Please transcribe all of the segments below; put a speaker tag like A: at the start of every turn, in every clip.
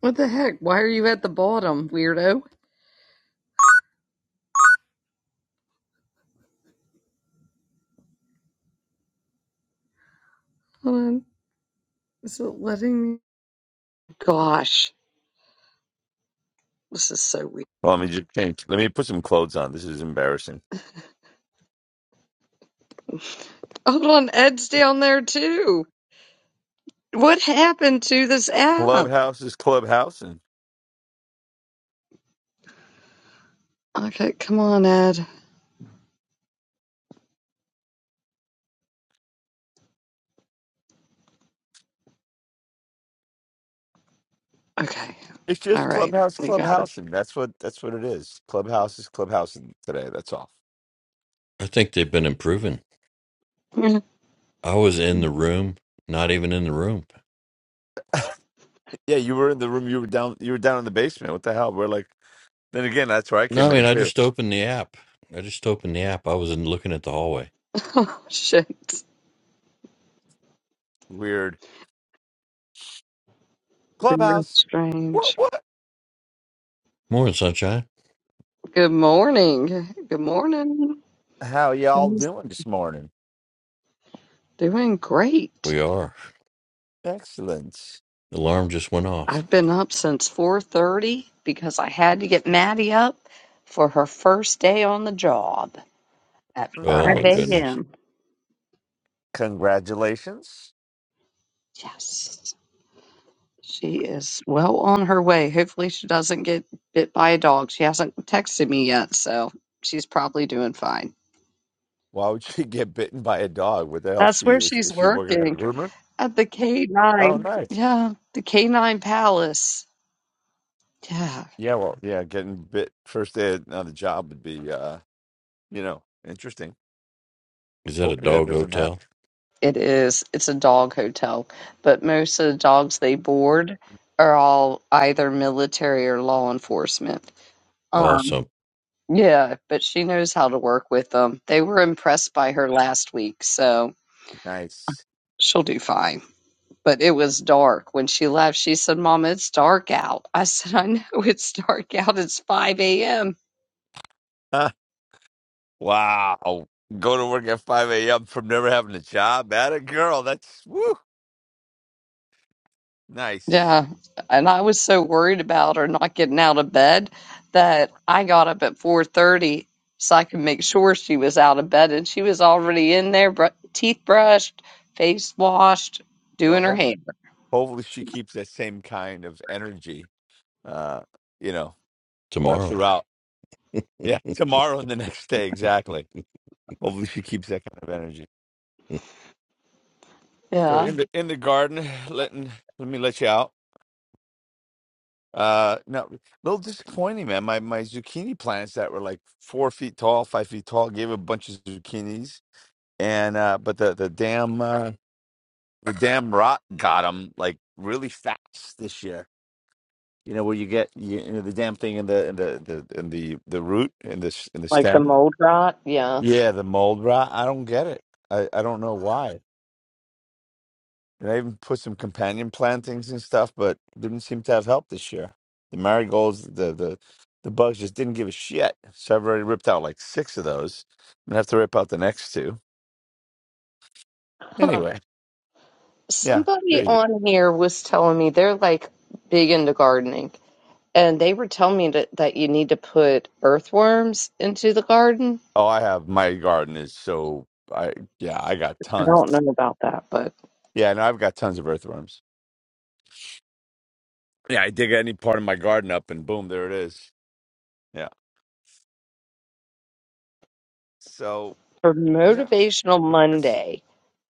A: What the heck? Why are you at the bottom, weirdo? Hold on. Is it letting me? Gosh, this is so weird.
B: Well, let me just change. Let me put some clothes on. This is embarrassing.
A: Hold on, Ed's down there too. What happened to this app?
B: Clubhouse is clubhouse, and
A: Okay, come on, Ed. Okay,
B: it's
A: all
B: just
A: right,
B: clubhouse,
A: we got
B: clubhouse, and that's what that's what it is. Clubhouse is clubhouse today. That's all.
C: I think they've been improving.
A: it.
C: I was in the room, not even in the room.
B: Yeah, you were in the room. You were down. You were down in the basement. What the hell? We're like. Then again, that's where I
C: No,
B: came
C: I mean,
B: in
C: I
B: too.
C: just opened the app. I just opened the app. I was in looking at the hallway.
A: oh, shit.
B: Weird
A: Very
B: clubhouse. What?
A: strange.
B: What?
C: Morning, sunshine.
A: Good morning. Good morning.
B: How y'all
A: Things
B: doing this morning?
A: Doing great.
C: We are.
B: Excellent.
C: Alarm just went off.
A: I've been up since 4:30 because I had to get Maddie up for her first day on the job. at
C: Oh
A: 5
C: my
B: Nice.
C: goodness.
A: a.m.
B: Congratulations.
A: Yes. She is well on her way. Hopefully, she doesn't get bit by a dog. She hasn't texted me yet, so she's probably doing fine.
B: Why would she get bitten by a dog? What the hell?
A: That's
B: She
A: where
B: is.
A: she's
B: Is she working at a
A: working
B: groomer?
A: at the
B: Oh,
A: K9.
B: nice.
A: Yeah, the K9 Palace. Yeah,
B: Yeah, well, yeah, getting bit first day on the job would be, uh, you know, interesting.
C: Is that a
B: Hopefully that
C: dog
B: doesn't
C: hotel?
B: happen.
A: it is. It's a dog hotel, but most of the dogs they board are all either military or law enforcement. Um.
C: Awesome.
A: Yeah, but she knows how to work with them. They were impressed by her last week, so
B: Nice.
A: she'll do fine. But it was dark when she left. She said, Mama, it's dark out. I said, I know it's dark out. It's 5 a.m.
B: Huh. Wow. Go to work at 5 a.m. from never having a job. That a girl. That's woo. Nice.
A: Yeah. And I was so worried about her not getting out of bed that I got up at 4:30 so I could make sure she was out of bed and she was already in there, br- teeth brushed, face washed,
B: Well,
A: doing her
B: ho-
A: hair.
B: hopefully she keeps that same kind of energy, uh, you know, all
C: Tomorrow.
B: throughout. Yeah, tomorrow and the next day, exactly. Hopefully she keeps that kind of energy. So
A: Yeah.
B: in the in the garden, letting let me let you out. Uh, no, a little disappointing, man. My my zucchini plants that were like four feet tall, five feet tall, gave a bunch of zucchinis, and uh, but the the damn uh, the damn rot got them like really fast this year. You know where you get you, you know the damn thing in the in the the in the the root in the s- in the
A: Like the
B: stem.
A: mold rot. Yeah.
B: Yeah, the mold rot. I don't get it. I I don't know why. And I even put some companion plantings and stuff, but didn't seem to have help this year. The marigolds, the the the bugs just didn't give a shit. So I've already ripped out like six of those. I'm gonna have to rip out the next two. Anyway, yeah, there
A: Somebody
B: you go.
A: on here was telling me they're like big into gardening, and they were telling me that, that you need to put earthworms into the garden.
B: Oh, I have my garden is so I yeah I got
A: I don't
B: tons.
A: know about that, but
B: Yeah, and I've got tons of earthworms. Yeah, I dig any part of my garden up, and boom, there it is. Yeah. So
A: for
B: yeah,
A: Motivational
B: what do you guys
A: Monday,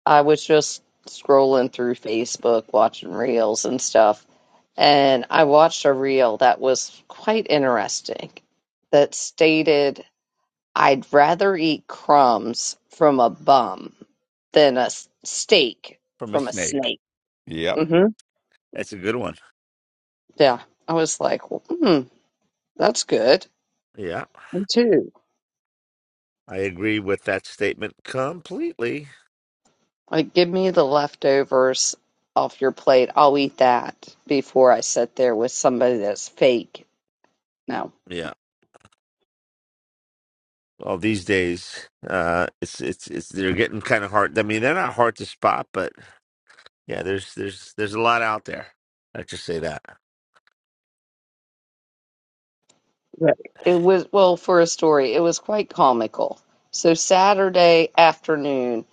A: I was just scrolling through Facebook, watching reels and stuff, and I watched a reel that was quite interesting that stated, I'd rather eat crumbs from a bum than a s- steak
B: from a
A: from a snake.
B: snake? Yep,
A: hmm
B: that's a good one.
A: Yeah. I was like, well, hmm, that's good.
B: Yeah.
A: Me too.
B: I agree with that statement completely.
A: Like, give me the leftovers off your plate. I'll eat that before I sit there with somebody that's fake. No.
B: Yeah. Well, these days, uh, it's it's it's they're getting kind of hard. I mean, they're not hard to spot, but yeah, there's there's there's a lot out there. I just say that.
A: Right. It was, well, for a story, it was quite comical. So, Saturday afternoon,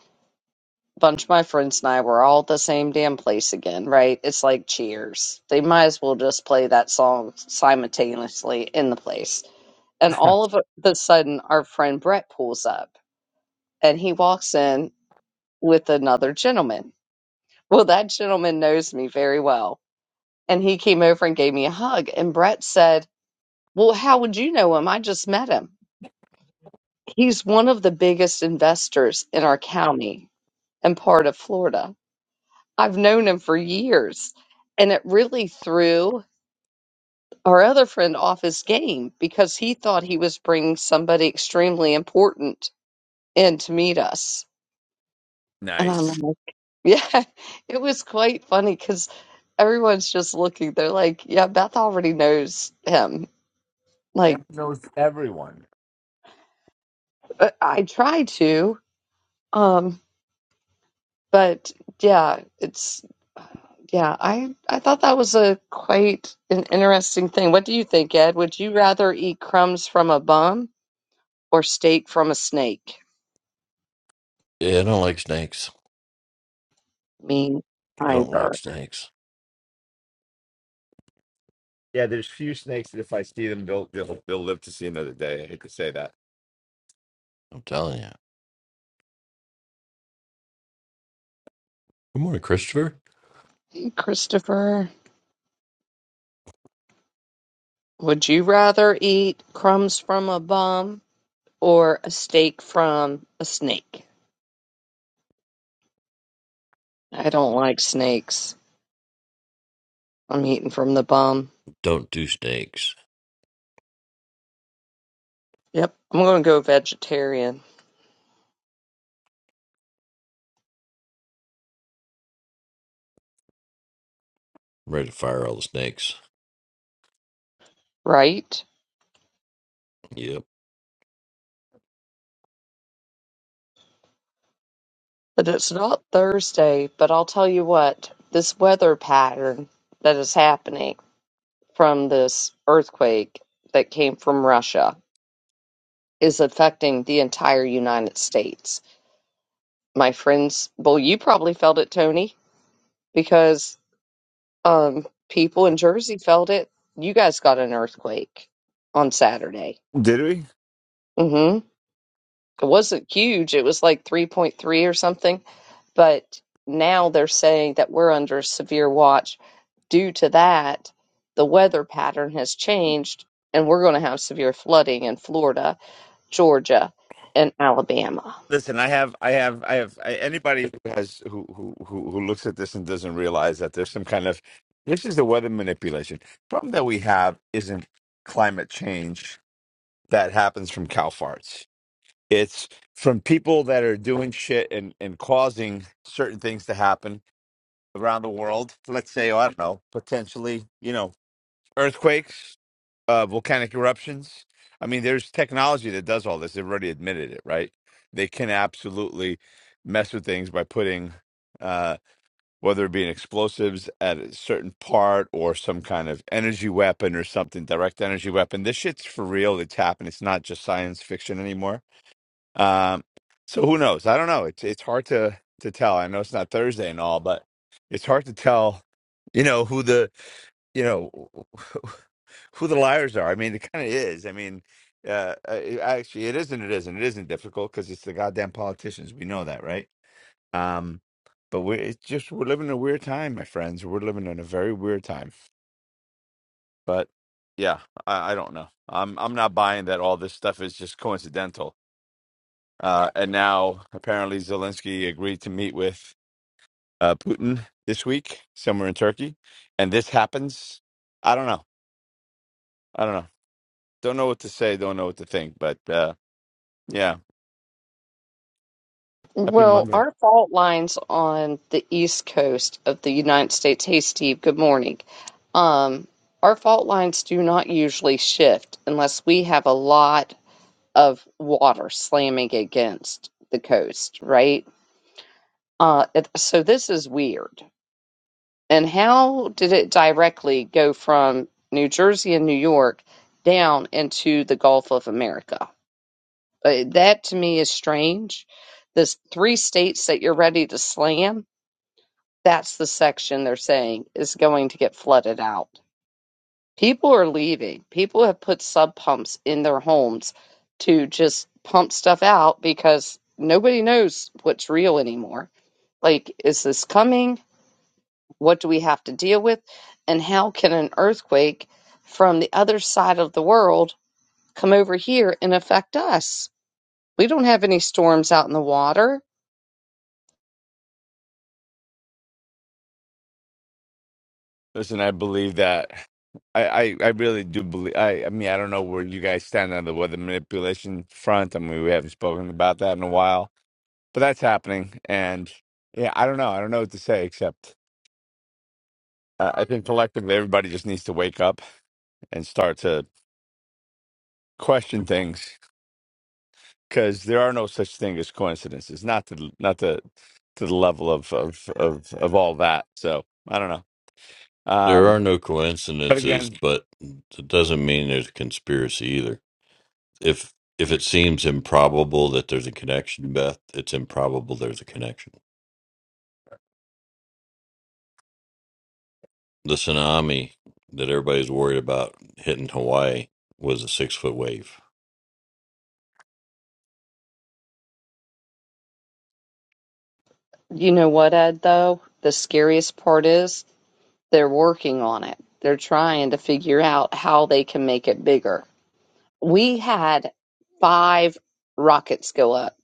A: a bunch of my friends and I were all at the same damn place again, right? It's like cheers. They might as well just play that song simultaneously in the place. And all of a the sudden, our friend Brett pulls up and he walks in with another gentleman. Well, that gentleman knows me very well. And he came over and gave me a hug. And Brett said, Well, how would you know him? I just met him. He's one of the biggest investors in our county and part of Florida. I've known him for years. And it really threw our other friend off his game because he thought he was bringing somebody extremely important in to meet us And I'm
B: Nice.
A: like, yeah, it was quite funny because everyone's just looking. They're like, yeah, Beth already knows him.
B: That
A: Like,
B: knows everyone.
A: uh, I try to, um, but yeah, it's yeah. I I thought that was a quite an interesting thing. What do you think, Ed? Would you rather eat crumbs from a bum or steak from a snake?
C: Yeah, I don't like snakes.
A: Me
C: I don't like
A: either.
C: snakes.
B: Yeah, there's few snakes that if I see them, they'll they'll, They'll, live to see another day. I hate to say that.
C: I'm telling you. Good morning, Christopher.
A: Christopher, would you rather eat crumbs from a bum or a steak from a snake. I don't like snakes. I'm eating from the bum.
C: Don't do snakes.
A: Yep, I'm going to go vegetarian,
C: I'm ready to fire all the snakes.
A: right?
C: Yep.
A: But it's not Thursday, but I'll tell you what, this weather pattern that is happening from this earthquake that came from Russia is affecting the entire United States. My friends, well, you probably felt it, Tony, because Um, people in Jersey felt it. You guys got an earthquake on Saturday.
B: Did we?
A: hmm It wasn't huge. It was like 3.3 or something. But now they're saying that we're under severe watch. Due to that, the weather pattern has changed, and we're going to have severe flooding in Florida, Georgia, and Alabama.
B: Listen, I have, I have, I have. I, anybody who has who, who who who looks at this and doesn't realize that there's some kind of this is the weather manipulation problem that we have isn't climate change that happens from cow farts. It's from people that are doing shit and and causing certain things to happen around the world. Let's say, oh, I don't know, potentially, you know, earthquakes uh, volcanic eruptions. I mean, there's technology that does all this. They've already admitted it, right? They can absolutely mess with things by putting, uh, whether it be an explosives at a certain part or some kind of energy weapon or something, direct energy weapon. This shit's for real. It's happened. It's not just science fiction anymore. Um, so who knows? I don't know. It's it's hard to to tell. I know it's not Thursday and all, but it's hard to tell. You know who the you know who the liars are. I mean, it kind of is. I mean, uh, uh, it- actually, it isn't. It isn't. It isn't difficult because it's the goddamn politicians. We know that, right? Um, but we're it's just we're living in a weird time, my friends. We're living in a very weird time. But yeah, I, I don't know. I'm I'm not buying that all this stuff is just coincidental. Uh, and now apparently Zelensky agreed to meet with uh, Putin this week somewhere in Turkey, and this happens. I don't know. I don't know. Don't know what to say. Don't know what to think. But uh, yeah. Happy
A: Well,
B: Monday.
A: our fault line's on the east coast of the United States. Hey, Steve, good morning. Um, our fault lines do not usually shift unless we have a lot of water slamming against the coast, right? Uh, it, so this is weird. And how did it directly go from New Jersey and New York down into the Gulf of America? Uh, that to me is strange. This three states that you're ready to slam That's the section they're saying is going to get flooded out. People are leaving. People have put sub pumps in their homes to just pump stuff out because nobody knows what's real anymore. Like, is this coming? What do we have to deal with? And how can an earthquake from the other side of the world come over here and affect us? We don't have any storms out in the water.
B: Listen, I believe that. I, I, I really do believe. I, I mean, I don't know where you guys stand on the weather manipulation front. I mean, we haven't spoken about that in a while, but that's happening. And yeah, I don't know. I don't know what to say except uh, I think collectively everybody just needs to wake up and start to question things because there are no such thing as coincidences. Not to not to to the level of of of of all that. So I don't know.
C: There
B: Um,
C: are no
B: but
C: coincidences,
B: again,
C: but it doesn't mean there's a conspiracy either. If if it seems improbable that there's a connection, Beth, it's improbable there's a connection. The tsunami that everybody's worried about hitting Hawaii was a six foot wave.
A: You know what, Ed, though? The scariest part is They're working on it. They're trying to figure out how they can make it bigger. We had five rockets go up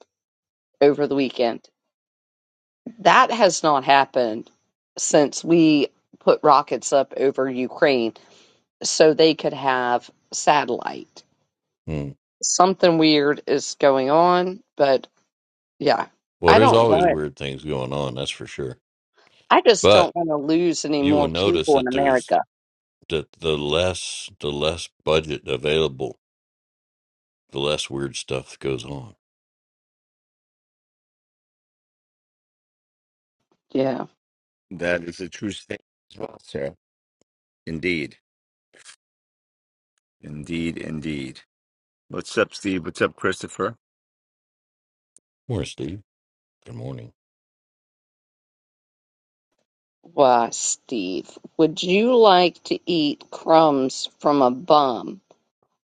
A: over the weekend. That has not happened since we put rockets up over Ukraine so they could have satellite.
C: Hmm.
A: Something weird is going on, but yeah,
C: Well,
A: I
C: there's
A: don't
C: always
A: want
C: weird things going on, that's for sure.
A: I just
C: But
A: don't want to lose any
C: you will
A: more
C: notice
A: people in
C: that there's
A: America.
C: the the less the less budget available, the less weird stuff goes on.
A: Yeah.
B: that is a true statement as well, Sarah. Indeed. Indeed. Indeed. What's up, Steve? What's up, Christopher?
C: Morning, Steve. Good morning.
A: Why, Steve, would you like to eat crumbs from a bum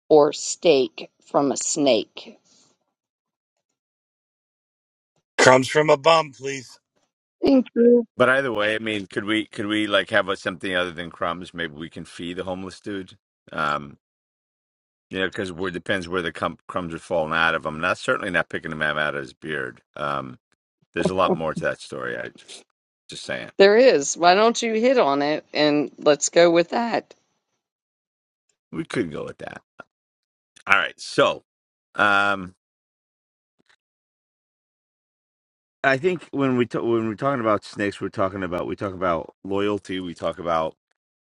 A: or steak from a snake?
D: Crumbs from a bum, please.
A: Thank you.
B: But either way, I mean, could we could we like have a, something other than crumbs? Maybe we can feed the homeless dude. Um, you know, because it depends where the cum- crumbs are falling out of him. Not certainly not picking them out of his beard. Um, There's a lot more to that story. I just just saying
A: There is. Why don't you hit on it and let's go with that?
B: we could go with that. All right, so um, I think when we ta- when we're talking about snakes, we're talking about we talk about loyalty, we talk about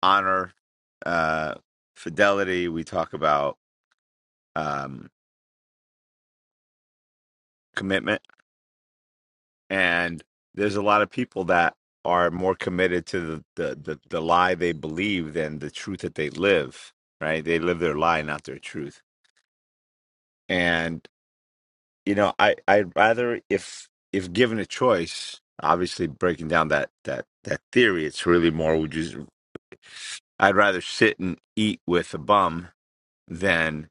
B: honor, uh, fidelity, we talk about um, commitment, and there's a lot of people that are more committed to the, the the the lie they believe than the truth that they live. Right? They live their lie, not their truth, and you know i i'd rather if if given a choice obviously breaking down that that that theory it's really more would you i'd rather sit and eat with a bum than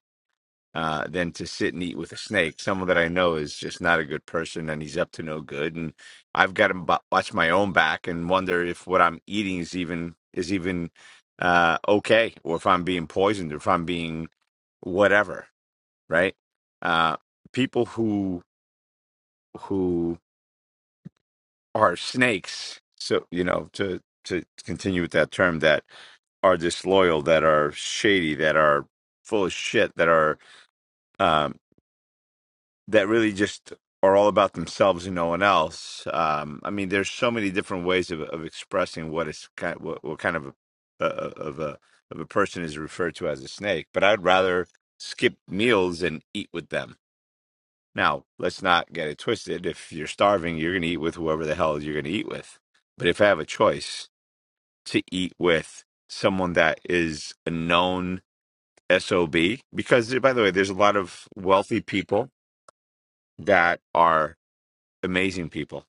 B: uh than to sit and eat with a snake someone that i know is just not a good person and he's up to no good and i've got to bu- watch my own back and wonder if what i'm eating is even is even uh okay or if i'm being poisoned or if i'm being whatever right uh people who who are snakes. So you know to to continue with that term that are disloyal, that are shady, that are full of shit, that are um, that really just are all about themselves and no one else. Um, I mean, there's so many different ways of, of expressing what is kind what, what kind of a, a of a of a person is referred to as a snake. But I'd rather skip meals and eat with them. Now, let's not get it twisted. If you're starving, you're going to eat with whoever the hell you're going to eat with. But if I have a choice to eat with someone that is a known SOB, because eh, by the way, there's a lot of wealthy people that are amazing people.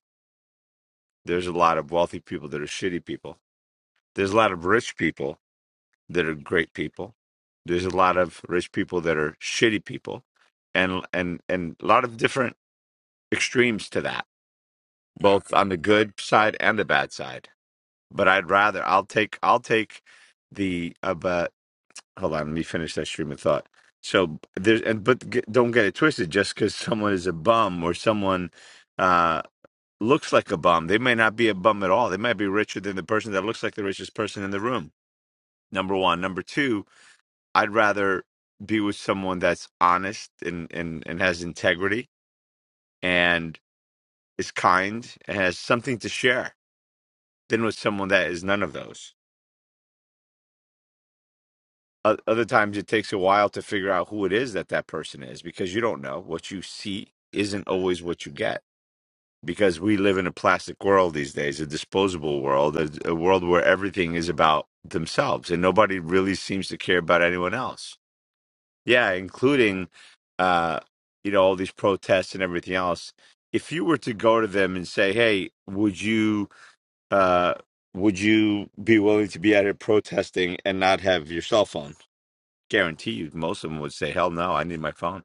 B: There's a lot of wealthy people that are shitty people. There's a lot of rich people that are great people. There's a lot of rich people that are shitty people and and and a lot of different extremes to that both on the good side and the bad side. But I'd rather I'll take I'll take the uh, but hold on, let me finish that stream of thought. So there's and but g don't get it twisted. Just because someone is a bum or someone uh, looks like a bum, they may not be a bum at all. They might be richer than the person that looks like the richest person in the room. Number one, number two, I'd rather be with someone that's honest and and and has integrity and is kind and has something to share than with someone that is none of those. O- Other times it takes a while to figure out who it is that that person is because you don't know. What you see isn't always what you get because we live in a plastic world these days, a disposable world, a, a world where everything is about themselves and nobody really seems to care about anyone else. Yeah, including uh you know all these protests and everything else. If you were to go to them and say, "Hey, would you uh, would you be willing to be out here protesting and not have your cell phone? Guarantee you, most of them would say, "Hell no, I need my phone."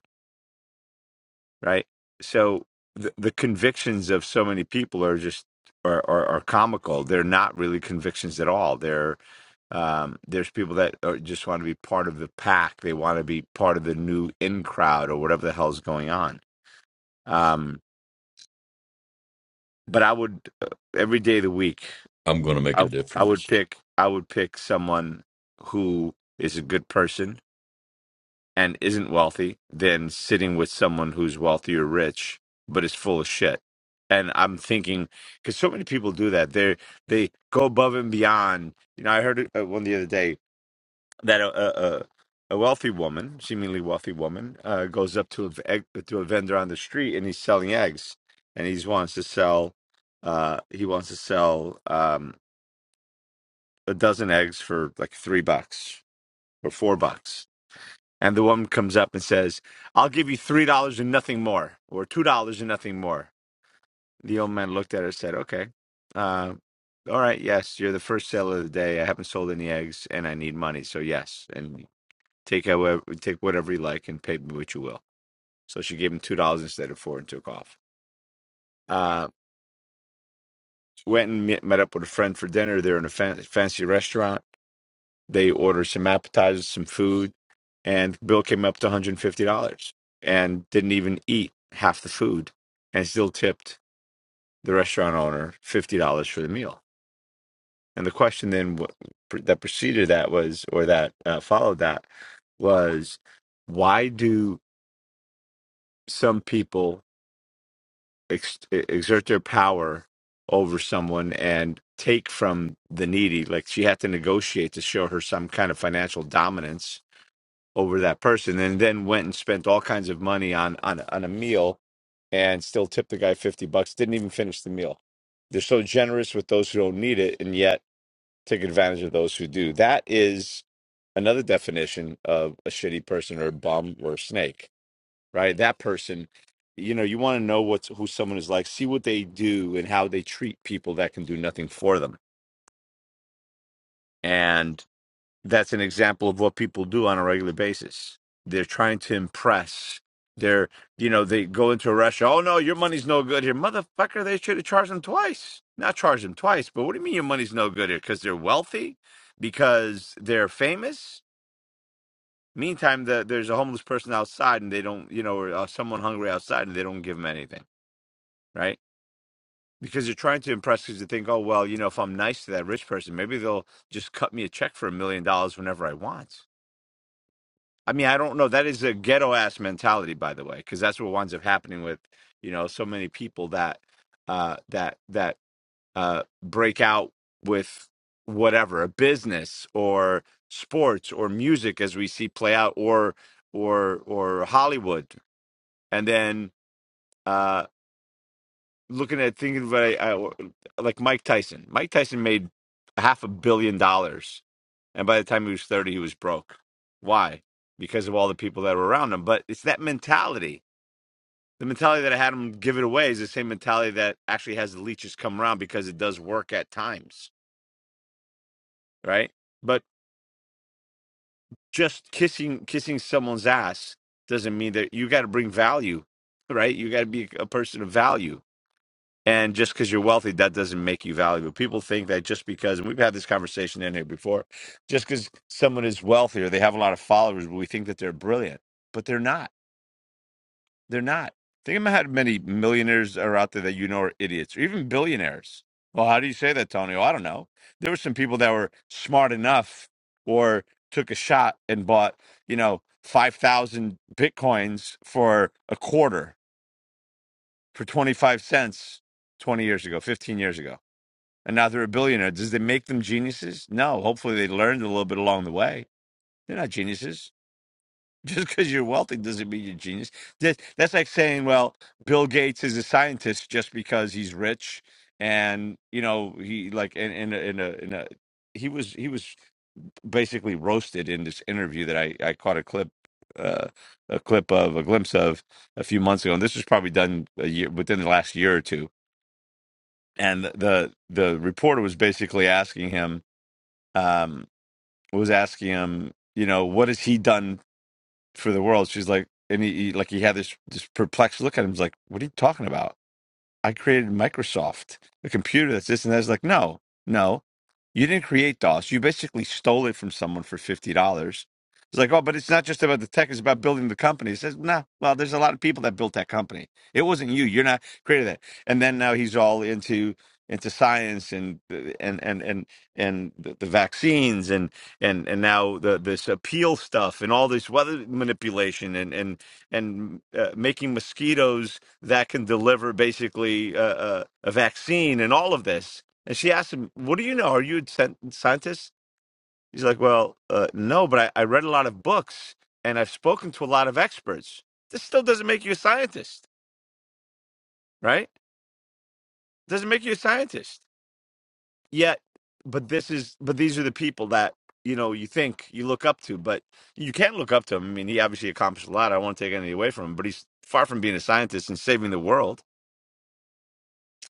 B: Right? So the, the convictions of so many people are just are, are are comical. They're not really convictions at all. They're um, there's people that are, just want to be part of the pack. They want to be part of the new in crowd or whatever the hell's going on. Um, but I would uh, every day of the week.
C: I'm going to make a
B: I I would
C: difference.
B: pick I would pick someone who is a good person and isn't wealthy than sitting with someone who's wealthy or rich but is full of shit. And I'm thinking because so many people do that. They they go above and beyond. You know, I heard uh, one the other day that a a, a a wealthy woman, seemingly wealthy woman, uh, goes up to a v- egg, to a vendor on the street and he's selling eggs and he wants to sell. Uh, he wants to sell. Um, a dozen eggs for like three bucks or four bucks. And the woman comes up and says, I'll give you three dollars and nothing more, or two dollars and nothing more. The old man looked at her and said, Okay, uh, all right, yes, you're the first seller of the day. I haven't sold any eggs and I need money, so yes. And take however, take whatever you like and pay me what you will. So she gave him two dollars instead of four and took off. Uh, went and met met up with a friend for dinner. They're in a fan- fancy restaurant They ordered some appetizers, some food, and bill came up to $150 and didn't even eat half the food and still tipped the restaurant owner $50 for the meal. And the question then w- pr- that preceded that was, or that uh, followed that, was why do some people ex- e, exert their power over someone and take from the needy? Like she had to negotiate to show her some kind of financial dominance over that person and then went and spent all kinds of money on on on a meal and still tipped the guy 50 bucks didn't even finish the meal they're so generous with those who don't need it and yet take advantage of those who do that is another definition of a shitty person or a bum or a snake right that person you know you want to know what's who someone is like see what they do and how they treat people that can do nothing for them and. that's an example of what people do on a regular basis. They're trying to impress. They're, you know, they go into a restaurant. Oh no, your money's no good here, motherfucker. They should have charged them twice. Not charged them twice, but what do you mean your money's no good here? Because they're wealthy, because they're famous. Meantime, the, there's a homeless person outside, and they don't, you know, or uh, someone hungry outside, and they don't give them anything, right? Because they're trying to impress. Because they think, oh well, you know, if I'm nice to that rich person, maybe they'll just cut me a check for a million dollars whenever I want I mean, I don't know. That is a ghetto ass mentality, by the way, because that's what winds up happening with, you know, so many people that uh that that uh break out with whatever, a business or sports or music as we see play out or or or Hollywood. And then uh looking at thinking about I, I, like Mike Tyson. Mike Tyson made half a billion dollars and by the time he was 30, he was broke. Why? Because of all the people that were around him. But it's that mentality. The mentality that had him give it away is the same mentality that actually has the leeches come around because it does work at times, right? But just kissing kissing someone's ass doesn't mean that you got to bring value, right? You got to be a person of value. And just because you're wealthy, that doesn't make you valuable. People think that just because, and we've had this conversation in here before, just because someone is wealthy or they have a lot of followers, we think that they're brilliant, but they're not. They're not. Think about how many millionaires are out there that you know are idiots or even billionaires. Well, how do you say that, Tony? Well, I don't know. There were some people that were smart enough or took a shot and bought, you know, 5,000 bitcoins for a quarter for 25 cents 20 years ago, 15 years ago and now they're a billionaire. Does that make them geniuses? No. Hopefully, they learned a little bit along the way. They're not geniuses. Just because you're wealthy doesn't mean you're a genius. That, that's like saying, well, Bill Gates is a scientist just because he's rich, and you know he like in in a, in a, in a he was he was basically roasted in this interview that I I caught a clip. Uh, a clip of a glimpse of a few months ago, and this was probably done a year within the last year or two. And the the reporter was basically asking him, um, was asking him, you know, what has he done for the world? She's like, and he, he like he had this this perplexed look at him. He's like, what are you talking about? I created Microsoft, a computer that's this and that's like, no, no, you didn't create DOS. You basically stole it from someone for fifty dollars. It's like, oh, but it's not just about the tech; it's about building the company. It says, no, well, there's a lot of people that built that company. It wasn't you. You're not created that. And then now he's all into into science and and and and and the, the vaccines and and and now the this appeal stuff and all this weather manipulation and and and uh, making mosquitoes that can deliver basically a, a, a vaccine and all of this. And she asked him, What do you know? Are you a scien- scientist? He's like, Well, uh, no, but I, I read a lot of books and I've spoken to a lot of experts. This still doesn't make you a scientist, right? Doesn't make you a scientist. Yet, but this is, but these are the people that, you know, you think you look up to, but you can't look up to him. I mean, he obviously accomplished a lot. I won't take anything away from him, but he's far from being a scientist and saving the world.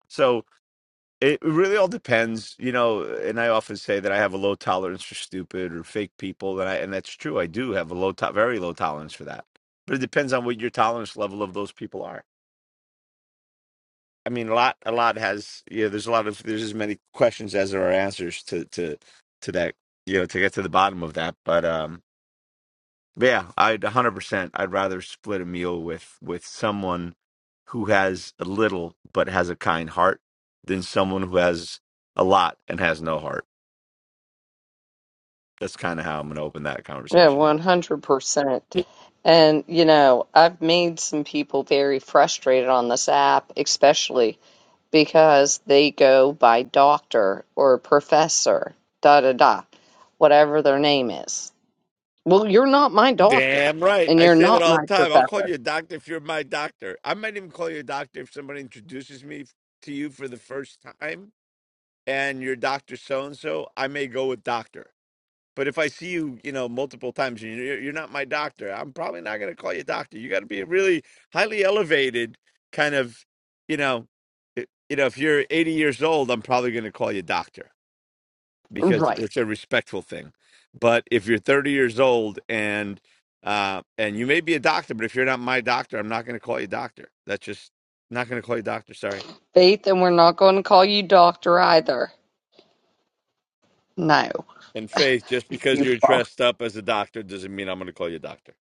B: So, It really all depends, you know, and I often say that I have a low tolerance for stupid or fake people, and I and that's true. I do have a low to- very low tolerance for that. But it depends on what your tolerance level of those people are. I mean, a lot a lot has yeah, there's a lot of there's as many questions as there are answers to to to that, you know, to get to the bottom of that. But um but yeah, I'd 100% I'd rather split a meal with with someone who has a little but has a kind heart than someone who has a lot and has no heart. That's kind of how I'm going to open that
A: Yeah,
B: conversation up.
A: 100%. And, you know, I've made some people very frustrated on this app, especially because they go by doctor or professor, da da da, whatever their name is. Well, you're not my doctor
B: Damn right.
A: and
B: I
A: you're
B: say that
A: not
B: all the
A: my
B: time. I'll call
A: professor.
B: you a doctor if you're my doctor. I might even call you a doctor if somebody introduces me f- to you for the first time and you're Dr. So and so. I may go with doctor. But if I see you, you know, multiple times and you're, you're not my doctor, I'm probably not going to call you doctor. You got to be really highly elevated, kind of, you know, i- you know, if you're 80 years old, I'm probably going to call you doctor. because
A: Right.
B: it's a respectful thing. But if you're 30 years old and uh, and you may be a doctor, but if you're not my doctor, I'm not going to call you doctor. That's just not going to call you doctor. Sorry.
A: Faith, and we're not going to call you doctor either. No,
B: And Faith, just because
A: you
B: you're
A: fuck.
B: dressed up as a doctor doesn't mean I'm going to call you doctor.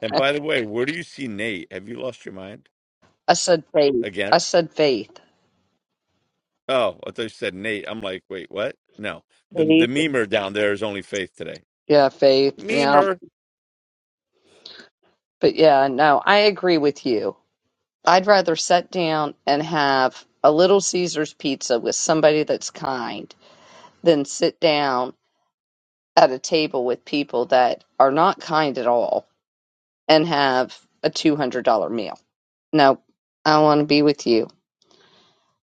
B: And by the way, where do you see Nate? Have you lost your mind
A: I said faith.
B: again?
A: I said faith.
B: Oh, I thought you said Nate. I'm like, wait, what? No, the the
A: Faith.
B: memer down there is only Faith today.
A: Yeah, faith. Yeah.
B: Memer.
A: But yeah, no, I agree with you. I'd rather sit down and have a Little Caesars pizza with somebody that's kind than sit down at a table with people that are not kind at all and have a $200 meal. Nope. I want to be with you.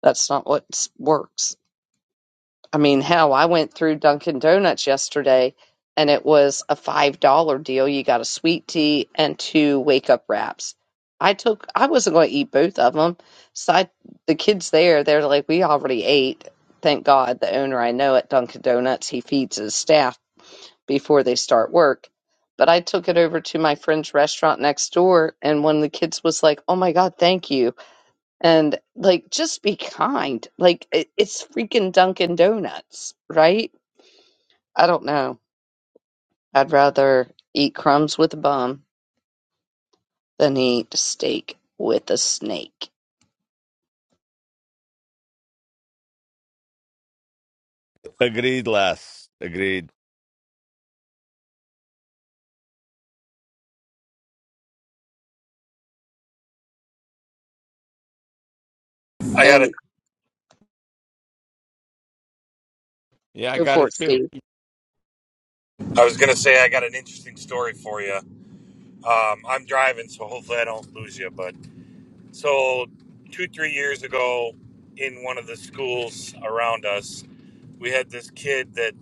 A: That's not what s- works. I mean, hell, I went through Dunkin' Donuts yesterday and it was a $5 deal. You got a sweet tea and two wake up wraps. I took, I wasn't going to eat both of them. So I, the kids there, they're like, we already ate. Thank God the owner I know at Dunkin' Donuts, he feeds his staff before they start work. But I took it over to my friend's restaurant next door and one of the kids was like, oh my God, thank you and like just be kind like it, it's freaking dunkin donuts right i don't know i'd rather eat crumbs with a bum than eat steak with a snake
B: Agreed, Les. Agreed.
A: and
B: Yeah, I
A: go
B: got
A: for
B: it
A: it
B: too.
A: steve
D: I was gonna say I got an interesting story for you. Um, I'm driving, so hopefully I don't lose you. But so two, three years ago, in one of the schools around us, we had this kid that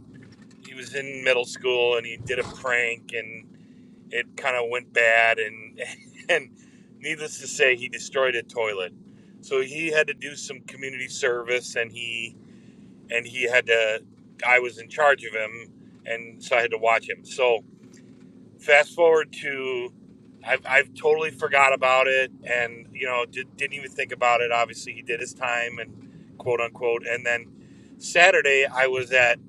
D: he was in middle school and he did a prank and it kind of went bad and and needless to say, he destroyed a toilet. So he had to do some community service and he and he had to. I was in charge of him, and so I had to watch him. So fast forward to I've, I've totally forgot about it and you know did, didn't even think about it obviously he did his time and quote unquote and then saturday i was at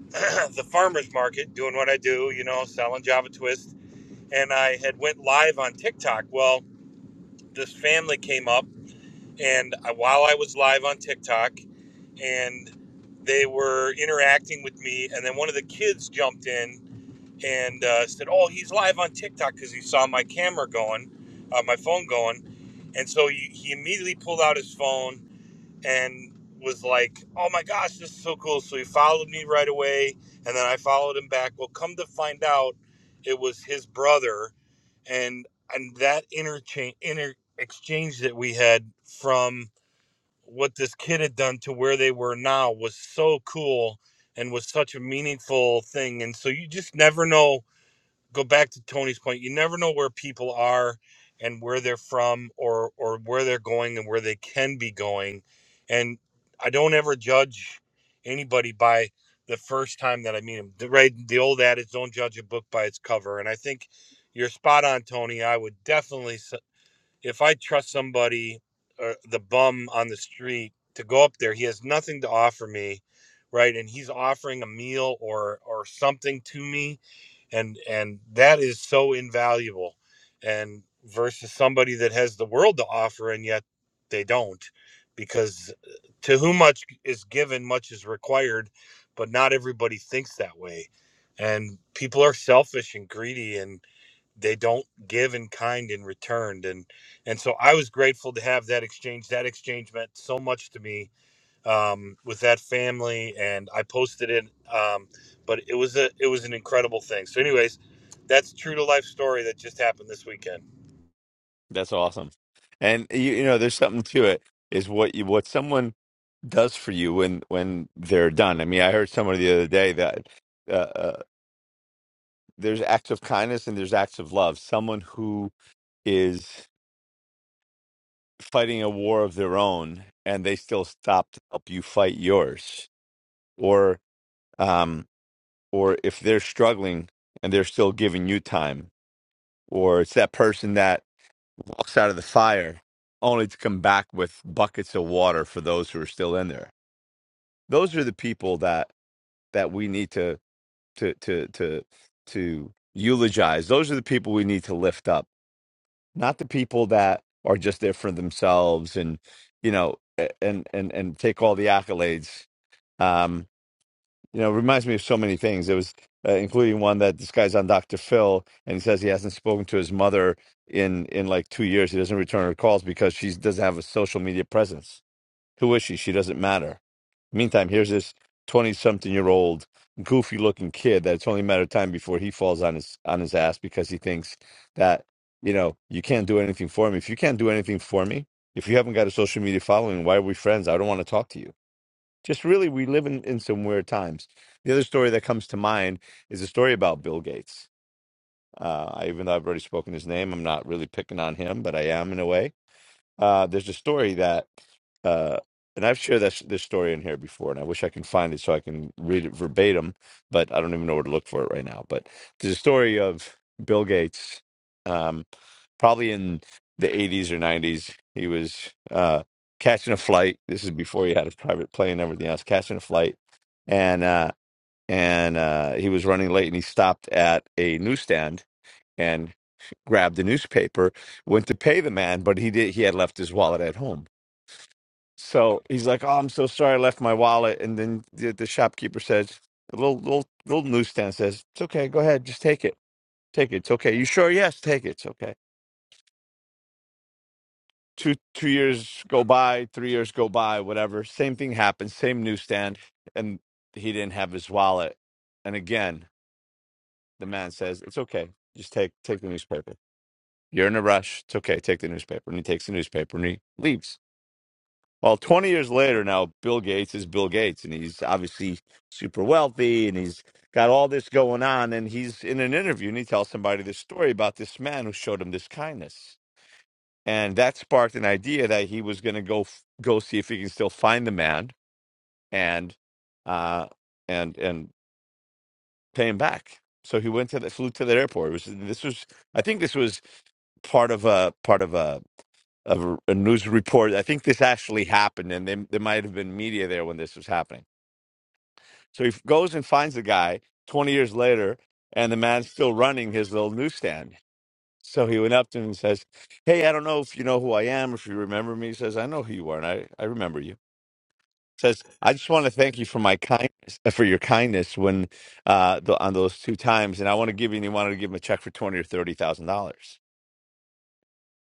D: the farmers market doing what i do you know selling java twist and i had went live on tiktok well this family came up and I- while i was live on tiktok and they were interacting with me and then one of the kids jumped in and uh, said, "Oh, he's live on TikTok because he saw my camera going, uh, my phone going." And so he, he immediately pulled out his phone and was like, "Oh my gosh, this is so cool!" So he followed me right away, and then I followed him back. Well, come to find out, it was his brother, and and that interchange inter exchange that we had from what this kid had done to where they were now was so cool and was such a meaningful thing and so you just never know go back to Tony's point. You never know where people are and where they're from or or where they're going and where they can be going. And I don't ever judge anybody by the first time that I meet them. Right? The old adage, don't judge a book by its cover. And I think you're spot on, Tony. I would definitely, s- if I trust somebody, or the bum on the street, to go up there, he has nothing to offer me, right? And he's offering a meal or or something to me and and that is so invaluable and versus somebody that has the world to offer and yet they don't because uh, to whom much is given much is required but not everybody thinks that way and people are selfish and greedy and they don't give in kind in return and and so i was grateful to have that exchange that exchange meant so much to me um, with that family, and I posted it. Um, but it was a it was an incredible thing. So, anyways, that's true to life story that just happened this weekend.
B: That's awesome. And you, you know, there's something to it is what you what someone does for you when when they're done. I mean, I heard someone the other day that uh, uh, there's acts of kindness and there's acts of love. Someone who is fighting a war of their own and they still stop to help you fight yours or um or if they're struggling and they're still giving you time or it's that person that walks out of the fire only to come back with buckets of water for those who are still in there those are the people that that we need to to to to to eulogize those are the people we need to lift up not the people that are just there for themselves and you know a- and and and take all the accolades Um, you know, it reminds me of so many things. It was uh, including one that this guy's on Dr. Phil, and he says he hasn't spoken to his mother in in like two years. He doesn't return her calls because she doesn't have a social media presence. Who is she? She doesn't matter. Meantime, here's this twenty-something-year-old goofy-looking kid that it's only a matter of time before he falls on his on his ass because he thinks that you know you can't do anything for me. If you can't do anything for me, if you haven't got a social media following, why are we friends? I don't want to talk to you just really, we live in, in some weird times. The other story that comes to mind is a story about Bill Gates. Uh, I, even though I've already spoken his name, I'm not really picking on him, but I am in a way. Uh, there's a story that, uh, and I've shared this, this story in here before, and I wish I can find it so I can read it verbatim, but I don't even know where to look for it right now. But there's a story of Bill Gates, um, probably in the 80s or 90s. He was uh, catching a flight. This is before he had a private plane and everything else, catching a flight. And, uh, and uh, he was running late and he stopped at a newsstand grabbed the newspaper, went to pay the man, but he did he had left his wallet at home. So he's like, "Oh, I'm so sorry, I left my wallet." And then the, the shopkeeper says, "The little little little newsstand says it's okay. Go ahead, just take it, take it. It's okay. You sure? Yes, take it. It's okay." Two two years go by, three years go by, whatever. Same thing happens, same newsstand, and he didn't have his wallet. And again, the man says, "It's okay. Just take take the newspaper. You're in a rush. It's okay. Take the newspaper." And he takes the newspaper and he leaves. Well, 20 years later now, Bill Gates is Bill Gates, and he's obviously super wealthy and he's got all this going on. And he's in an interview and he tells somebody this story about this man who showed him this kindness. And that sparked an idea that he was going to go f- go see if he can still find the man and uh, and and pay him back. So he went to the flew to the airport. It was this was I think this was part of a part of a of a news report. I think this actually happened, and they, there might have been media there when this was happening. So he f- goes and finds the guy 20 years later, and the man's still running his little newsstand. So he went up to him and says, Hey, I don't know if you know who I am, if you remember me. He says, I know who you are, and I, I remember you. Says, I just want to thank you for my kindness, uh, for your kindness when uh, the, on those two times, and I want to give you. And he wanted to give him a check for twenty or thirty thousand dollars.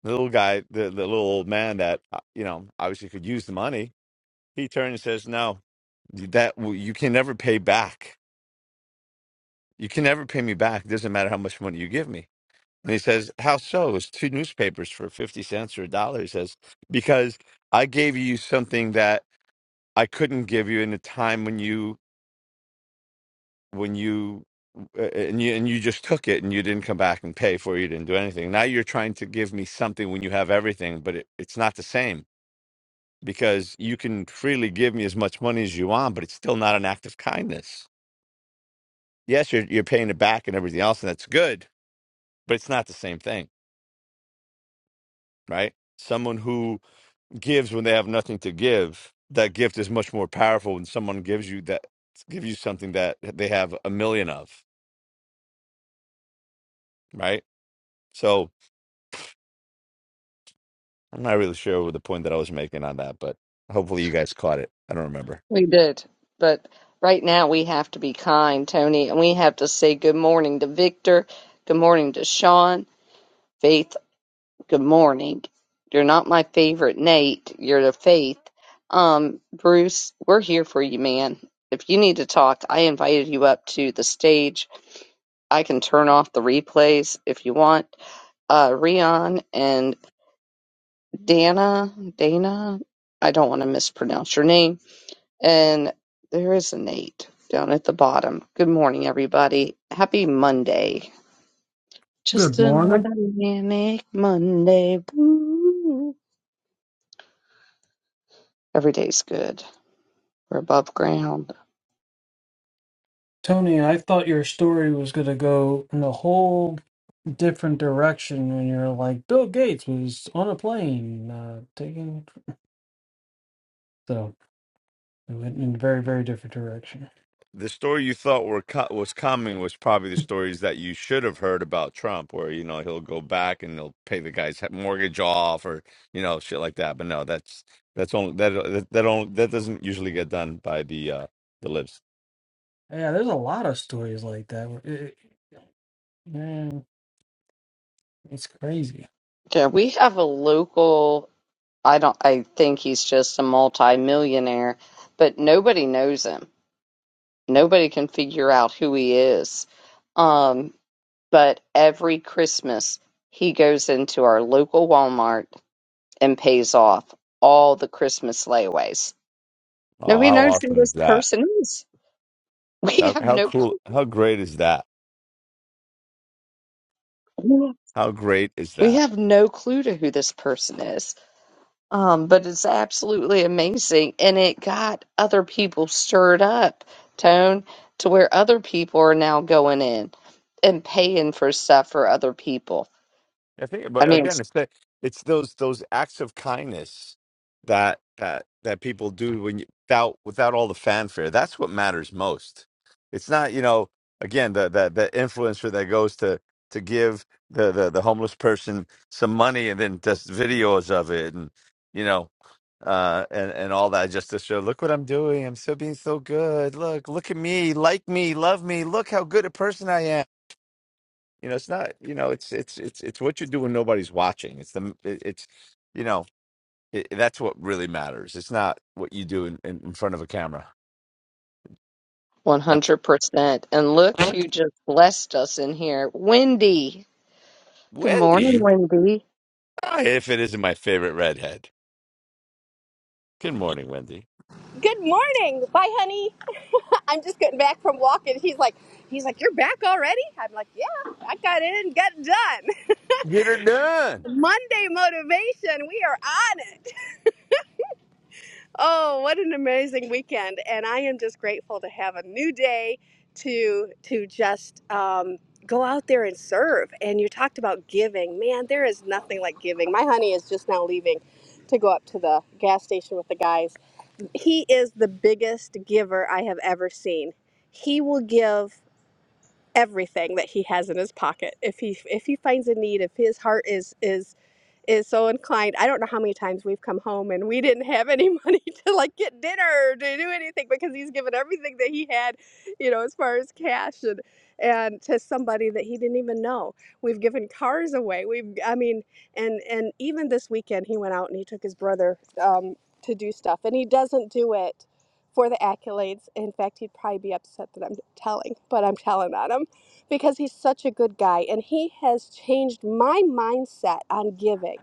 B: The little guy, the, the little old man that uh, you know obviously could use the money, He turned and says, "No, that you can never pay back. You can never pay me back. It doesn't matter how much money you give me." And he says, "How so? It's two newspapers for fifty cents or a dollar." He says, "Because I gave you something that I couldn't give you in a time when you when you." uh, And you and you just took it, and you didn't come back and pay for it. You didn't do anything. Now you're trying to give me something when you have everything, but it, it's not the same because you can freely give me as much money as you want, but it's still not an act of kindness yes, you're you're paying it back and everything else, and that's good, but it's not the same thing, right? Someone who gives when they have nothing to give, that gift is much more powerful when someone gives you that gives you something that they have a million of, right? So I'm not really sure what the point that I was making on that, but hopefully you guys caught it. I don't remember.
A: we did but right now we have to be kind tony and we have to say good morning to victor good morning to sean Faith. Good morning. You're not my favorite, Nate. You're the Faith. Um, Bruce, we're here for you, man. If you need to talk, I invited you up to the stage. I can turn off the replays if you want. Uh, Rion and Dana, Dana, I don't want to mispronounce your name. And there is a Nate down at the bottom. Good morning, everybody. Happy Monday.
E: Good
A: Just
E: morning.
A: another manic Monday. Woo. Every day's good. We're above ground.
E: Tony, I thought your story was going to go in a whole different direction when you're like, Bill Gates was on a plane uh, taking. So it went in a very, very different direction.
B: the story you thought were co- was coming was probably the stories that you should have heard about Trump, where you know he'll go back and he will pay the guy's mortgage off or you know shit like that. But no, that's that's only that that that, only, that doesn't usually get done by the uh, the libs.
E: Yeah, there's a lot of stories like that. Where it, man, it's crazy.
A: Yeah, we have a local. I don't. I think he's just a multi-millionaire, but nobody knows him. Nobody can figure out who he is. Um, but every Christmas he goes into our local Walmart and pays off all the Christmas layaways.
B: Oh,
A: Nobody
B: how
A: knows who
B: awesome is
A: this
B: that?
A: person is. We
B: That-
A: have
B: How
A: no
B: cool? How great is that?
A: clue.
B: How great is
A: We
B: that?
A: have no clue to who this person is. Um, but it's absolutely amazing. And it got other people stirred up, Tone, to where other people are now going in and paying for stuff for other people.
B: I think,
A: I
B: but
A: mean,
B: again,
A: it's
B: it's that it's those those acts of kindness that that that people do when you, without without all the fanfare. That's what matters most. It's not you know again the the the influencer that goes to to give the the, the homeless person some money and then does videos of it and you know uh and and all that just to show look what i'm doing i'm still being so good look look at me like me love me look how good a person i am you know, it's not. You know, it's it's it's it's what you do when nobody's watching. It's the it- it's you know it, that's what really matters. It's not what you do in, in, in front of a camera. That's
A: 100%. And look who just blessed us in here Wendy. Good morning,
B: Wendy.
A: Wendy.
B: Ah, if it isn't my favorite redhead. Good morning, Wendy.
F: Good morning. Bye, honey. I'm just getting back from walking. He's like, he's like, you're back already? I'm like, yeah, I got in and got done.
B: Get her done.
F: Monday motivation. We are on it. Oh, what an amazing weekend. And I am just grateful to have a new day to to just um, go out there and serve. And you talked about giving. Man, there is nothing like giving. My honey is just now leaving to go up to the gas station with the guys he is the biggest giver I have ever seen. He will give everything that he has in his pocket. If he if he finds a need, if his heart is is is so inclined. I don't know how many times we've come home and we didn't have any money to like get dinner or to do anything because he's given everything that he had, you know, as far as cash and and to somebody that he didn't even know. We've given cars away. We've I mean, and and even this weekend he went out and he took his brother um, to do stuff and he doesn't do it for the accolades. In fact, he'd probably be upset that I'm telling, but I'm telling on him because he's such a good guy and he has changed my mindset on giving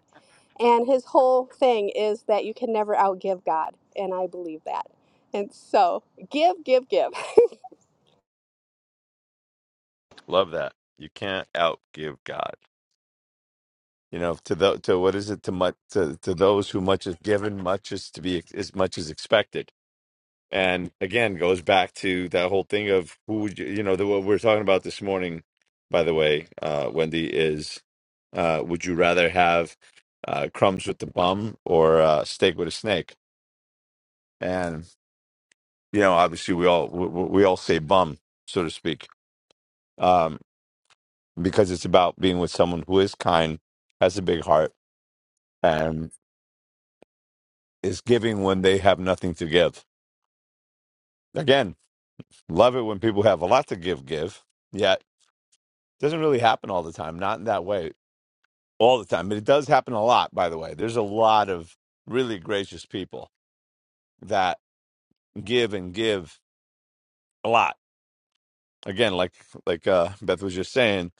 F: and his whole thing is that you can never outgive God. And I believe that. And so give, give, give.
B: Love that. You can't outgive God. You know, to the to what is it to much to, to those who much is given, much is to be as much is expected And again, goes back to that whole thing of who would you, you know, the, what we're talking about this morning, by the way, uh, Wendy, is uh, would you rather have uh, crumbs with the bum or uh, steak with a snake? And, you know, obviously we all, we, we all say bum, so to speak, um, because it's about being with someone who is kind, has a big heart, and is giving when they have nothing to give. Again, love it when people have a lot to give, give. Yeah, doesn't really happen all the time, not in that way all the time, but it does happen a lot, by the way. There's a lot of really gracious people that give and give a lot. Again, like like uh, Beth was just saying,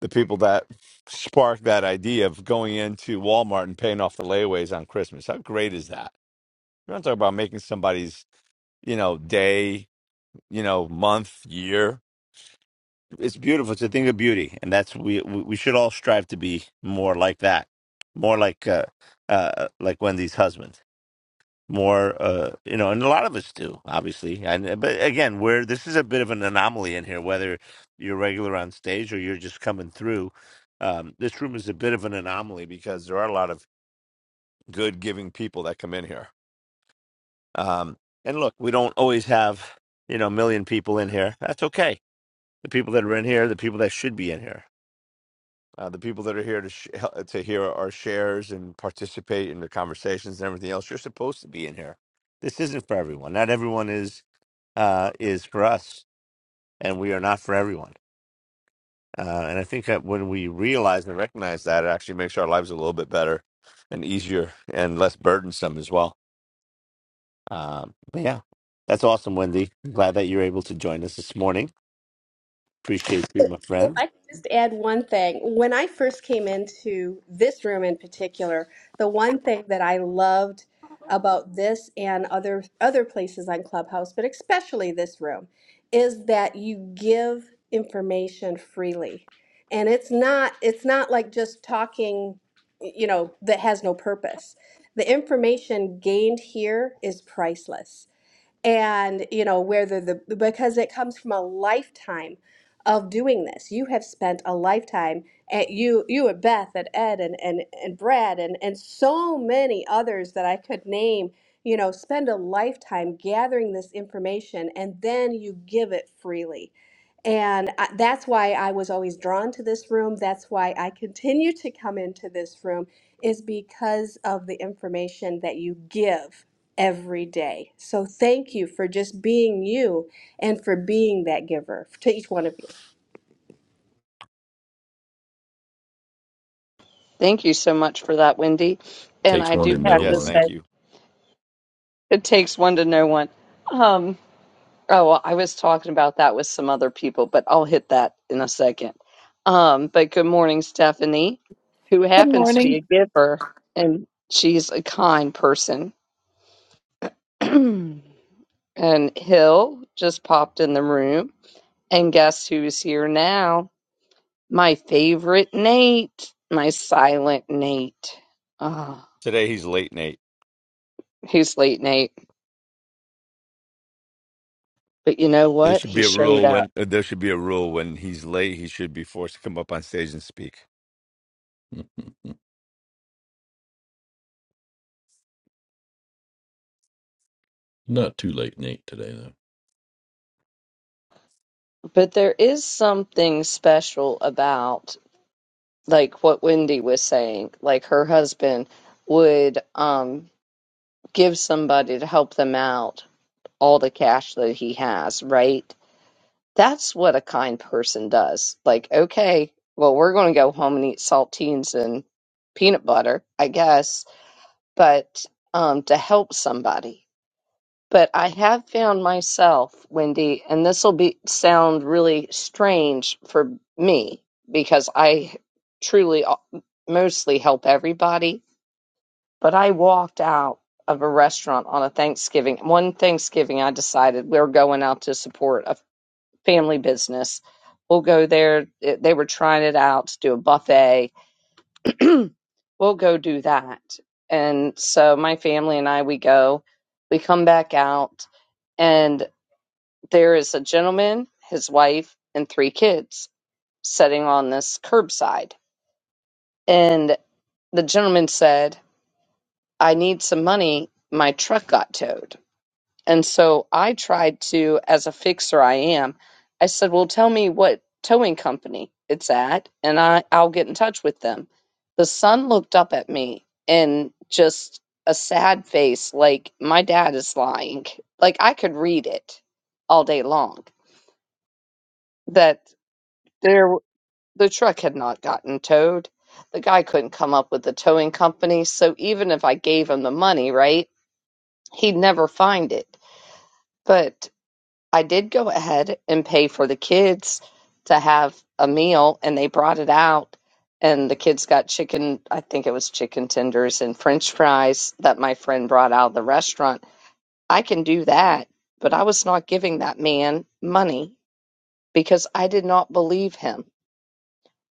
B: the people that sparked that idea of going into Walmart and paying off the layaways on Christmas. How great is that? We're not talking about making somebody's, you know, day, you know, month, year. It's beautiful. It's a thing of beauty, and that's we we we should all strive to be more like that, more like uh, uh, like Wendy's husband. more uh you know and a lot of us do obviously and uh, but again we're this is a bit of an anomaly in here whether you're regular on stage or you're just coming through um this room is a bit of an anomaly because there are a lot of good giving people that come in here um and look we don't always have you know a million people in here that's okay the people that are in here the people that should be in here uh, the people that are here to sh- hel- to hear our shares and participate in the conversations and everything else you're supposed to be in here this isn't for everyone not everyone is uh, is for us, and we are not for everyone. Uh, and I think that when we realize and recognize that, it actually makes our lives a little bit better and easier and less burdensome as well. Um, but yeah, that's awesome, Wendy. I'm glad that you're able to join us this morning. Appreciate you, my
F: If
B: friend.
F: I could just add one thing, when I first came into this room in particular, the one thing that I loved about this and other other places on Clubhouse, but especially this room, is that you give information freely. And it's not it's not like just talking, you know, that has no purpose. The information gained here is priceless and you know whether the because it comes from a lifetime of doing this you have spent a lifetime at you you at beth and ed and and, and brad and and so many others that i could name you know spend a lifetime gathering this information and then you give it freely and I, that's why I was always drawn to this room. That's why I continue to come into this room, is because of the information that you give every day. So thank you for just being you and for being that giver to each one of you.
A: Thank you so much for that, Wendy. And
C: Takes
A: I
C: one
A: do
C: to
A: have
C: know
A: to
B: Yes,
C: one.
A: say,
B: thank you.
A: it takes one to know one. Um, Oh, well, I was talking about that with some other people, but I'll hit that in a second. Um, but good morning, Stephanie, who
G: Good
A: happens to be
G: morning.
A: a giver, and she's a kind person. and Hill just popped in the room, and guess who's here now? My favorite Nate, my silent Nate. Ah,
B: Today he's late, Nate.
A: he's late, Nate. But you know
B: There
A: what?
B: should
A: He
B: be a
A: showed
B: rule
A: up.
B: when uh, there should be a rule when he's late, he should be forced to come up on stage and speak.
C: Mhm. Not too late, Nate. Today though.
A: But there is something special about like what Wendy was saying, like her husband would um give somebody to help them out all the cash that he has, right? That's what a kind person does. Like, okay, well, we're going to go home and eat saltines and peanut butter, I guess, but um to help somebody. But I have found myself, Wendy, and this will be sound really strange for me because I truly al- mostly help everybody. But I walked out of a restaurant on a Thanksgiving. One Thanksgiving, I decided we are going out to support a family business. We'll go there. It- They were trying it out to do a buffet. we'll go do that. And so my family and I, we go, we come back out. and. There is a gentleman, his wife, and three kids sitting on this curbside. And the gentleman said, I need some money. My truck got towed. And so I tried to, as a fixer I am, I said, Well, tell me what towing company it's at, and I, I'll get in touch with them. The son looked up at me and just a sad face, like, My dad is lying. Like, I could read it all day long that there. The truck had not gotten towed. The guy couldn't come up with the towing company, so even if I gave him the money, right, he'd never find it. But I did go ahead and pay for the kids to have a meal, and they brought it out. And the kids got chicken, I think it was chicken tenders and french fries that my friend brought out of the restaurant. I can do that, but I was not giving that man money because I did not believe him.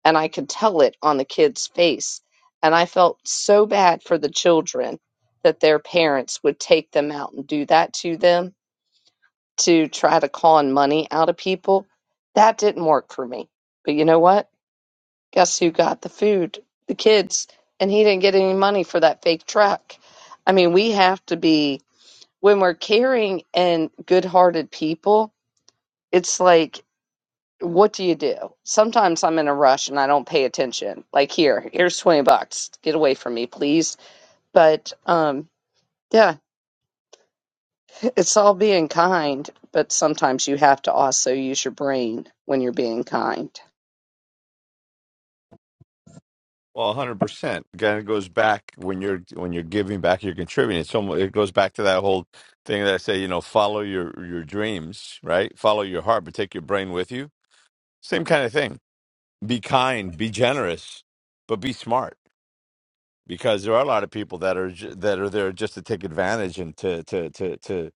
A: and I could tell it on the kid's face. And I felt so bad for the children that their parents would take them out and do that to them to try to con money out of people. That didn't work for me. But you know what? Guess who got the food? The kids. And he didn't get any money for that fake truck. I mean, we have to be, when we're caring and good hearted people, it's like what do you do? Sometimes I'm in a rush and I don't pay attention. Like here, here's 20 bucks. Get away from me, please. But um yeah, it's all being kind, but sometimes you have to also use your brain when you're being kind.
B: Well, hundred percent. Again, it goes back when you're when you're giving back, you're contributing. It's almost it goes back to that whole thing that I say, you know, follow your your dreams, right? Follow your heart, but take your brain with you. Same kind of thing. Be kind, be generous, but be smart because there are a lot of people that are ju- that are there just to take advantage and to to to to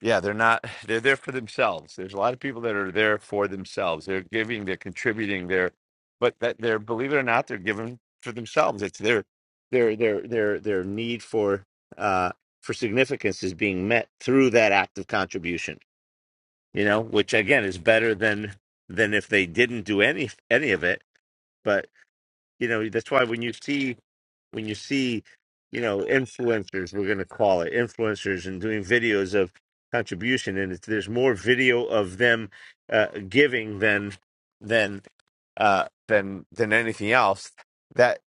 B: Yeah, they're not, they're there for themselves. There's a lot of people that are there for themselves. They're giving, they're contributing, they're, but that they're, believe it or not, they're giving for themselves. It's their, their, their, their, their need for, uh, for significance is being met through that act of contribution, you know, which again is better than, than if they didn't do any, any of it. But, you know, that's why when you see, when you see, you know, influencers, we're going to call it influencers, and doing videos of contribution, and it's, there's more video of them uh, giving than than uh, than than anything else. That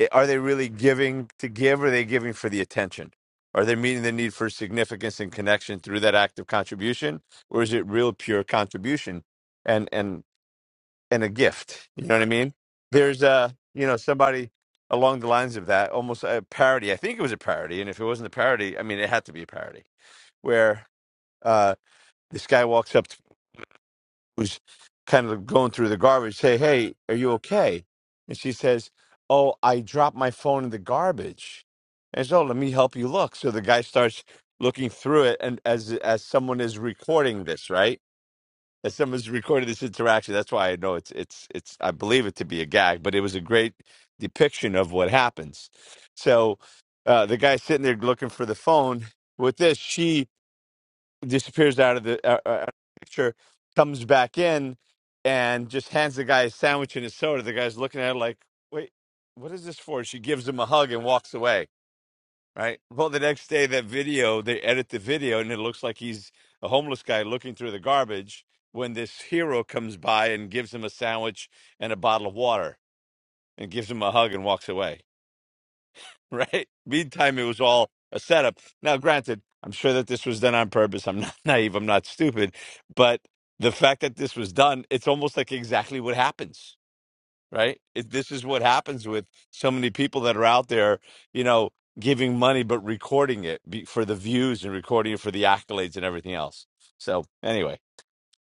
B: eh, are they really giving to give? Or are they giving for the attention? Are they meeting the need for significance and connection through that act of contribution, or is it real pure contribution? And and and a gift. You know what I mean? There's uh, you know, somebody along the lines of that, almost a parody. I think it was a parody, and if it wasn't a parody, I mean, it had to be a parody where uh, this guy walks up, to, who's kind of going through the garbage, say, "Hey, are you okay?" And she says, "Oh, I dropped my phone in the garbage." And so, let me help you look. So the guy starts looking through it, and as as someone is recording this, right? that someone's recorded this interaction. That's why I know it's it's it's I believe it to be a gag, but it was a great depiction of what happens. So uh, the guy's sitting there looking for the phone with this, she disappears out of the uh, uh, out of the picture, comes back in, and just hands the guy a sandwich and a soda. The guy's looking at her like, "Wait, what is this for?" She gives him a hug and walks away right? Well, the next day, that video, they edit the video, and it looks like he's a homeless guy looking through the garbage when this hero comes by and gives him a sandwich and a bottle of water and gives him a hug and walks away, right? Meantime, it was all a setup. Now, granted, I'm sure that this was done on purpose. I'm not naive, I'm not stupid, but the fact that this was done, it's almost like exactly what happens right? It, this is what happens with so many people that are out there, you know, giving money but recording it be, for the views and recording it for the accolades and everything else. So anyway,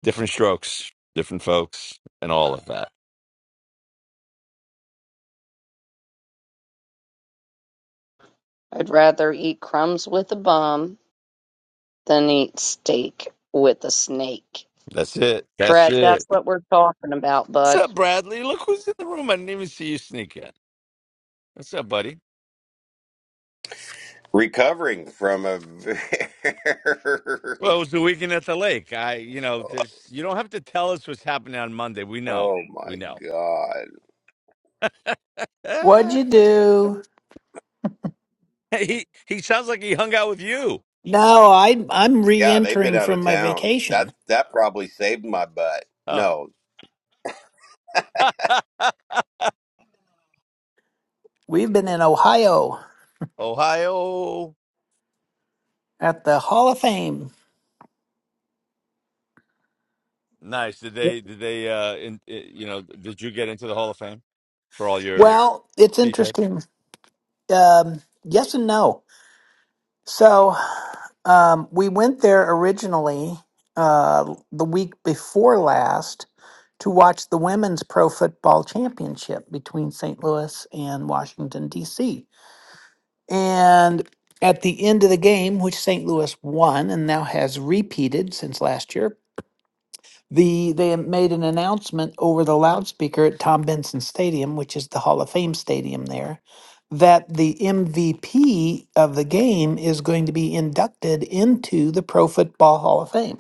B: different strokes, different folks, and all of that.
A: I'd rather eat crumbs with a bum than eat steak with a snake.
B: That's it. That's
A: Brad, that's
B: it.
A: what we're talking about,
B: What's
A: bud.
B: up, Bradley? Look who's in the room. I didn't even see you sneak in. What's up, buddy?
H: recovering from a very
B: Well, it was the weekend at the lake. I, you know, there's, you don't have to tell us what's happening on Monday. We know.
H: oh
B: We
H: my
B: know.
H: god
G: What'd
B: Ah,
G: you do?
B: he he sounds like he hung out with you.
G: No, I I'm
H: yeah they've been
G: re-entering
H: out of
G: from my
H: town that
G: vacation.
H: that probably saved my butt
B: Oh.
H: no
G: We've been in Ohio
B: Ohio.
G: at the Hall of Fame.
B: Nice. Did they? Did they? Uh, in, i you know, did you get into the Hall of Fame for all your
G: Well, it's
B: t-shirts?
G: interesting. Um, yes and no. So um, we went there originally uh, the week before last to watch the Women's Pro Football Championship between St. Louis and Washington, D.C. And at the end of the game, which St. Louis won and now has repeated since last year, the they made an announcement over the loudspeaker at Tom Benson Stadium, which is the Hall of Fame stadium there, that the MVP of the game is going to be inducted into the Pro Football Hall of Fame.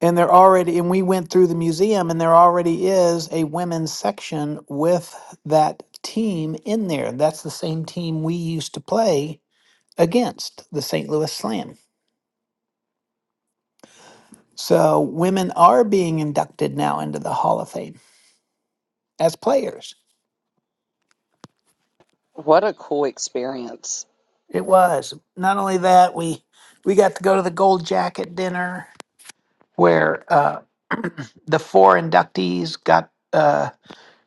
G: And they're already and we went through the museum and there already is a women's section with that team in there. That's the same team we used to play against the St. Louis Slam. So women are being inducted now into the Hall of Fame as players.
A: What a cool experience.
G: It was not only that we we got to go to the Gold Jacket dinner where uh, the four inductees got uh,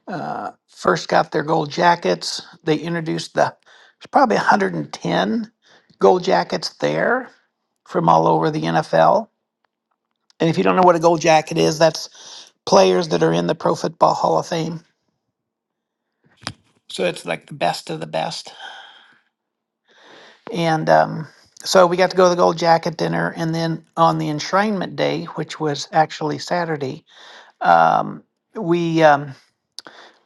G: uh, first got their gold jackets. They introduced the there's probably 110 gold jackets there from all over the NFL. And if you don't know what a gold jacket is, that's players that are in the Pro Football Hall of Fame So it's like the best of the best. And um, so we got to go to the Gold Jacket dinner. And then on the enshrinement day, which was actually Saturday, um, we, um,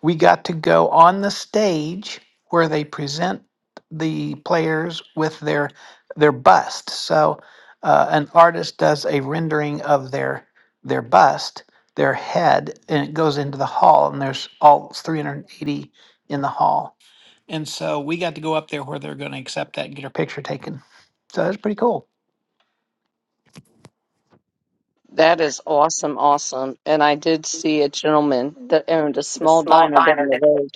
G: we got to go on the stage where they present the players with their, their bust. So uh, an artist does a rendering of their, their bust, their head, and it goes into the hall. And there's all 380 in the hall And so we got to go up there where they're going to accept that and get our picture taken. So that's pretty cool.
A: That is awesome, awesome. And I did see a gentleman that owned a
G: The
A: small
G: small
A: diner down
G: diner.
A: the
G: down there.
A: road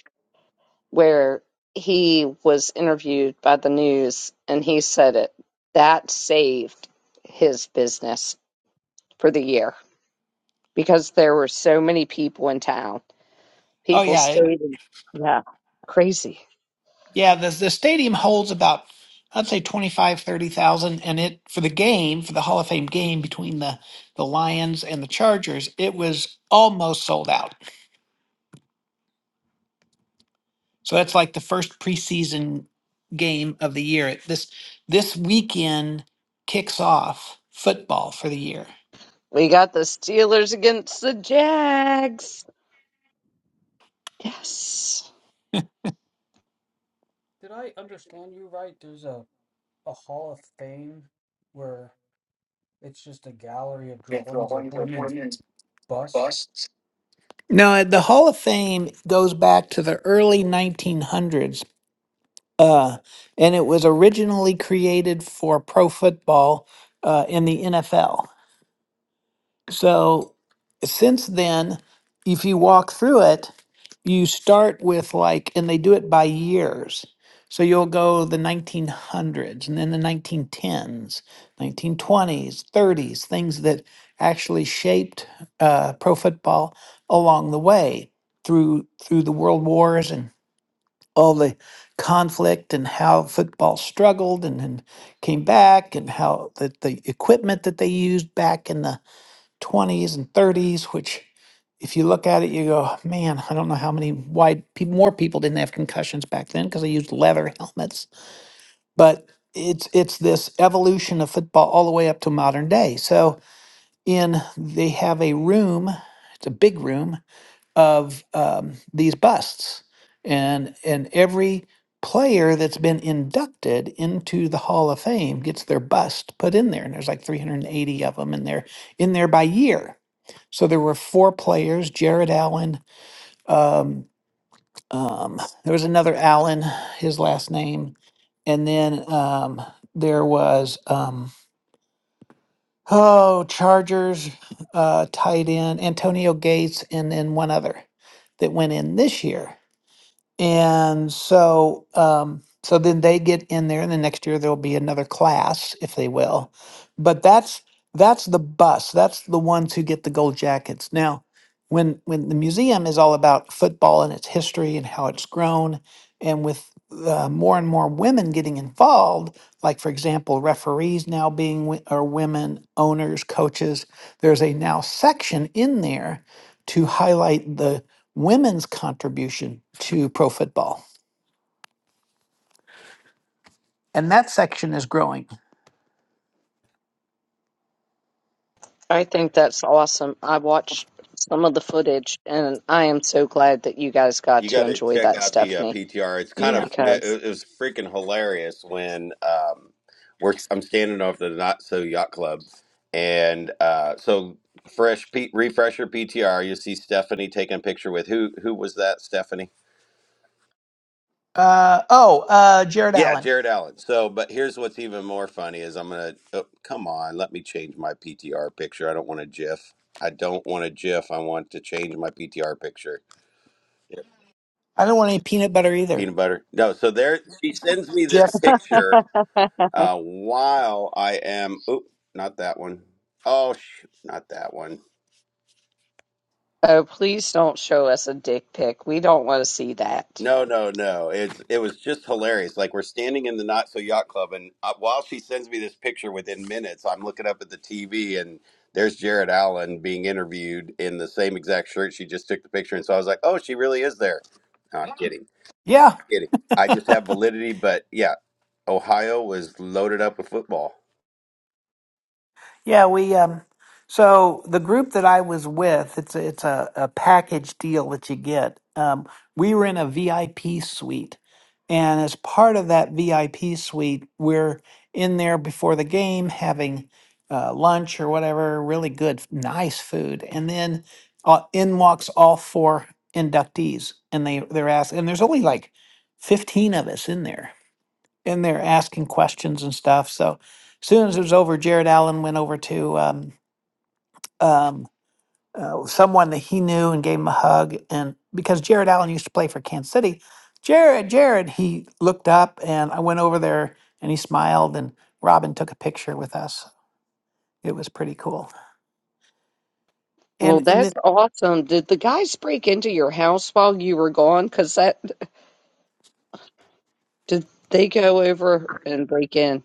A: where he was interviewed by the news and he said it. That saved his business for the year because there were so many people in town.
G: Oh
A: People
G: yeah, it,
A: stayed in, yeah, crazy.
G: yeah. The the stadium holds about I'd say 25 30,000, and it for the game for the Hall of Fame game between the the Lions and the Chargers, it was almost sold out. So that's like the first preseason game of the year. It- This this weekend kicks off football for the year.
A: We got the Steelers against the Jags. Yes.
E: Did I understand you right? There's a, a Hall of Fame where it's just a gallery of drawings of women's busts.
G: No, the Hall of Fame goes back to the early 1900s, uh, and it was originally created for pro football uh, in the NFL. So since then, if you walk through it, you start with like, and they do it by years. So you'll go the 1900s and then the 1910s, 1920s, 30s, things that actually shaped uh, pro football along the way through through the world wars and all the conflict and how football struggled and, then came back and how the, the equipment that they used back in the 20s and 30s, which if you look at it, you go, man, I don't know how many why pe- more people didn't have concussions back then because they used leather helmets. But it's it's this evolution of football all the way up to modern day. So in they have a room, it's a big room of um, these busts and and every player that's been inducted into the hall of fame gets their bust put in there and there's like 380 of them and they're in there by year so there were four players jared allen um, um, there was another allen his last name and then um, there was um, oh chargers uh, tight end antonio gates and then one other that went in this year and so, um, so then they get in there, and the next year there'll be another class, if they will. But that's that's the bus. That's the ones who get the gold jackets. Now, when when the museum is all about football and its history and how it's grown, and with uh, more and more women getting involved, like for example, referees now being wo- are women, owners, coaches. There's a now section in there to highlight the women's contribution to pro football. And that section is growing.
A: I
G: Right.
A: think that's awesome. I watched some of the footage and I am so glad that you guys got
H: you
A: to
H: got to
A: enjoy
H: check
A: that,
H: out the uh,
A: Stephanie,
H: ptr it's kind
G: Yeah.
H: of it,
A: because
H: it was freaking hilarious when um we're i'm standing off the not so yacht club and uh so fresh P, refresher ptr you see stephanie taking a picture with who who was that stephanie
G: Uh, oh, uh, Jared
H: Yeah,
G: Allen.
H: Jared Allen. So, but here's what's even more funny is I'm gonna. Oh, come on, let me change my PTR picture. I don't want a GIF. I don't want a GIF. I want to change my PTR picture. Here,
G: I don't want any peanut butter either.
H: Peanut butter. No. So there, she sends me this
G: Jeff.
H: picture uh, while I am. Oh, not that one. Oh, shoot, not that one.
A: oh, please don't show us a dick pic. We don't want to see that.
H: No, no, no. It's it was just hilarious. Like we're standing in the Not So Yacht Club, and uh, while she sends me this picture within minutes, I'm looking up at the TV, and there's Jared Allen being interviewed in the same exact shirt she just took the picture. And so I was like, "Oh, she really is there." No, I'm kidding,
G: Yeah.
H: kidding. I just have validity, but yeah, Ohio was loaded up with football.
G: Yeah, we um so the group that I was with, it's a, it's a, a package deal that you get. Um we were in a VIP suite and as part of that VIP suite, we're in there before the game having uh, lunch or whatever, really good, nice food. And then uh, in walks all four inductees and they they're asked and there's only like 15 of us in there in there asking questions and stuff. So as soon as it was over, Jared Allen went over to um, um, uh, someone that he knew and gave him a hug. And because Jared Allen used to play for Kansas City, Jared, Jared, he looked up and I went over there and he smiled and Robin took a picture with us. It was pretty cool.
A: Well,
G: And, and then,
A: that's awesome. Did the guys break into your house while you were gone? Because that did they go over and break in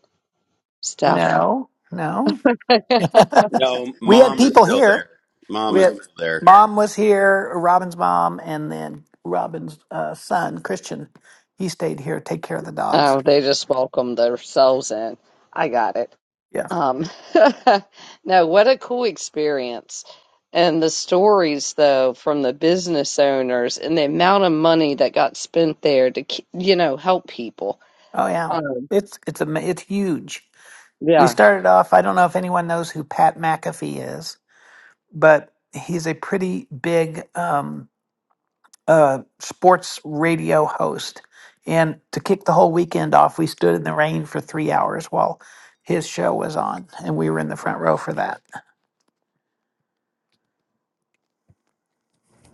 A: stuff?
G: no, no,
A: oh,
H: No,
G: we had
H: mom is
G: people
H: still
G: here
H: there. Mom
G: We
H: is
G: had,
H: still there.
G: mom was here, Robin's mom, and then Robin's uh, son, Christian. He stayed here, to take care of the dogs.
A: they just welcomed themselves in. I got it.
G: Yeah.
A: Um, no, what a cool experience. And the stories, though, from the business owners and the amount of money that got spent there to, ke- you know, help people.
G: Oh yeah.
A: Um,
G: It's it's a it's huge. We
A: yeah.
G: started off. I don't know if anyone knows who Pat McAfee is, but he's a pretty big um, uh, sports radio host. And to kick the whole weekend off, we stood in the rain for three hours while his show was on, and we were in the front row for that.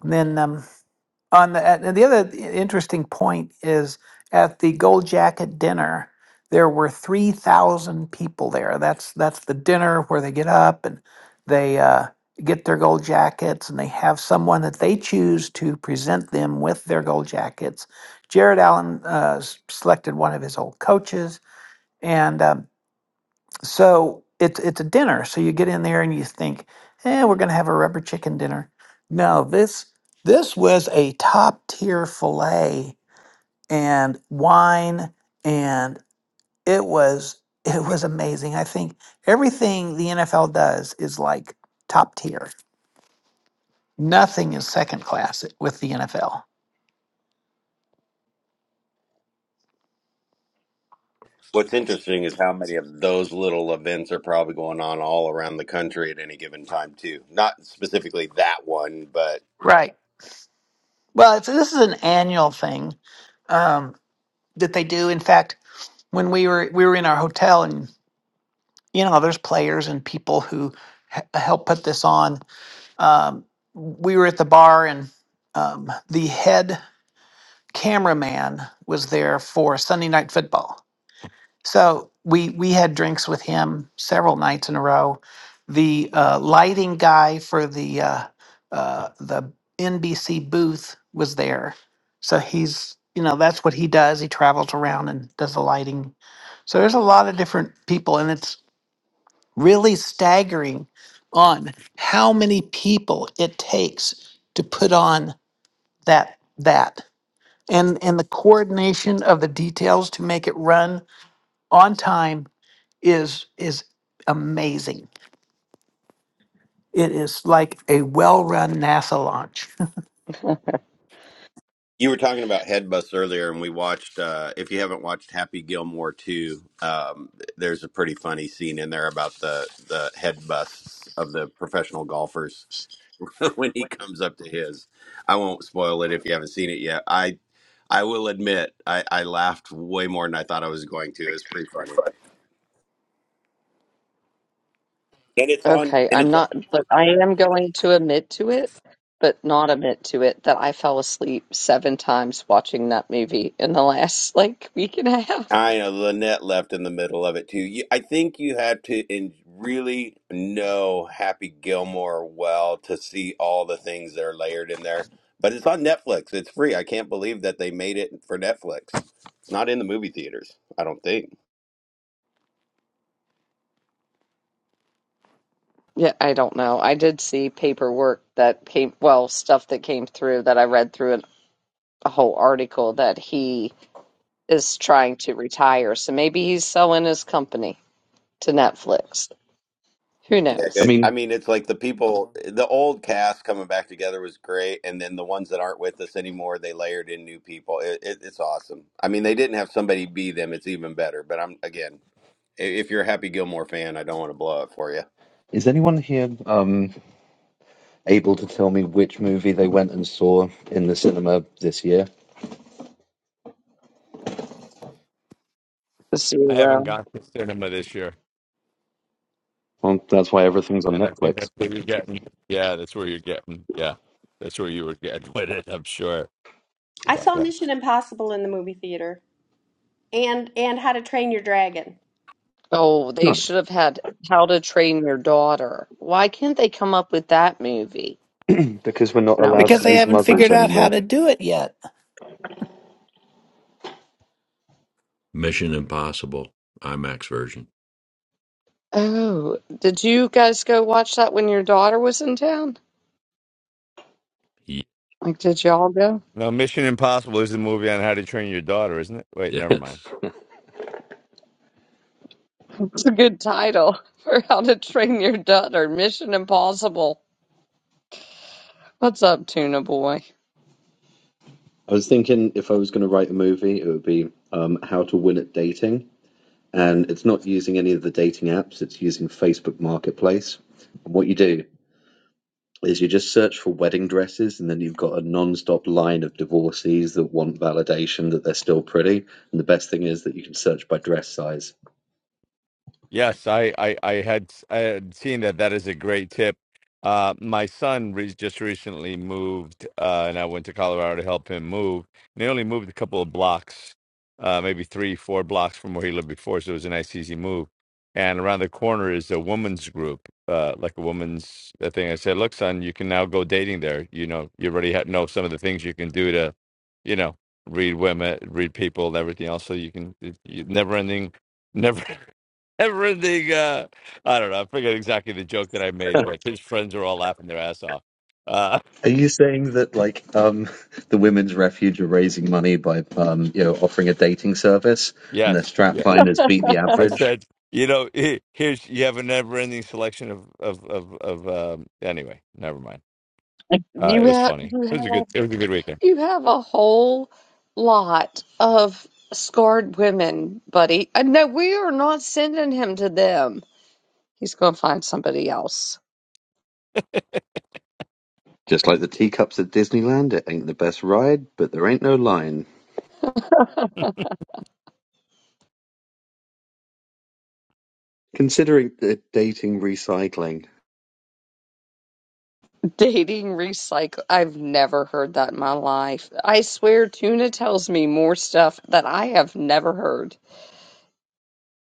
G: And then um, On the and the other interesting point is at the Gold Jacket dinner, there were three thousand people there. That's that's the dinner where they get up and they uh, get their gold jackets and they have someone that they choose to present them with their gold jackets. Jared Allen uh, s- selected one of his old coaches, and um, so it's it's a dinner. So you get in there and you think, eh, we're gonna have a rubber chicken dinner. No, this this was a top tier filet and wine and it was it was amazing. I think everything the NFL does is like top tier. Nothing is second class with the NFL.
H: What's interesting is how many of those little events are probably going on all around the country at any given time, too. Not specifically that one, but
G: Right. Well, it's, this is an annual thing um, that they do. In fact, when we were we were in our hotel and. you know, there's players and people who h- help put this on. Um, we were at the bar, and um, the head cameraman was there for Sunday night football. So we we had drinks with him several nights in a row. The uh, lighting guy for the uh, uh, the NBC booth was there, so he's you know that's what he does. He travels around and does the lighting. So there's a lot of different people, and it's really staggering on how many people it takes to put on that that and and the coordination of the details to make it run on time is is amazing it is like a well-run nasa launch
H: you were talking about Headbus earlier, and we watched. Uh, if you haven't watched Happy Gilmore two, um, there's a pretty funny scene in there about the the headbusts of the professional golfers when he comes up to his. I won't spoil it if you haven't seen it yet. I I will admit I, I laughed way more than I thought I was going to. It was pretty funny, and it's on
A: Okay.
H: and
A: I'm
H: it's
A: not, but I am going to admit to it, but not admit to it that I fell asleep seven times watching that movie in the last like week and a half.
H: I know Lynette left in the middle of it too. You, I think you have to in, really know Happy Gilmore well to see all the things that are layered in there. But it's on Netflix. It's free. I can't believe that they made it for Netflix. It's not in the movie theaters. I don't think.
A: Yeah, I don't know. I did see paperwork that came, well, stuff that came through that I read through and a whole article that he is trying to retire. So maybe he's selling his company to Netflix. Who
H: Yeah,
I: I
H: good.
A: knows?
H: I
I: mean,
H: mean, it's like the people, the old cast coming back together was great, and then the ones that aren't with us anymore, they layered in new people. It, it, it's awesome. I mean, they didn't have somebody be them. It's even better. But I'm again. if you're a Happy Gilmore fan, I don't want to blow it for you.
I: is anyone here um, able to tell me which movie they went and saw in the cinema this year?
B: I haven't
A: Zero.
B: gone to cinema this year,
I: Well, that's why everything's on
B: and I think
I: Netflix.
B: that's where you're getting. Yeah, that's where you're getting. Yeah, that's where you were getting with it. I'm sure.
F: I
B: About
F: saw
B: that.
F: Mission Impossible in the movie theater and and How to Train Your Dragon.
A: Oh, they
I: Nice.
A: should have had How to Train Your Daughter. Why can't they come up with that movie?
I: because we're not
A: No, I'm
I: allowed
G: because
I: to
G: they
A: kidding.
I: use
G: haven't
I: muzzles
G: figured out how
I: anymore.
G: to do it yet
C: Mission Impossible IMAX version.
A: Oh, did you guys go watch that when your daughter was in town?
C: Ye-
A: Like, did y'all go?
B: No, Mission Impossible is the movie on How to Train Your Daughter, isn't it? Wait, never mind.
C: Yes.
A: It's a good title for How to Train Your Daughter. Mission Impossible. What's up, Tuna Boy?
I: I was thinking if I was going to write a movie, it would be um, How to Win at Dating. And it's not using any of the dating apps, it's using Facebook Marketplace. And what you do is you just search for wedding dresses and then you've got a non-stop line of divorcees that want validation that they're still pretty and the best thing is that you can search by dress size
B: Yes, I, I, I had I had seen that. That is a great tip. Uh, my son re just recently moved, uh, and I went to Colorado to help him move. And he only moved a couple of blocks, uh, maybe three, four blocks from where he lived before. So it was a nice, easy move. And around the corner is a woman's group, uh, like a woman's uh, thing. I said, "Look, son, you can now go dating there. You know, you already ha know some of the things you can do to, you know, read women, read people, and everything else. So you can, never ending." Never. everything. Uh, I don't know. I forget exactly the joke that I made,
I: are
B: but his friends are all laughing their ass off. Uh,
I: you saying that like um the women's refuge are raising money by um you know offering a dating service and their
B: yes,
I: strap
B: yeah.
I: line is beat the
B: I
I: average
B: said, you know, he- here's you have a never-ending selection of of of, of um, anyway. Never mind. Uh,
A: You
B: it was
A: have,
B: funny.
A: you
B: It
A: have.
B: was a good. It was a good weekend.
A: You have a whole lot of scarred women, buddy. Uh, No, we are not sending him to them. He's going to find somebody else.
I: Just like the teacups at Disneyland, it ain't the best ride, but there ain't no line. Considering the dating recycling,
A: Dating recycle. I've never heard that in my life. I swear, Tuna tells me more stuff that I have never heard.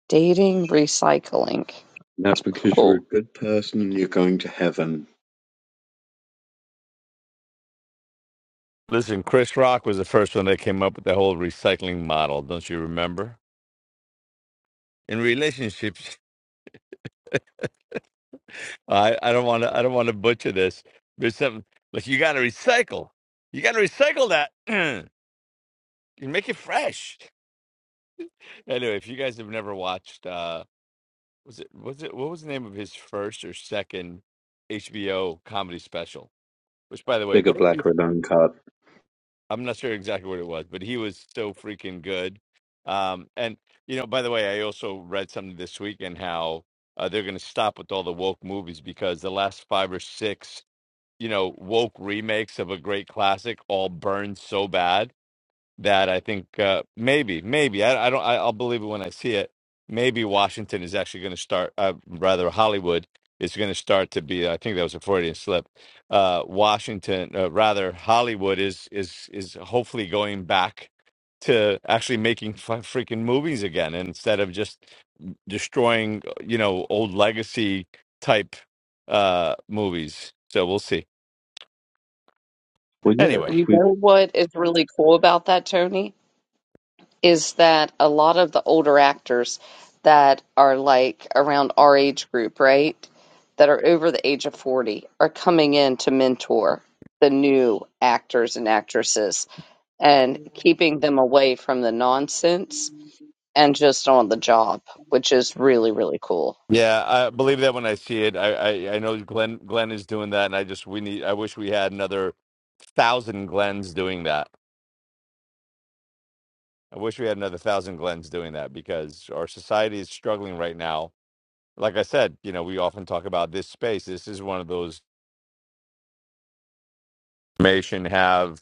A: Dating recycling.
I: that's because you're a
A: Cool.
I: good person and you're going to heaven.
B: Listen, Chris Rock was the first one that came up with the whole recycling model. Don't you remember? In relationships, I, I don't want to. I don't want to butcher this. There's something like you got to recycle. You got to recycle that. You make it fresh. Anyway, if you guys have never watched, uh, was it was it what was the name of his first or second HBO comedy special? Which, by the way,
I: Bigger
B: those two-
I: black or card.
B: I'm not sure exactly what it was, but he was so freaking good. Um, and you know, by the way, I also read something this weekend how uh, they're going to stop with all the woke movies because the last five or six, you know, woke remakes of a great classic all burned so bad that I think uh, maybe, maybe I, I don't. I, I'll believe it when I see it. Maybe Washington is actually going to start. Uh, rather, Hollywood is going to start to be. I think that was a Freudian slip. Uh, Washington, uh, rather, Hollywood is is is hopefully going back to actually making f- freaking movies again and instead of just destroying, you know, old legacy type uh, movies. So we'll see.
I: Well, yeah,
B: Anyway.
I: if
A: You
I: we.
A: know what is really cool about that, Tony? is that a lot of the older actors that are like around our age group, right? That are over the age of 40 are coming in to mentor the new actors and actresses and keeping them away from the nonsense and just on the job, which is really, really cool.
B: Yeah, I believe that when I see it. I, I I know Glenn Glenn is doing that, and I just we need. I wish we had another thousand Glens doing that. I wish we had another thousand Glens doing that because our society is struggling right now. Like I said, you know, we often talk about this space. This is one of those information have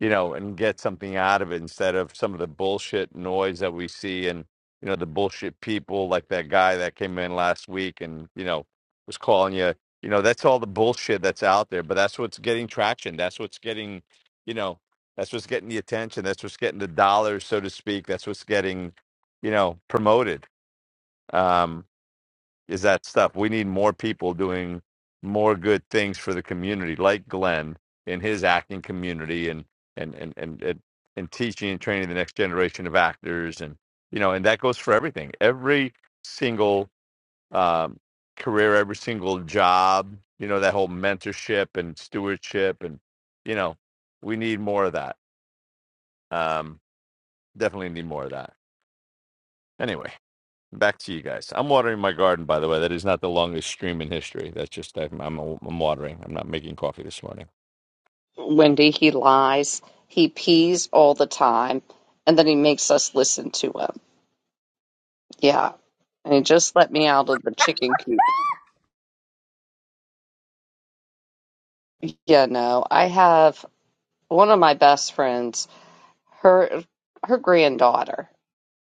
B: you know, and get something out of it instead of some of the bullshit noise that we see and, you know, the bullshit people like that guy that came in last week and, you know, was calling you, you know, that's all the bullshit that's out there, but that's what's getting traction. That's what's getting, you know, that's what's getting the attention. That's what's getting the dollars, so to speak. That's what's getting, you know, promoted. Um, is that stuff. We need more people doing more good things for the community, like Glenn in his acting community and and and and and, and teaching and training the next generation of actors and you know, and that goes for everything. Every single um, career, every single job, you know, that whole mentorship and stewardship and you know, we need more of that. Um, definitely need more of that. Anyway. Back to you guys. I'm watering my garden, by the way. That is not the longest stream in history. That's just I'm I'm, I'm watering. I'm not making coffee this morning.
A: Wendy, he lies, he pees all the time, and then he makes us listen to him. Yeah. And he just let me out of the chicken coop. Yeah, no, I have one of my best friends, her her granddaughter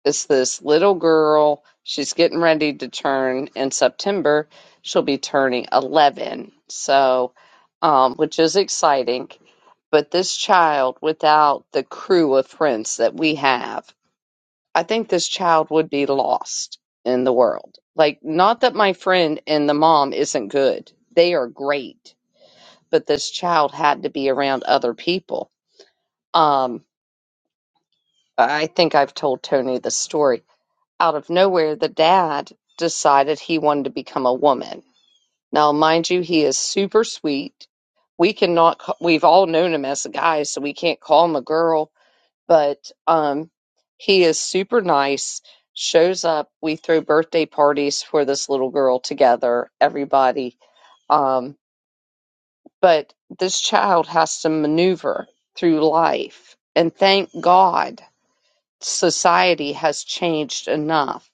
A: is this little girl. She's getting ready to turn in September. She'll be turning 11. So, um, which is exciting. But this child, without the crew of friends that we have, I think this child would be lost in the world. Like, not that my friend and the mom isn't good, they are great, but this child had to be around other people. Um, I think I've told Tony the story. Out of nowhere, the dad decided he wanted to become a woman. Now, mind you, he is super sweet. We cannot, ca- we've all known him as a guy, so we can't call him a girl, but um, he is super nice. Shows up. We throw birthday parties for this little girl together, everybody. Um, but this child has to maneuver through life. And thank God society has changed enough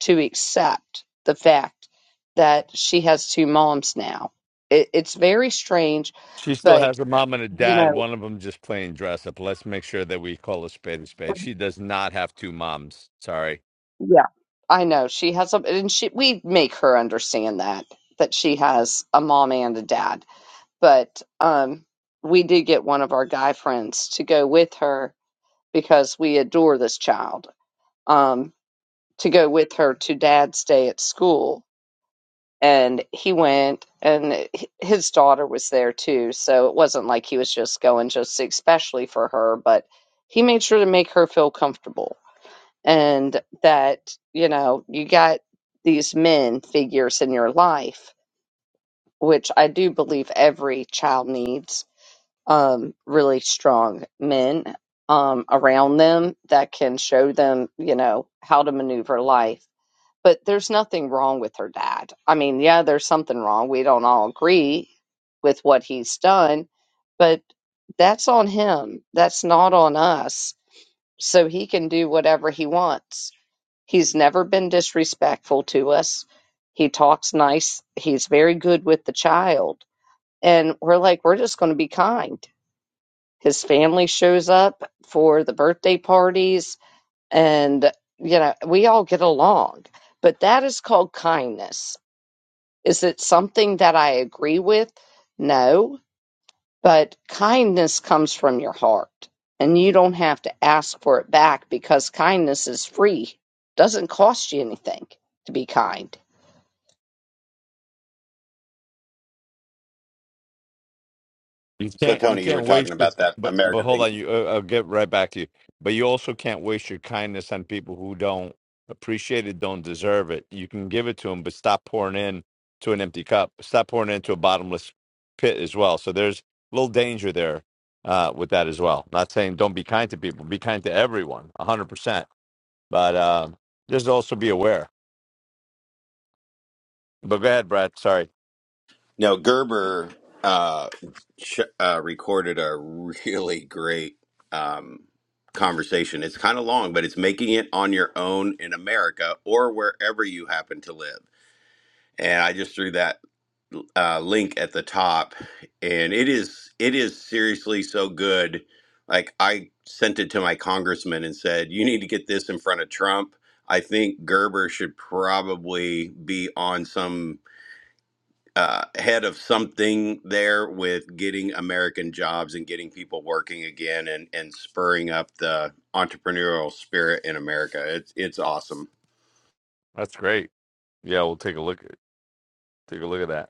A: to accept the fact that she has two moms now. It, it's very strange,
B: She still
A: but
B: has a mom and a
A: you
B: dad.
A: know,
B: One of them just playing dress up. Let's make sure that we call a spade a spade. She does not have two moms. Sorry.
A: yeah, I know she has a, and she we make her understand that that she has a mom and a dad. But um, we did get one of our guy friends to go with her because we adore this child. Um, to go with her to Dad's day at school and he went and h- his daughter was there too so it wasn't like he was just going just especially for her but he made sure to make her feel comfortable and that you know you got these men figures in your life which i do believe every child needs um really strong men um around them that can show them you know how to maneuver life but there's nothing wrong with her dad. I mean, yeah, there's something wrong. We don't all agree with what he's done, but that's on him. That's not on us. So he can do whatever he wants. He's never been disrespectful to us. He talks nice. He's very good with the child. And we're like, we're just going to be kind. His family shows up for the birthday parties, and, you know, we all get along. But that is called kindness is it something that I agree with? No, but kindness comes from your heart and you don't have to ask for it back because kindness is free. Doesn't cost you anything to be kind.
B: You
H: So,
B: can't you
H: Tony, you were
B: can't
H: talking
B: waste your
H: about that
B: But but
H: American
B: hold
H: thing.
B: on, you. Uh, I'll get right back to you. But you also can't waste your kindness on people who don't appreciate it, don't deserve it. You can give it to them, but stop pouring in to an empty cup. Stop pouring into a bottomless pit as well. So there's a little danger there uh, with that as well. Not saying don't be kind to people. Be kind to everyone, a hundred percent. But uh, just also be aware. But go ahead, Brad. Sorry,
H: No, Gerber uh, sh- uh, recorded a really great um, conversation. It's kind of long, but it's making it on your own in America or wherever you happen to live. And I just threw that. uh, link at the top, and it is it is seriously so good. Like I sent it to my congressman and said, "You need to get this in front of Trump." I think Gerber should probably be on some uh, head of something there with getting American jobs and getting people working again and and spurring up the entrepreneurial spirit in America. It's it's awesome.
B: that's great. Yeah, we'll take a look. Take a look at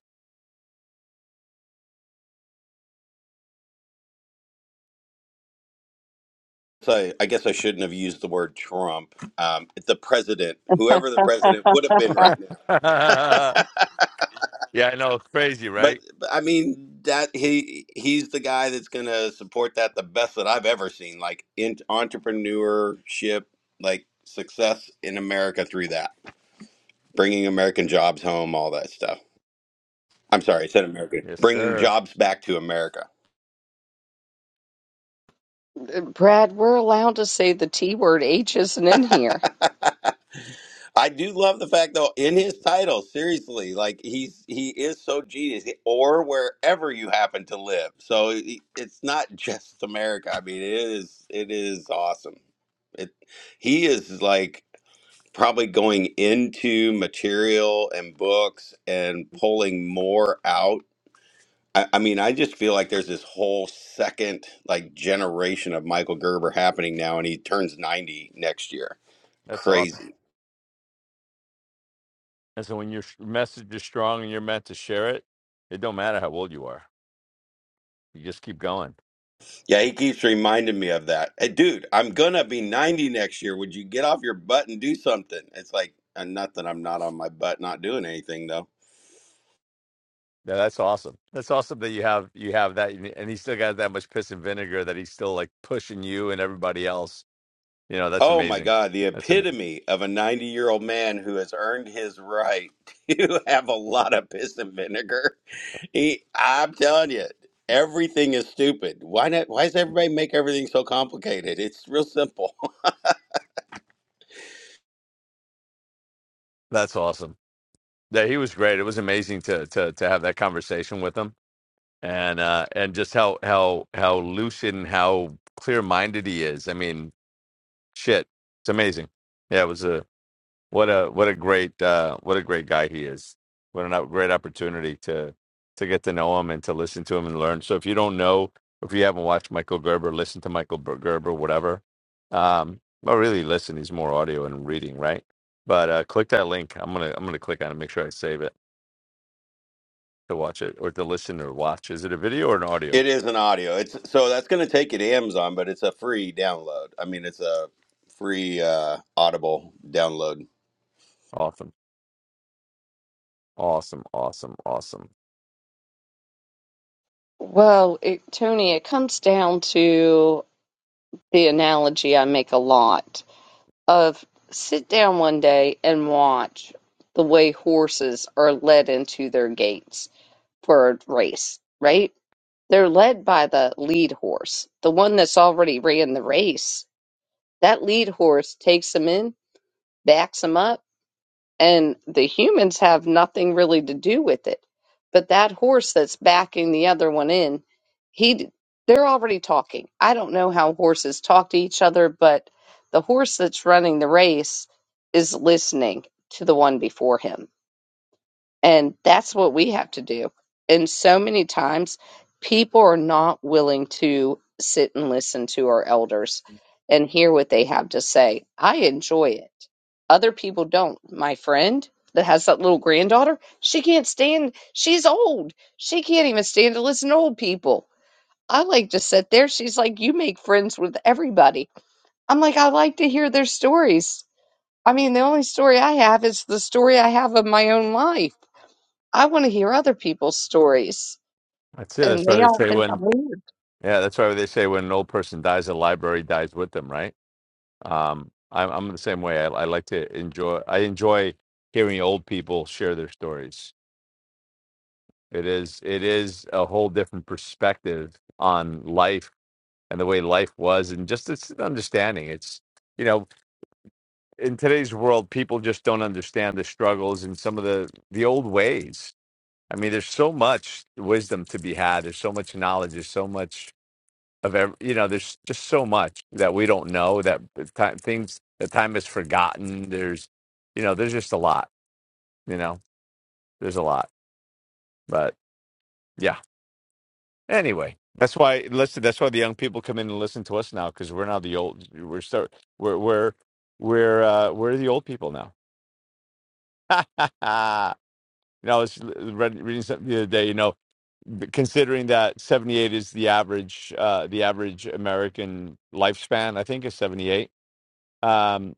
H: So I guess I shouldn't have used the word Trump. Um, the president, whoever the president would have been right now.
B: that. Yeah, I know. It's crazy,
H: But,
B: right?
H: but I mean that he he's the guy that's going to support that the best that I've ever seen. Like in entrepreneurship, like success in America through that, bringing American jobs home, all that stuff. I'm sorry, I said American,
B: Yes,
H: bringing
B: sir.
H: jobs back to America.
A: Uh, Brad, we're allowed to say the T word. H isn't in here.
H: I do love the fact though in his title, seriously, like he's he is so genius. Or wherever you happen to live, so it- it's not just America. I mean, it is it is awesome. It he is like probably going into material and books and pulling more out. I, I mean, I just feel like there's this whole second like generation of Michael Gerber happening now, and he turns ninety next year.
B: That's awesome. And so when your sh- message is strong and you're meant to share it, it don't matter how old you are. You just keep going.
H: Yeah, he keeps reminding me of that. Hey, dude, I'm gonna be 90 next year. Would you get off your butt and do something? It's like, uh not that I'm not on my butt, not doing anything though.
B: Yeah, that's awesome. That's awesome that you have you have that, and and he still got that much piss and vinegar that he's still like pushing you and everybody else. You know, that's
H: Oh my
B: amazing.
H: God, the
B: That's amazing.
H: epitome of a 90 year old man who has earned his right to have a lot of piss and vinegar. He, I'm telling you, everything is stupid. Why not? Why does everybody make everything so complicated? It's real simple.
B: That's awesome. Yeah, he was great. It was amazing to to to have that conversation with him. and uh and just how how how lucid and how clear minded he is i mean shit it's amazing yeah it was a what a what a great uh what a great guy he is what an uh, great opportunity to to get to know him and to listen to him and learn so if you don't know if you haven't watched michael gerber listen to michael Ber- gerber whatever um well really listen he's more audio and reading right but uh click that link i'm gonna i'm gonna click on it make sure i save it to watch it or to listen or watch is it a video or an audio
H: It is an audio. It's so that's going to take you to Amazon, but it's a free download. I mean, it's a free uh, Audible download.
B: awesome Awesome, awesome, awesome.
A: Well, it, Tony, it comes down to the analogy I make a lot of sit down one day and watch the way horses are led into their gates for a race, right? They're led by the lead horse, the one that's already ran the race. That lead horse takes them in, backs them up, and the humans have nothing really to do with it. But that horse that's backing the other one in, he they're already talking. I don't know how horses talk to each other, but the horse that's running the race is listening to the one before him and that's what we have to do. And so many times people are not willing to sit and listen to our elders and hear what they have to say. I enjoy it. Other people don't. My friend that has that little granddaughter, she can't stand, she's old. She can't even stand to listen to old people. I like to sit there. She's like, You make friends with everybody. I'm like, I like to hear their stories. I mean, the only story I have is the story I have of my own life I want to hear other people's stories.
B: That's it.
A: And
B: That's why
A: they
B: they
A: all
B: say
A: think I'm
B: when,
A: weird.
B: yeah, that's why they say when an old person dies, the library dies with them, right? Um, I'm I'm the same way. I, I like to enjoy. I enjoy hearing old people share their stories. It is it is a whole different perspective on life and the way life was, and just it's an understanding. It's you know, in today's world, people just don't understand the struggles and some of the the old ways I mean, there's so much wisdom to be had. There's so much knowledge. There's so much of every, you know, there's just so much that we don't know that time, things that time is forgotten. There's, you know, there's just a lot, you know, there's a lot. But yeah, anyway, that's why, listen, that's why the young people come in and listen to us now because we're now the old, we're start, we're, we're, we're, uh, we're the old people now. you know, I was read- reading something the other day, you know, b- considering that 78 is the average uh the average american lifespan i think is 78 um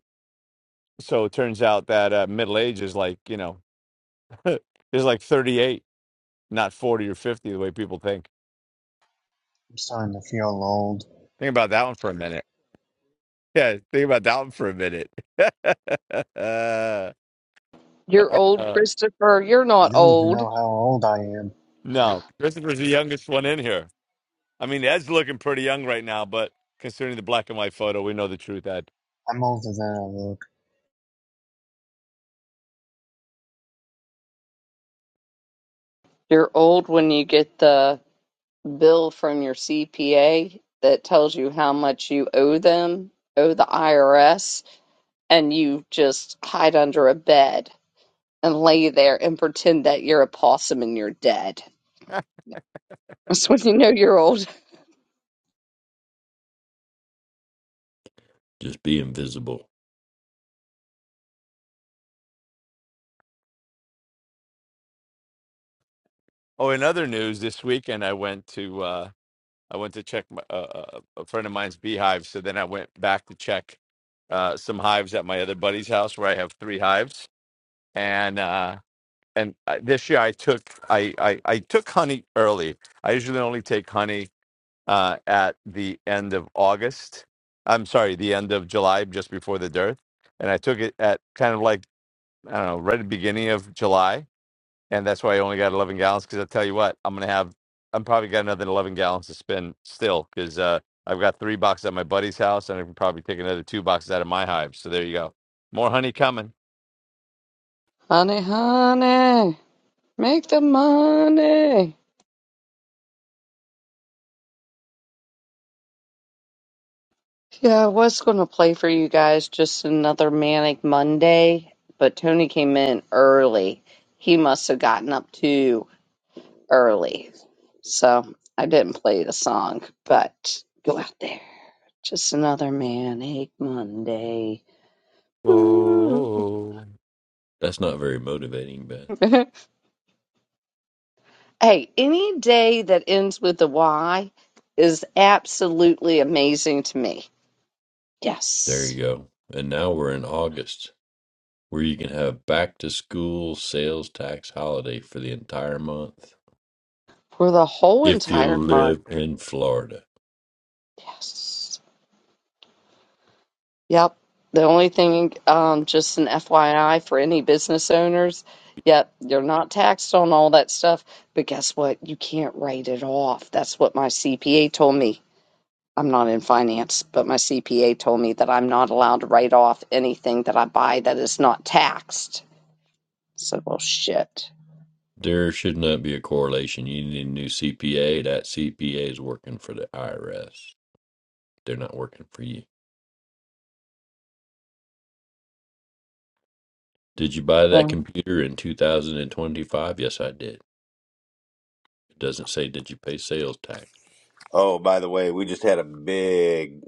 B: so it turns out that uh, middle age is like you know is like 38 not 40 or 50 the way people think
J: I'm starting to feel old.
B: think about that one for a minute yeah think about that one for a minute
A: You're old,
B: Uh,
A: Christopher. You're not
J: You don't even
A: old.
J: know how old I am.
B: no christopher's the youngest one in here i mean ed's looking pretty young right now but considering the black and white photo we know the truth ed
J: I'm older than I look.
A: You're old when you get the bill from your CPA that tells you how much you owe them, owe the IRS, and you just hide under a bed and lay there and pretend that you're a possum and you're dead. That's when you know you're old.
C: Just be invisible.
B: oh in other news this weekend i went to uh I went to check my, uh, uh, a friend of mine's beehive. So then I went back to check uh, some hives at my other buddy's house where I have three hives. And uh, and I, this year I took I, I I took honey early. I usually only take honey uh, at the end of August. I'm sorry, the end of July, just before the dearth. And I took it at kind of like I don't know, right at the beginning of July and that's why I only got 11 gallons. Because I tell you what, I'm gonna have, I'm probably got another 11 gallons to spend still, because uh, I've got three boxes at my buddy's house, and I can probably take another two boxes out of my hive. So there you go, more honey coming.
A: Honey, honey, make the money. Yeah, I was going to play for you guys just another manic Monday, but Tony came in early. He must have gotten up too early. So I didn't play the song, but go out there. Just another manic Monday. Woo.
B: Oh,
C: That's not very motivating, but
A: hey, any day that ends with a Y is absolutely amazing to me.
C: there
A: Yes.
C: you go. And now we're in August, where you can have back to school sales tax holiday for the entire month
A: For the whole
C: if you
A: entire month.
C: live in Florida.
A: Yes. Yep. The only thing, um, just an FYI for any business owners, yep, you're not taxed on all that stuff, but guess what? You can't write it off. That's what my CPA told me. I'm not in finance, but my CPA told me that I'm not allowed to write off anything that I buy that is not taxed. So, well, shit.
C: There should not be a correlation. You need a new CPA. That CPA is working for the IRS. They're not working for you. Did you buy that
A: Well,
C: computer in 2025? Yes, I did. It doesn't say, did you pay sales tax?
H: Oh, by the way, we just had a big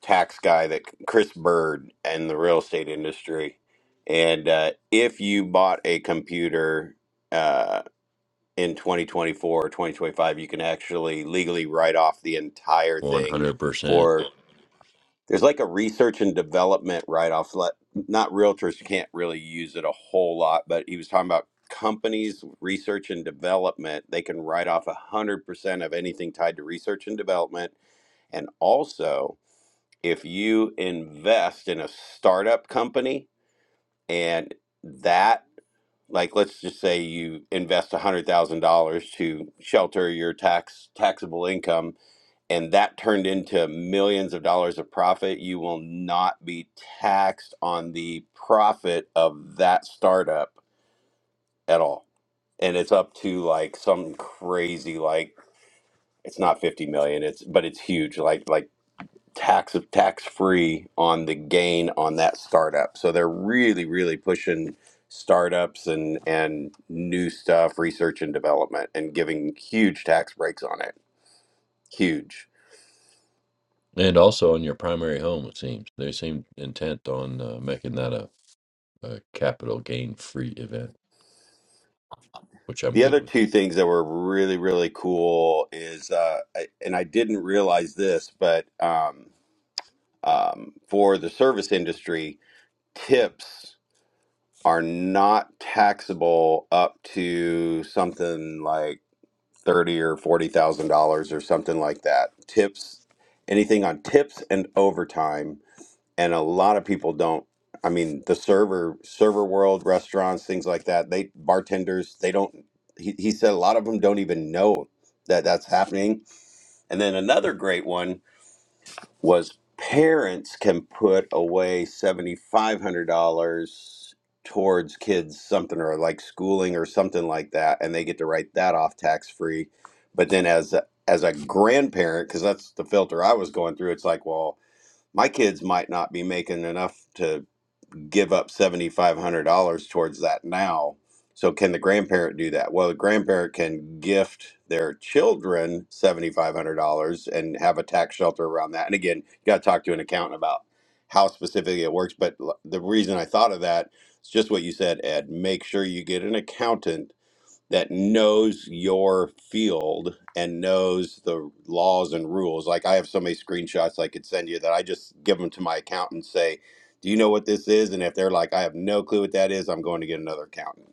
H: tax guy that Chris Bird in the real estate industry, and uh, if you bought a computer uh, in 2024 or 2025, you can actually legally write off the entire thing
C: 100%.
H: for there's like a research and development write-off let not realtors can't really use it a whole lot but he was talking about companies research and development they can write off 100% of anything tied to research and development and also if you invest in a startup company and that like let's just say you invest $100000 to shelter your tax taxable income and that turned into millions of dollars of profit, you will not be taxed on the profit of that startup at all. And it's up to like some crazy like it's not 50 million, it's but it's huge like like tax tax free on the gain on that startup. So they're really really pushing startups and and new stuff, research and development and giving huge tax breaks on it. Huge.
C: And also on your primary home, it seems. They seem intent on uh, making that a, a capital gain free event, which I'm
H: The
C: good
H: other
C: with.
H: two things that were really, really cool is, uh, I, and I didn't realize this, but um, um, for the service industry, tips are not taxable up to something like thirty or forty thousand dollars or something like that. Tips, anything on tips and overtime and a lot of people don't i mean the server server world restaurants things like that they bartenders they don't he, he said a lot of them don't even know that that's happening and then another great one was parents can put away $7500 towards kids something or like schooling or something like that and they get to write that off tax free but then as a, as a grandparent because that's the filter i was going through it's like well my kids might not be making enough to give up $7,500 towards that now. So can the grandparent do that? Well, the grandparent can gift their children $7,500 and have a tax shelter around that. And again, you got to talk to an accountant about how specifically it works. But l- the reason I thought of that is just what you said, Ed. Make sure you get an accountant that knows your field and knows the laws and rules. Like I have so many screenshots I could send you that I just give them to my accountant and say, "Do you know what this is?" And if they're like, "I have no clue what that is," I'm going to get another accountant.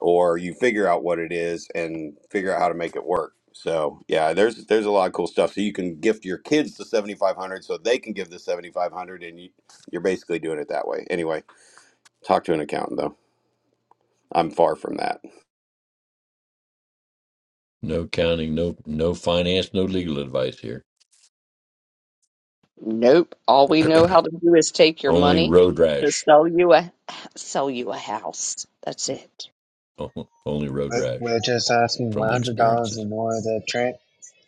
H: Or you figure out what it is and figure out how to make it work. So yeah, there's there's a lot of cool stuff. So you can gift your kids the 7500 so they can give the 7500 and you, you're basically doing it that way. Anyway, talk to an accountant though. I'm far from that.
C: No counting, no no finance, no legal advice here.
A: nope. All we know how to do is take your
C: Only
A: money
C: road
A: to
C: rash.
A: sell you a sell you a house. That's it.
C: Only road
J: But
C: rash
J: we're just asking
C: from the
J: $100
C: experiences.
J: in order to tra-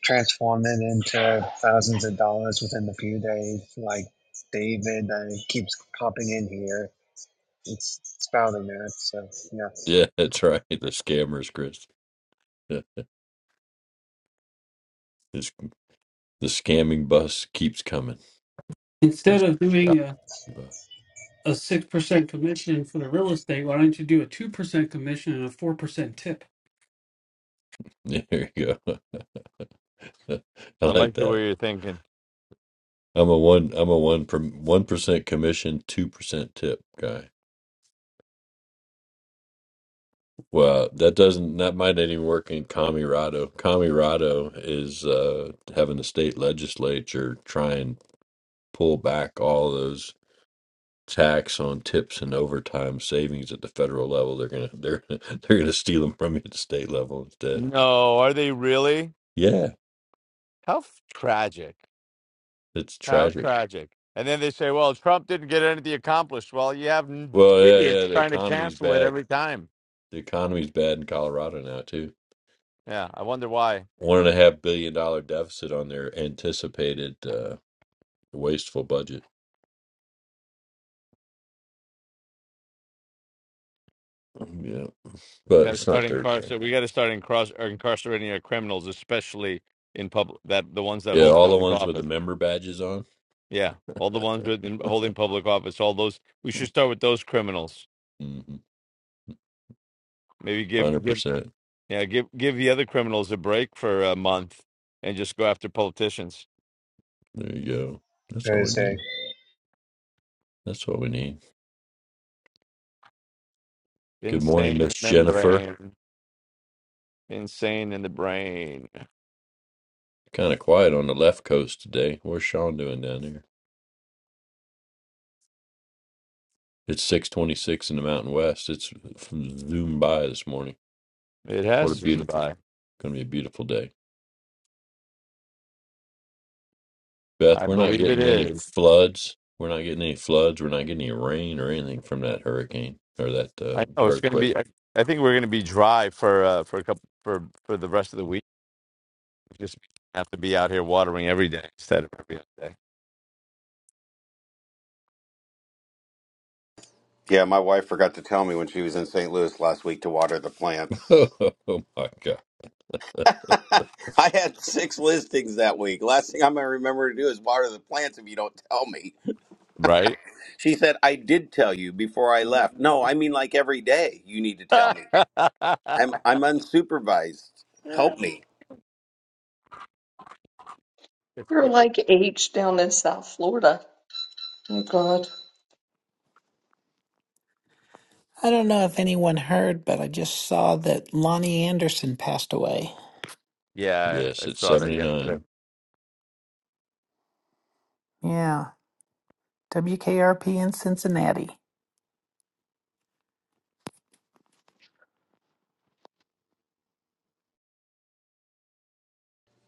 J: transform it into thousands of dollars within a few days. Like David uh, keeps popping in here. It's spouting that. So, yeah,
C: Yeah, that's right. The scammers, Chris. This the scamming bus keeps coming.
E: Instead
C: Just
E: of
C: yeah,
E: doing a
C: bus.
E: a six percent commission for the real estate, why don't you do a two percent commission and a four percent tip?
C: There you go. I
B: I
C: like
B: like the
C: that.
B: way you're thinking.
C: I'm a one. I'm a one per one percent commission, two percent tip guy. Well, that doesn't. That might not even work in Camirado. Camirado is uh, having the state legislature try and pull back all those tax on tips and overtime savings at the federal level. They're gonna they're they're gonna steal them from you at the state level instead.
B: No, are they really?
C: Yeah,
B: How f- tragic!
C: it's
B: How
C: tragic.
B: tragic! And then they say, "Well, Trump didn't get anything accomplished." Well, you have n-
C: Well, yeah, yeah.
B: idiots
C: The
B: trying to
C: economy's
B: cancel it
C: bad.
B: every time.
C: The economy's bad in Colorado now too.
B: Yeah, I wonder why.
C: One and a half billion dollar deficit on their anticipated uh, wasteful budget. Um, Yeah,
B: We
C: but
B: got to
C: it's
B: start
C: not their thing.
B: incarcer. We got to start incar- incarcerating our criminals, especially in public. That the ones that
C: Yeah,
B: hold
C: all the
B: public
C: ones with the
B: office.
C: member badges on.
B: Yeah, all the ones with in, holding public office. All those. We should start with those criminals.
C: Mm-hmm,
B: Maybe give
C: Hundred
B: give
C: percent.
B: yeah give give the other criminals a break for a month and just go after politicians.
C: There you go. That's what we
J: Thursday.
C: need. That's what we need. Good morning,
B: Insane in
C: Miss
B: the
C: Jennifer.
B: membrane. Insane in the brain.
C: Kind of quiet on the left coast today. Where's Sean doing down there? It's six twenty-six in the Mountain West. It's zoomed by this morning.
B: It
C: What a
B: has been
C: beautiful,
B: by.
C: going to be a beautiful day.
B: I
C: Beth, we're not
B: believe it
C: getting any
B: is.
C: floods. We're not getting any floods. We're not getting any rain or anything from that hurricane or that
B: I
C: uh,
B: know it's going to
C: earthquake.
B: be. I, I think we're going to be dry for uh, for a couple for for the rest of the week Just have to be out here watering every day instead of every other day,
H: Yeah, my wife forgot to tell me when she was in St. Louis last week to water the plants.
C: Oh my God!
H: I had six listings that week. Last thing I'm going to remember to do is water the plants if you don't tell me.
B: right?
H: She said, I did tell you before I left. No, I mean like every day you need to tell me. I'm, I'm unsupervised. Help me.
A: You're like H down in South Florida. Oh God.
G: i don't know if anyone heard but i just saw that lonnie anderson passed away
B: yeah,
C: Yes,
B: I
C: it's
B: saw that yesterday.
C: seventy-nine.
G: yeah wkrp in cincinnati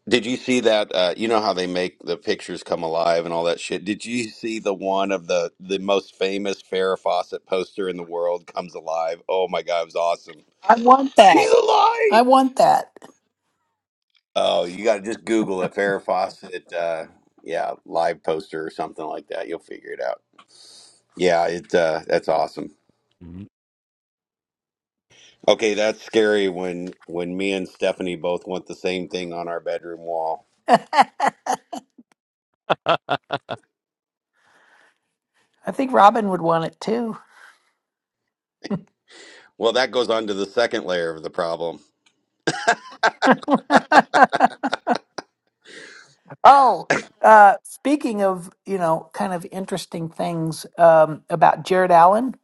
H: Did you see that? Uh, you know how they make the pictures come alive and all that shit. Did you see the one of the, the most famous Farrah Fawcett poster in the world comes alive? Oh my God, it was awesome.
G: i want that
H: She's alive!
G: I want that.
H: Oh, you got to just Google it, Farrah Fawcett, uh, yeah, live poster or something like that. You'll figure it out. Yeah, it uh, that's awesome.
B: Mhm.
H: Okay, that's scary when when me and Stephanie both want the same thing on our bedroom wall.
G: I think Robin would want it too.
H: Well, that goes on to the second layer of the problem.
G: oh, uh, speaking of, you know, kind of interesting things um, about Jared Allen,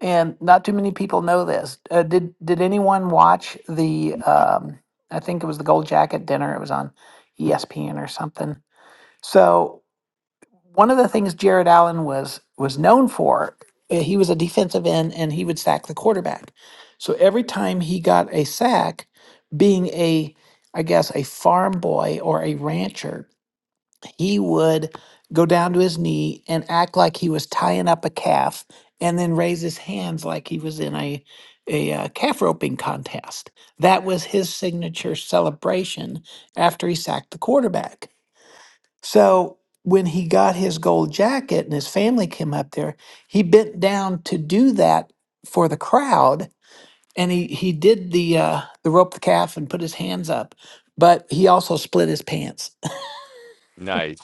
G: and not too many people know this. Uh, did did anyone watch the? Um, I think it was the Gold Jacket dinner. It was on ESPN or something. So one of the things Jared Allen was was known for, uh, he was a defensive end and he would sack the quarterback. So every time he got a sack, being a I guess a farm boy or a rancher, he would go down to his knee and act like he was tying up a calf and then raise his hands like he was in a a uh, calf roping contest. That was his signature celebration after he sacked the quarterback so when he got his gold jacket and his family came up there, he bent down to do that for the crowd, and he he did the uh, the rope the calf and put his hands up, but he also split his pants.
B: nice.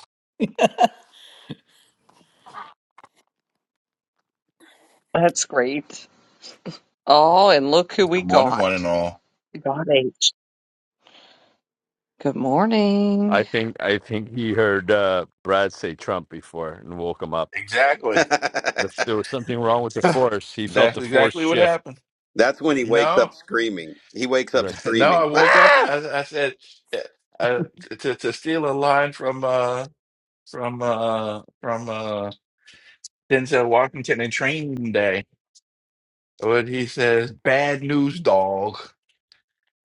A: That's great. Oh, and look who
K: Good
A: we
K: morning, one and
A: got.
K: all.
A: We got H. Good
B: I
A: morning.
B: think I think he heard uh, Brad say Trump before and woke him up.
K: Exactly.
B: If
H: that's
B: there was something wrong with the force. He felt
K: That's
B: the force
K: exactly what
B: shift.
K: happened.
H: when he wakes
K: No,
H: up screaming. He wakes up
B: like,
K: no, I
H: screaming.
K: woke up and
H: Ah!
K: I, I said, uh, uh, to to steal a line from uh from uh from uh Denzel Washington in Training Day, when he says, "Bad news, dog.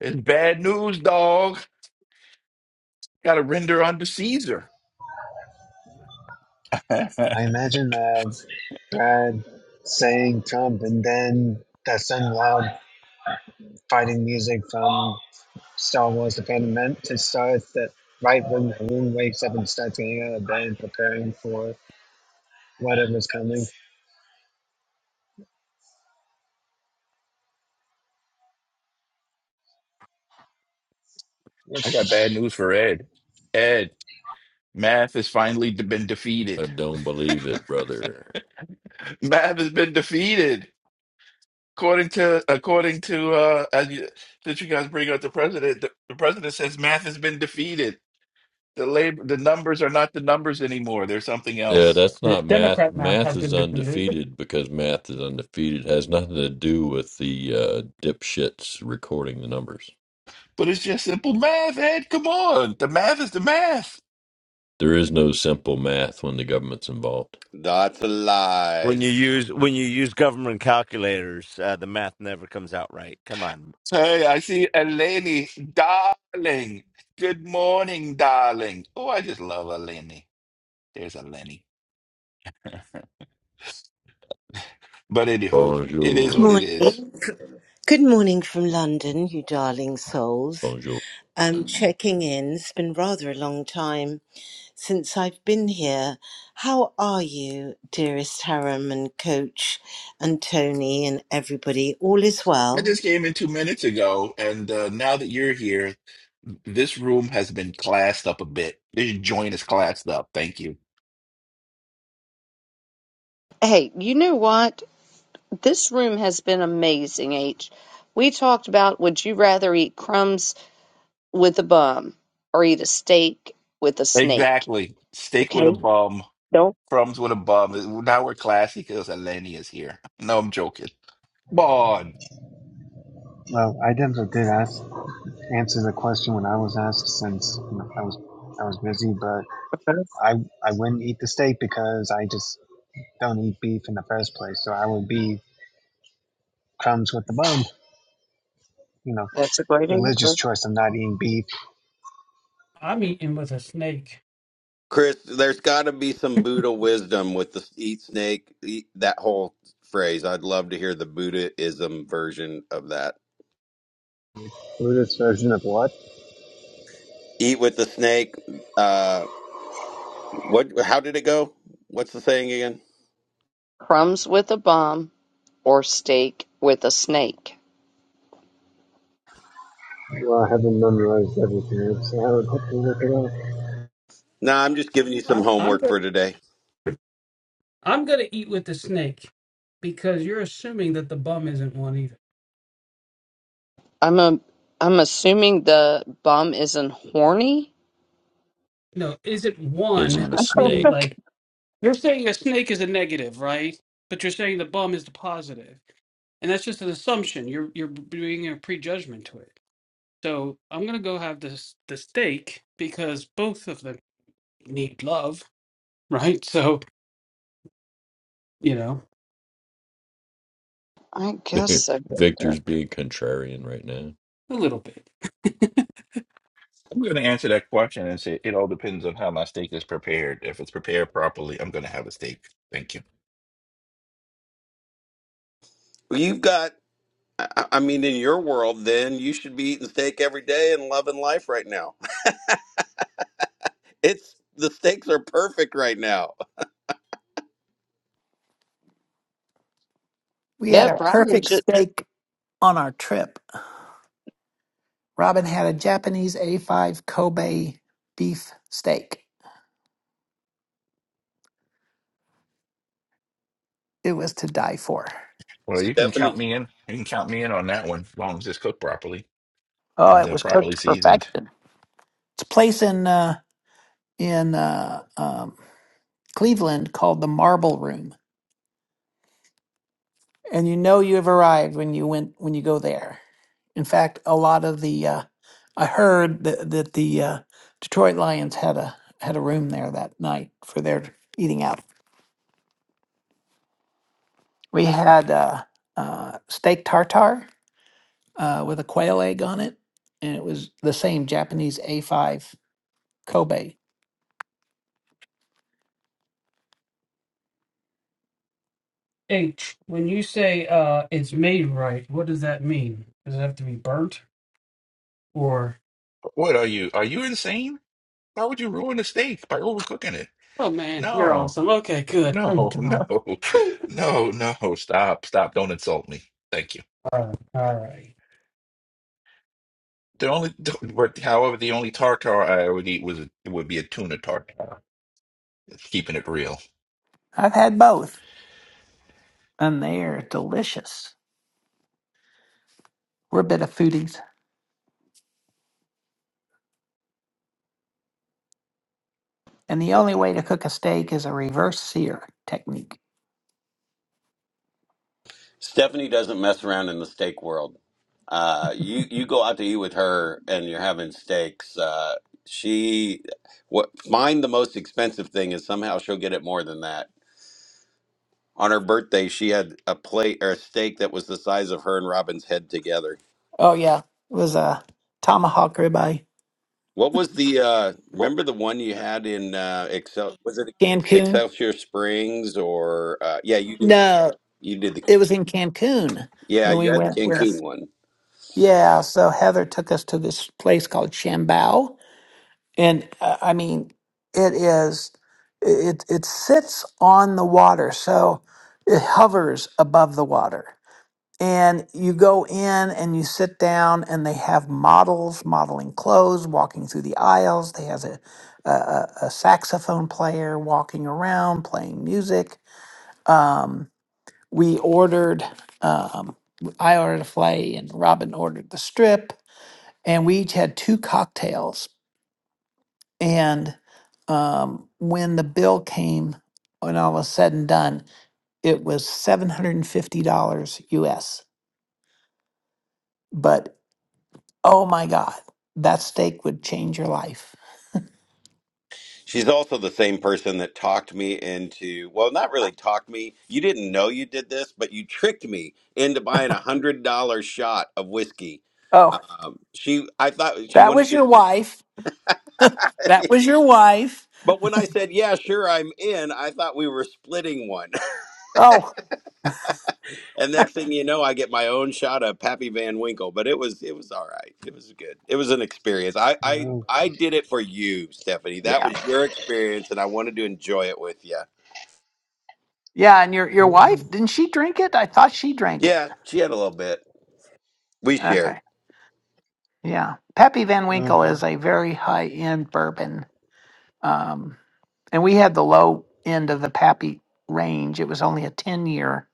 K: It's bad news, dog. Got to render under Caesar."
J: I
K: I
J: imagine that Brad saying Trump and then that sudden loud fighting music from Star Wars: The Phantom Menace starts that right when Haroon wakes up and starts getting out of bed and preparing for whatever's coming.
K: got bad news for Ed. Ed, math has finally been
C: I
K: defeated.
C: don't believe it, brother.
K: Math has been defeated. According to according to uh, as you, since you guys bring up the president, the, the president says math has been defeated. The labor, the numbers are not the numbers anymore. They're something
C: Yeah,
K: else.
C: that's
E: The
C: not math.
E: Democrat math
C: Math
E: has
C: is
E: been defeated.
C: undefeated because math is undefeated. It has nothing to do with the uh, dipshits recording the numbers.
K: But it's just simple math, Ed. Come on, the math is the math.
C: There is no simple math when the government's involved.
H: That's
B: When you
H: lies.
B: use when you use government calculators, uh, the math never comes out right. Come on.
K: Hey, I see Eleni, darling. Good morning, darling. Oh, I just love Eleni. There's Eleni. But anywho, it is
C: Bonjour.
K: what it is.
L: Morning. Good morning from London, you darling souls.
C: Bonjour.
L: I'm checking in. It's been rather a long time since I've been here. How are you, dearest Harem and Coach and Tony and everybody? All is
K: I
L: well?
K: just came in two minutes ago, and uh, now that you're here, this room has been classed up a bit. This joint is classed up. Thank you.
A: Hey, you know what? This room has been amazing, H. We talked about would you rather eat crumbs with a bum or eat a steak with a snake?
K: Exactly. Steak with
A: Okay.
K: a
A: Hey,
K: bum,
A: no,
K: crumbs with a bum. Uh, Now we're classy because Eleni is here. No, I'm joking. Bon.
J: Well, I never did ask answer the question when I was asked since you know, I was I was busy, but
A: okay,
J: I I wouldn't eat the steak because I just don't eat beef in the first place. So I would be crumbs with the bone. You know,
A: that's a great
J: religious
A: answer.
J: choice of not eating beef.
E: I'm eating with a snake.
H: Chris, there's got to be some Buddha wisdom with the eat snake, eat, that whole phrase. I'd love to hear the Buddhism version of that.
J: Buddhist version of what?
H: Eat with the snake. Uh, what? How did it go? What's the saying again?
A: Crumbs with a bum or steak with a snake?
J: Well, I haven't memorized everything, so I would have to look it up.
H: Nah, I'm just giving you some
E: I'm I'm
H: homework
E: gonna
H: for today.
E: I'm gonna eat with the snake because you're assuming that the bum isn't one either.
A: I'm a I'm assuming the bum isn't horny.
E: No, is it one?
C: Isn't a
E: Meaning like
C: snake.
E: you're saying a snake is a negative, right? But you're saying the bum is the positive, and that's just an assumption. You're you're doing a prejudgment to it. So I'm gonna go have this the steak because both of them need love right? So, you know,
A: I guess so.
C: Victor's being contrarian right now.
E: a little bit.
K: I'm going to answer that question and say it all depends on how my steak is prepared. If it's prepared properly, I'm going to have a steak. Thank you.
H: Well, You've got, I I- I mean, in your world, then you should be eating steak every day and loving life right now. It's the steaks are perfect right now.
G: We had
A: Yeah,
G: a
A: Brian
G: perfect
A: should.
G: steak on our trip. Robin had a Japanese A5 Kobe beef steak. It was to die for.
K: Well, you can
H: Stephanie,
K: count me in. You can count me in on that one, as long as it's cooked properly
G: Oh,
K: and
G: it
K: uh,
G: was cooked
K: properly
G: to
K: seasoned.
G: perfection. It's a place in uh, in uh, um, Cleveland called the Marble Room, and you know you have arrived when you went when you go there. In fact, a lot of the uh, I heard that, that the uh, Detroit Lions had a had a room there that night for their eating out. We had uh, uh, steak tartare uh, with a quail egg on it, and it was the same Japanese A5 Kobe.
E: H, when you say uh, it's made right, what does that mean? Does it have to be burnt or?
K: What are you? Are you insane? How would you ruin a steak by overcooking it?
E: Oh man, you're
K: No,
E: awesome. Okay, good. Oh
K: no,
E: God.
K: no,
E: Phew.
K: no, no. Stop, stop. Don't insult me. Thank you.
E: All right, all right.
K: The only, but however, the only tartar I would eat was would be a tuna tartar. Keeping it real.
G: I've had both, and they are delicious. We're a bit of foodies, and the only way to cook a steak is a reverse sear technique.
H: Stephanie doesn't mess around in the steak world. Uh, you you go out to eat with her and you're having steaks. Uh, she what find the most expensive thing is somehow she'll get it more than that. On her birthday, she had a plate or a steak that was the size of her and Robin's head together.
G: Oh yeah, it was a tomahawk ribeye.
H: What was the uh,
G: What? was-
H: remember the one you had in uh, Excel? Was it
G: Cancun?
H: Excelsior Springs or uh, yeah? You did
G: No,
H: you did the
G: it was in Cancun
H: yeah
G: when we
H: you had the
G: went
H: Cancun
G: with.
H: one.
G: Yeah, so Heather took us to this place called Chambao, and uh, I mean, it is it it sits on the water, so it hovers above the water And you go in and you sit down, and they have models modeling clothes, walking through the aisles. They have a, a, a a saxophone player walking around playing music. Um, we ordered, um, I ordered a filet, and Robin ordered the strip, and we each had two cocktails. And um, when the bill came, when all was said and done, it was seven hundred and fifty dollars U.S. But Oh my God, that steak would change your life.
H: She's also the same person that talked me into, well, not really talked me. You didn't know you did this, but you tricked me into buying a hundred dollar shot of whiskey.
G: Oh,
H: Um, she, I thought she
G: that
H: wanted
G: was your
H: to,
G: wife. That was your wife.
H: but when I said, yeah, sure, I'm in, I thought we were splitting one.
G: Oh,
H: And next thing you know, I get my own shot of Pappy Van Winkle, but it was, it was all right. It was good. It was an experience. I, I,
J: Well,
H: I did it for you, Stephanie. That
G: yeah.
H: was your experience and I wanted to enjoy it with you.
G: Yeah, and your your wife, didn't she drink it? I thought she drank it.
H: Yeah, she had a little bit. We
G: Okay.
H: shared
G: Yeah. Pappy Van
J: well,
G: Winkle is a very high-end bourbon. Um, and we had the low end of the Pappy range. It was only a 10 year.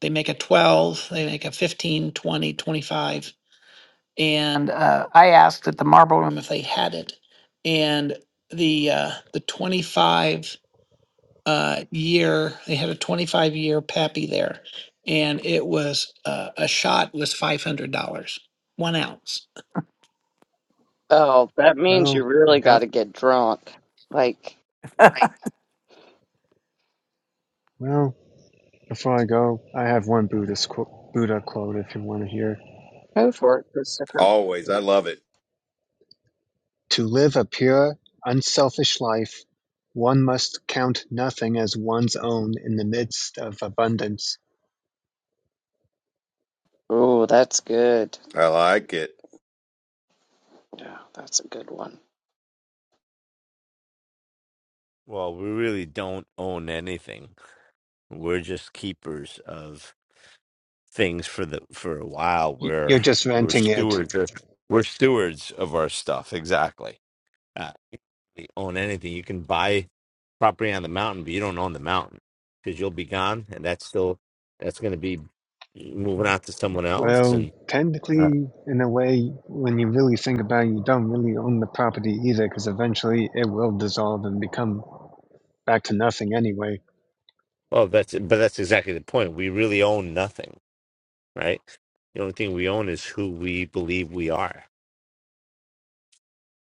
G: They make a 12, they make a 15, 20, 25. and uh, I asked at the Marble Room if they had it, and the uh, the twenty five uh, year they had a twenty five year pappy there, and it was uh, a shot was five hundred dollars one ounce.
A: Oh, that means you
J: Well,
A: really
J: I've
A: got
J: got.
A: to get drunk. Like,
J: Well, before I go, I have one Buddhist qu- Buddha quote if you want to hear.
A: go for it, Christopher.
H: always. I love it.
J: To live a pure, unselfish life, one must count nothing as one's own in the midst of abundance.
A: Oh, that's good.
H: I like it.
A: Yeah, that's a good one.
B: Well, we really don't own anything. We're just keepers of. things for the for a while
J: Y- You're
B: we're
J: just
B: we're
J: renting it.
B: stewards of- we're stewards of our stuff exactly uh, you don't own anything you can buy property on the mountain but you don't own the mountain because you'll be gone and that's still that's going to be moving out to someone else
J: Well,
B: and uh,
J: technically, in a way, when you really think about it, you don't really own the property either, because eventually it will dissolve and become back to nothing anyway.
B: well that's but that's exactly the point we really own nothing right the only thing we own is who we believe we are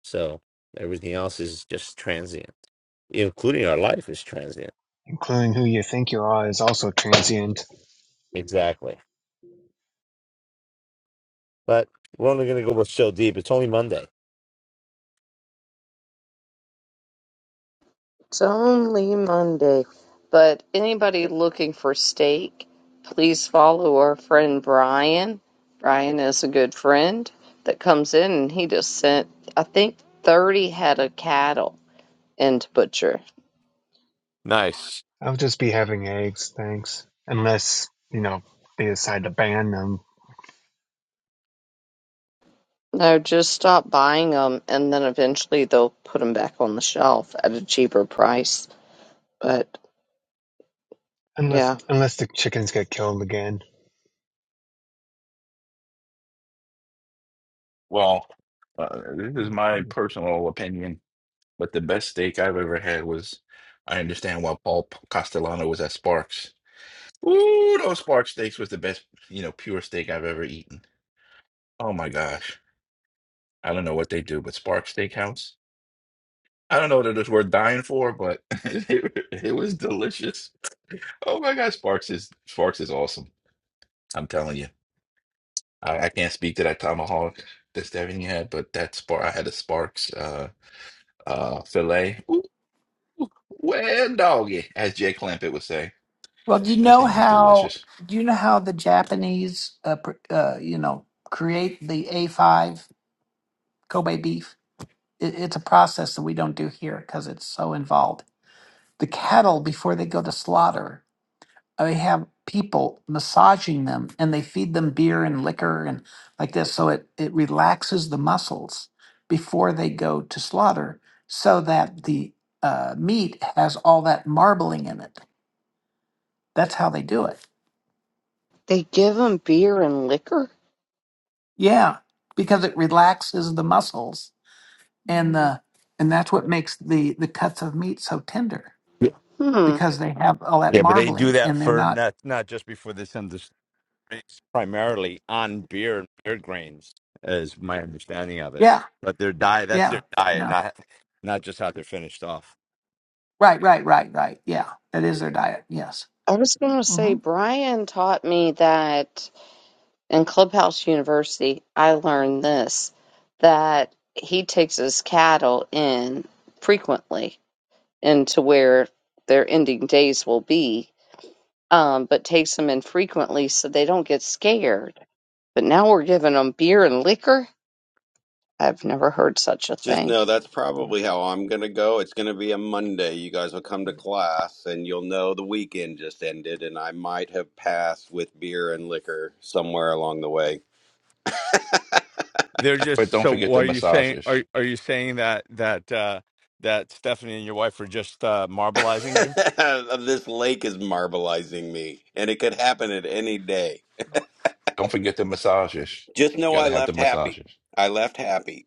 B: so everything else is just transient including our life is transient
J: including who you think you are, is also transient.
B: exactly But we're only going to go with so deep. It's only Monday.
A: It's only Monday. But anybody looking for steak, please follow our friend Brian. Brian is a good friend that comes in and he just sent, I think, 30 head of cattle in to butcher.
B: Nice.
J: I'll just be having eggs, thanks. Unless, you know, they decide to ban them.
A: No, just stop buying them, and then eventually they'll put them back on the shelf at a cheaper price. But
J: Unless
A: yeah,
J: unless the chickens get killed again.
K: Well, uh, this is my personal opinion, but the best steak I've ever had was. I understand why Paul Castellano was at Sparks. Ooh, those Sparks steaks was the best, you know, pure steak I've ever eaten. Oh my gosh. I don't know what they do, but Sparks Steakhouse. I don't know what it is worth dying for, but it, it was delicious. Oh my God, Sparks is Sparks is awesome. I'm telling you, I, I can't speak to that tomahawk that's everything you had, but that spark I had a Sparks uh uh fillet. Ooh, ooh, well, doggy, as Jay Clampett would say,
G: Well, do you
K: that
G: know
K: thing was
G: how
K: delicious.
G: do you know how the Japanese uh, pr- uh, you know create the A five Kobe beef? It, it's a process that we don't do here because it's so involved. The cattle before they go to slaughter they have people massaging them and they feed them beer and liquor and like this so it it relaxes the muscles before they go to slaughter so that the uh, meat has all that marbling in it that's how they do it
A: they give them beer and liquor.
G: yeah because it relaxes the muscles and the and that's what makes the the cuts of meat so tender
A: Hmm.
G: because they have all that
B: Yeah, but they do
G: marbling
B: that
G: and they're
B: for
G: not
B: not not just before they send the strains, primarily on beer and beer grains, is my understanding of it.
G: yeah
B: But their diet, that's
G: yeah
B: their diet,
G: yeah
B: not not just how they're finished off.
G: right right right right yeah that is their diet yes
A: I was going to
G: Mm-hmm.
A: say, Brian taught me that in Clubhouse University, I learned this that he takes his cattle in frequently into where their ending days will be, um, but takes them in frequently so they don't get scared But now we're giving them beer and liquor? I've never heard such a
H: Just
A: thing.
H: know that's probably how I'm going to go. It's going to be a Monday. You guys will come to class and you'll know the weekend just ended and I might have passed with beer and liquor somewhere along the way.
B: They're
K: But
B: just
K: don't
B: so.
K: forget the
B: What Are you saying?
K: massages.
B: Are are you saying that that uh that Stephanie and your wife are just uh marbleizing you?
H: this lake is marbleizing me and it could happen at any day.
K: Don't forget the massages.
H: Just
K: You
H: know I
K: gotta have the
H: left happy.
K: massages,
H: I left happy.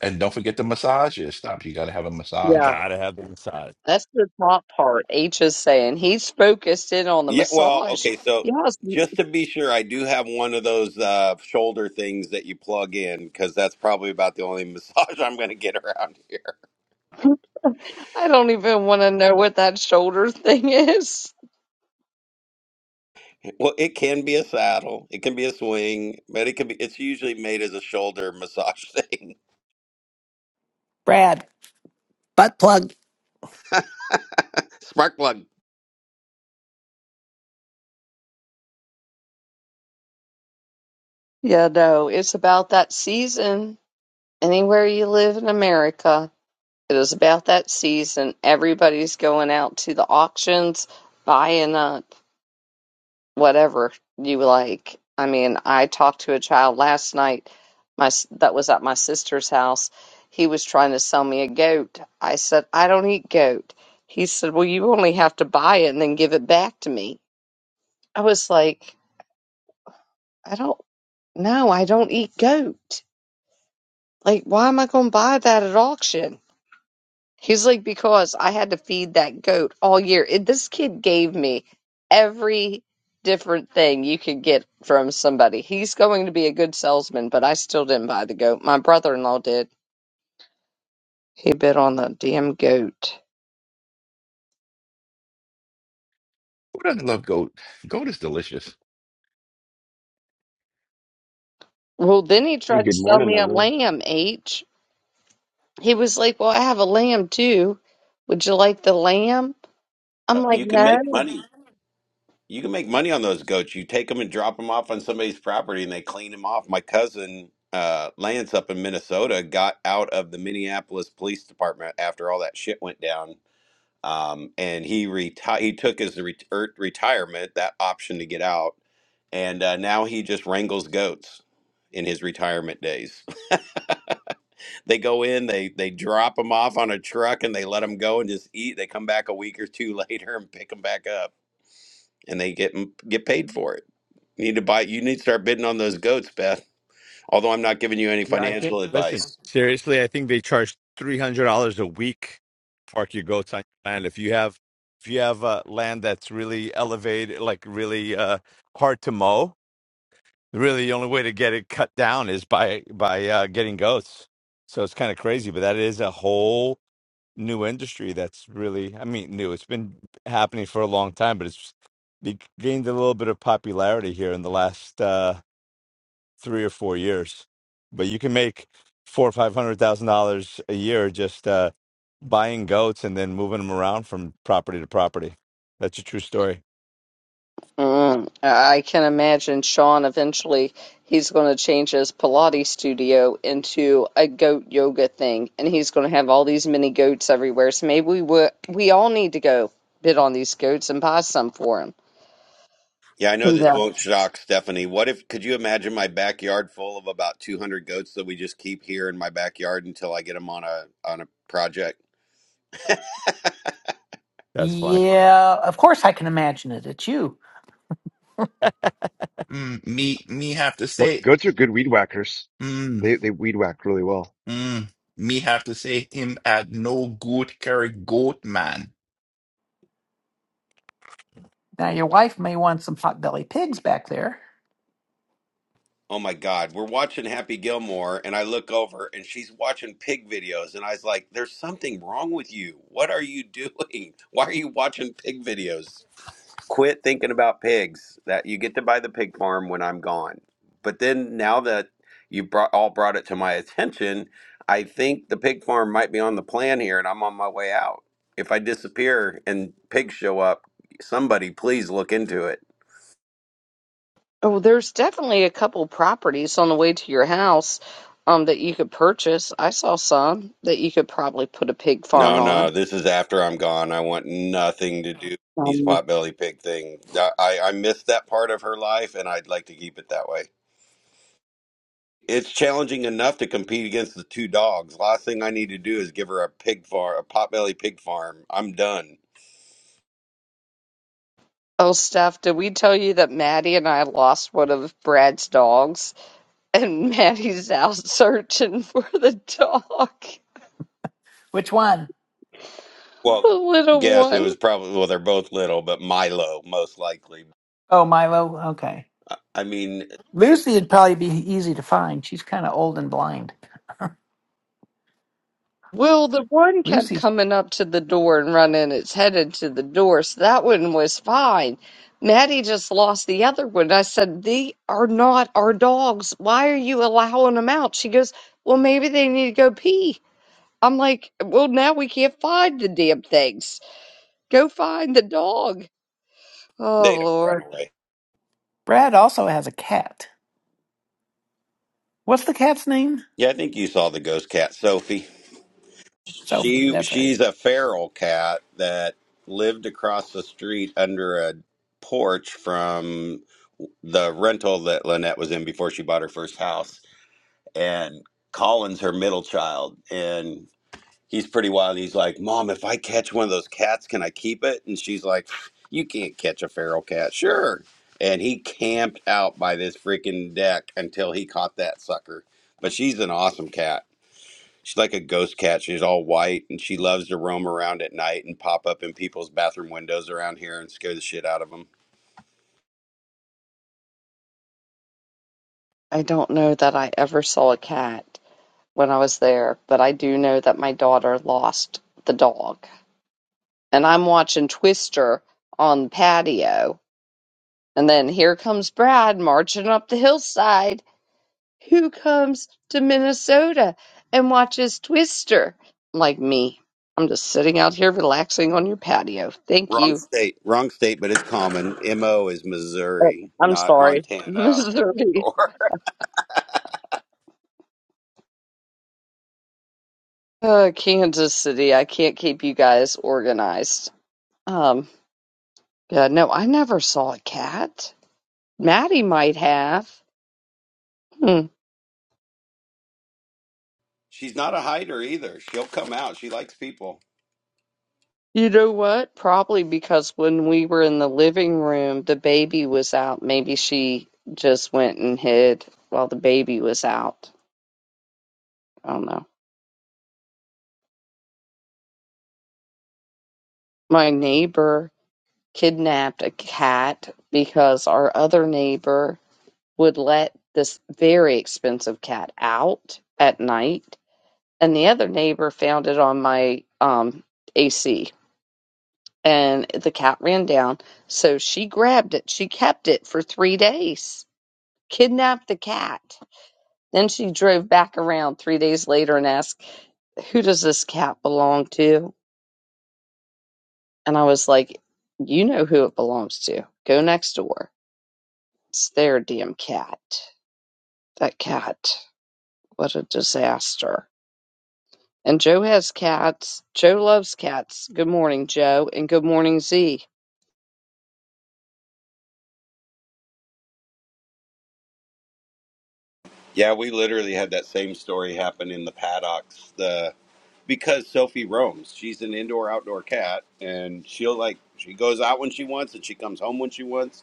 K: and don't forget the massages. Stop. You gotta have a massage.
A: Yeah.
B: Gotta have the massage.
A: That's the top part. H is saying he's focused in on the
H: Yeah, well,
A: massage.
H: okay, so
A: Yes,
H: just to be sure, I do have one of those uh, shoulder things that you plug in because that's probably about the only massage I'm going to get around here.
A: I don't even want to know what that shoulder thing is.
H: Well, it can be a saddle, it can be a swing, but it can be. It's usually made as a shoulder massage thing. Spark plug.
A: Yeah, no, it's about that season. Anywhere you live in America, it is about that season. Everybody's going out to the auctions, buying uh, whatever you like. I mean, I talked to a child last night. My s- that was at my sister's house. He was trying to sell me a goat. I said, "I don't eat goat." He said, "Well, you only have to buy it and then give it back to me." I was like, "I don't no, I don't eat goat. Like, why am I going to buy that at auction?" He's like, because I had to feed that goat all year. It, this kid gave me every different thing you could get from somebody. He's going to be a good salesman, but I still didn't buy the goat. My brother in law did. He bid on the damn goat.
K: Who doesn't love goat? Goat is delicious.
A: Well, then he
M: Hey,
A: tried to
M: good
A: sell
M: morning,
A: me a
M: everyone.
A: lamb, H. He was like, Well, I have a lamb too. Would you like the lamb?
H: Uh,
A: I'm like,
H: You can
A: No.
H: make money. You can make money on those goats. You take them and drop them off on somebody's property, and they clean them off. My cousin uh, Lance up in Minnesota got out of the Minneapolis Police Department after all that shit went down um, and he reti- he took his ret- er, retirement that option to get out, and uh, now he just wrangles goats in his retirement days. they go in, they they drop them off on a truck, and they let them go and just eat. They come back a week or two later and pick them back up, and they get 'em- get paid for it. You need to buy. You need to start bidding on those goats, Beth. Although I'm not giving you any
B: Yeah, I think.
H: financial
B: Listen,
H: advice.
B: seriously, I think they charge three hundred dollars a week to park your goats on your land. If you have, if you have uh, land that's really elevated, like really uh, hard to mow, really the only way to get it cut down is by by uh, getting goats. So it's kind of crazy, but that is a whole new industry that's really, I mean, new. It's been happening for a long time, but it's it gained a little bit of popularity here in the last uh, three or four years. But you can make four or five hundred thousand dollars a year just uh, buying goats and then moving them around from property to property. That's a true story.
A: Mm, I I can imagine Sean eventually he's going to change his Pilates studio into a goat yoga thing, and he's going to have all these mini goats everywhere. So maybe we would we all need to go bid on these goats and buy some for him.
H: Yeah, I know this
A: Yeah.
H: won't shock Stephanie. What if, could you imagine my backyard full of about 200 goats that we just keep here in my backyard until I get them on a on a project?
B: That's funny.
G: Yeah, of course I can imagine it. It's you.
K: Mm, me, me have to
M: Go-
K: say,
M: Goats are good weed whackers.
K: mm,
M: They they weed whack really well.
K: mm, me have to say him had no good carry goat man.
G: Now your wife may want some potbelly pigs back there.
H: Oh my God, we're watching Happy Gilmore, and I look over and she's watching pig videos, and I was like, "There's something wrong with you. What are you doing? Why are you watching pig videos?" quit thinking about pigs that you get to buy the pig farm when i'm gone but then now that you brought all brought it to my attention i think the pig farm might be on the plan here and i'm on my way out if i disappear and pigs show up somebody please look into it
A: Oh, there's definitely a couple properties on the way to your house um that you could purchase. I saw some that you could probably put a pig
H: no
A: farm
H: no
A: on.
H: this is after i'm gone i want nothing to do with these
A: Um,
H: potbelly pig thing i i I missed that part of her life and i'd like to keep it that way it's challenging enough to compete against the two dogs. Last thing I need to do is give her a pig farm, a potbelly pig farm. I'm done.
A: Oh, Steph, did we tell you that Maddie and I lost one of Brad's dogs? and Maddie's out searching for the dog,
G: Which one?
A: the
H: Well,
A: little
H: guess it
A: one.
H: was probably well, they're both little, but Milo most likely.
G: Oh, Milo. Okay.
H: I I mean,
G: Lucy'd probably be easy to find. She's kind of old and blind.
A: Well, the one kept
G: Lucy.
A: coming up to the door and running its head into the door, so that one was fine. Maddie just lost the other one. I said, They are not our dogs. Why are you allowing them out? She goes, Well, maybe they need to go pee. I'm like, Well, now we can't find the damn things. Go find the dog. Oh,
H: they don't run
A: Lord.
H: away.
G: Brad also has a cat. What's the cat's name?
H: Yeah, I think you saw the ghost cat, Sophie.
G: Sophie.
H: She
G: That's right.
H: she's a feral cat that lived across the street under a porch from the rental that Lynette was in before she bought her first house. And Colin's her middle child, and he's pretty wild. He's like, Mom, if I catch one of those cats, can I keep it? And she's like, You can't catch a feral cat. Sure. And he camped out by this freaking deck until he caught that sucker. But she's an awesome cat. She's like a ghost cat. She's all white and she loves to roam around at night and pop up in people's bathroom windows around here and scare the shit out of them.
A: I don't know that I ever saw a cat. when I was there, but I do know that my daughter lost the dog. And I'm watching Twister on the patio. And then here comes Brad marching up the hillside. Who comes to Minnesota and watches Twister? Like me. I'm just sitting out here relaxing on your patio. Thank
H: Wrong
A: you.
H: state. Wrong state, but it's common. MO is
A: Uh,
H: Missouri,
A: I'm
H: not
A: sorry.
H: Montana.
A: Missouri.
H: Or
A: Uh, Kansas City. I can't keep you guys organized. Um, yeah, no, I never saw a cat. Maddie might have. Hmm.
H: she's not a hider either. She'll come out. She likes people.
A: You know what? Probably because when we were in the living room, the baby was out. Maybe she just went and hid while the baby was out. I don't know. My neighbor kidnapped a cat because our other neighbor would let this very expensive cat out at night, and the other neighbor found it on my um AC. and the cat ran down. So she grabbed it. She kept it for three days, kidnapped the cat. Then she drove back around three days later and asked, Who does this cat belong to? And I was like, You know who it belongs to. Go next door. It's their damn cat. That cat. What a disaster. And Joe has cats. Joe loves cats. Good morning, Joe, and good morning, Z.
H: Yeah, we literally had that same story happen in the paddocks. The because Sophie roams, she's an indoor outdoor cat, and she'll like she goes out when she wants and she comes home when she wants.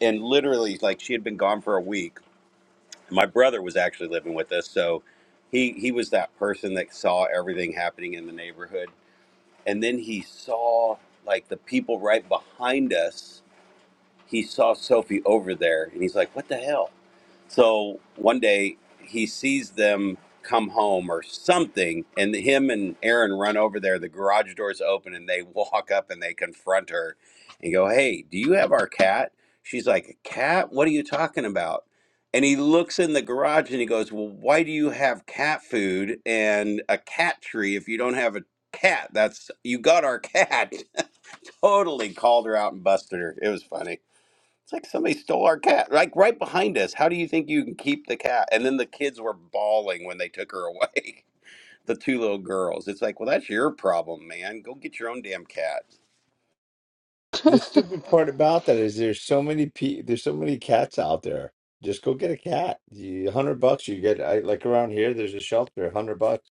H: And literally, like she had been gone for a week. My brother was actually living with us, so he he was that person that saw everything happening in the neighborhood. And then he saw like the people right behind us. He saw Sophie over there, and he's like, "What the hell?" So one day he sees them come home or something, and him and Aaron run over there. The garage doors open, and they walk up and they confront her and go, Hey, do you have our cat? She's like, "A Cat? What are you talking about? And he looks in the garage and he goes, Well, why do you have cat food and a cat tree if you don't have a cat? That's you got our cat. totally called her out and busted her. It was funny. It's like somebody stole our cat, like right behind us. How do you think you can keep the cat? And then the kids were bawling when they took her away. The two little girls. It's like, well, that's your problem, man. Go get your own damn cat.
B: The stupid part about that is there's so many pe there's so many cats out there. Just go get a cat. You, a hundred bucks, you get I, like around here. There's a shelter, A hundred bucks.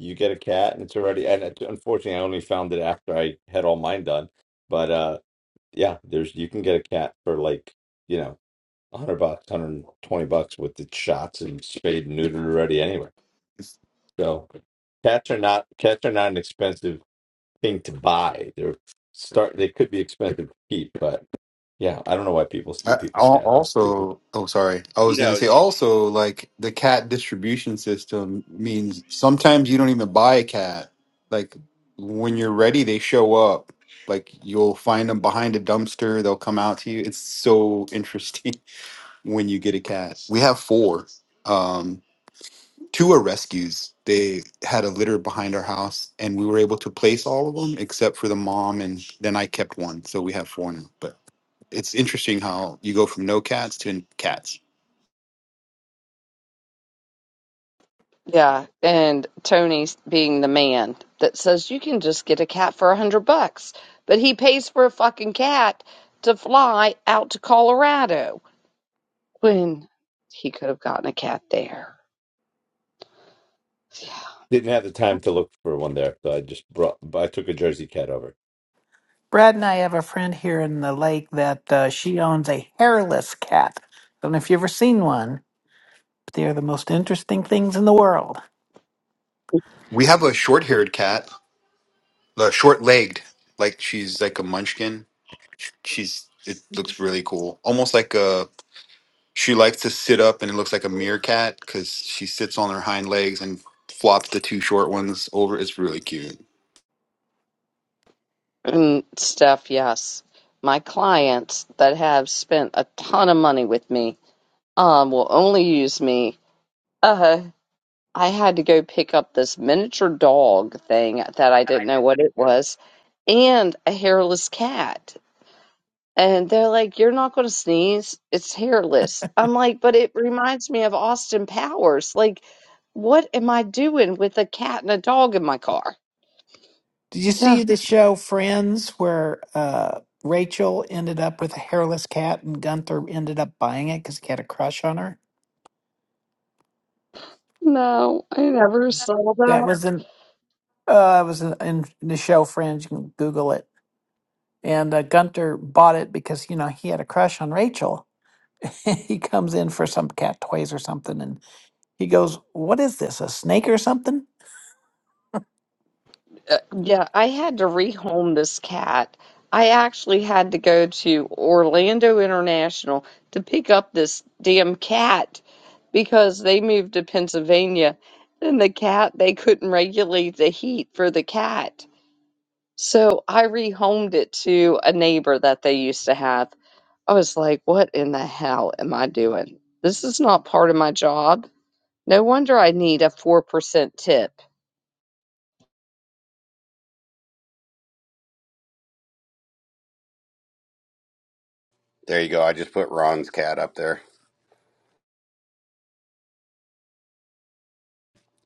B: You get a cat, and it's already. And it, unfortunately, I only found it after I had all mine done. But uh, yeah, there's you can get a cat for like you know. 100 bucks, 120 bucks with the shots and spayed and neutered already anyway. So cats are not cats are not an expensive thing to buy. They're start they could be expensive to keep, but yeah, I don't know why people steal
N: I,
B: people's
N: al-
B: cats. That's stupid.
N: also, oh, sorry. I
H: You
N: was going
H: know.
N: to say
H: it's-
N: also, like the cat distribution system means sometimes you don't even buy a cat. Like when you're ready, they show up. Like you'll find them behind a dumpster. They'll come out to you. It's so interesting when you get a cat. We have four. Um, two are rescues. They had a litter behind our house, and we were able to place all of them except for the mom. And then I kept one, so we have four now. But it's interesting how you go from no cats to cats.
A: Yeah, and Tony's being the man that says you can just get a cat for a hundred bucks, but he pays for a fucking cat to fly out to Colorado when he could have gotten a cat there. Yeah.
B: Didn't have the time to look for one there, so I just brought I took a Jersey cat over.
G: Brad and I have a friend here in the lake that uh, she owns a hairless cat. Don't know if you've ever seen one, but they are the most interesting things in the world.
N: We have a short-haired cat, uh, short-legged, like she's like a munchkin. She's it looks really cool, almost like a. She likes to sit up, and it looks like a meerkat because she sits on her hind legs and flops the two short ones over. It's really cute.
A: And stuff, yes. My clients that have spent a ton of money with me um will only use me. Uh I had to go pick up this miniature dog thing that I didn't know what it was and a hairless cat And they're like, You're not going to sneeze. It's hairless. I'm like, But it reminds me of Austin Powers. Like, what am I doing with a cat and a dog in my car?
G: Did you
A: Yeah.
G: see the show Friends where uh, Rachel ended up with a hairless cat and Gunther ended up buying it because he had a crush on her?
A: No, I never saw
G: That
A: that.
G: was in uh, it was in, in the show Friends. You can Google it. And uh, Gunther bought it because you know he had a crush on Rachel. he comes in for some cat toys or something, and. He goes, What is this? A snake or something?
A: Uh, yeah, I had to rehome this cat. I actually had to go to Orlando International to pick up this damn cat because they moved to Pennsylvania and the cat, they couldn't regulate the heat for the cat. So I rehomed it to a neighbor that they used to have. I was like, what in the hell am I doing? This is not part of my job. No wonder I need a 4% tip.
H: There you go. I just put Ron's cat up there.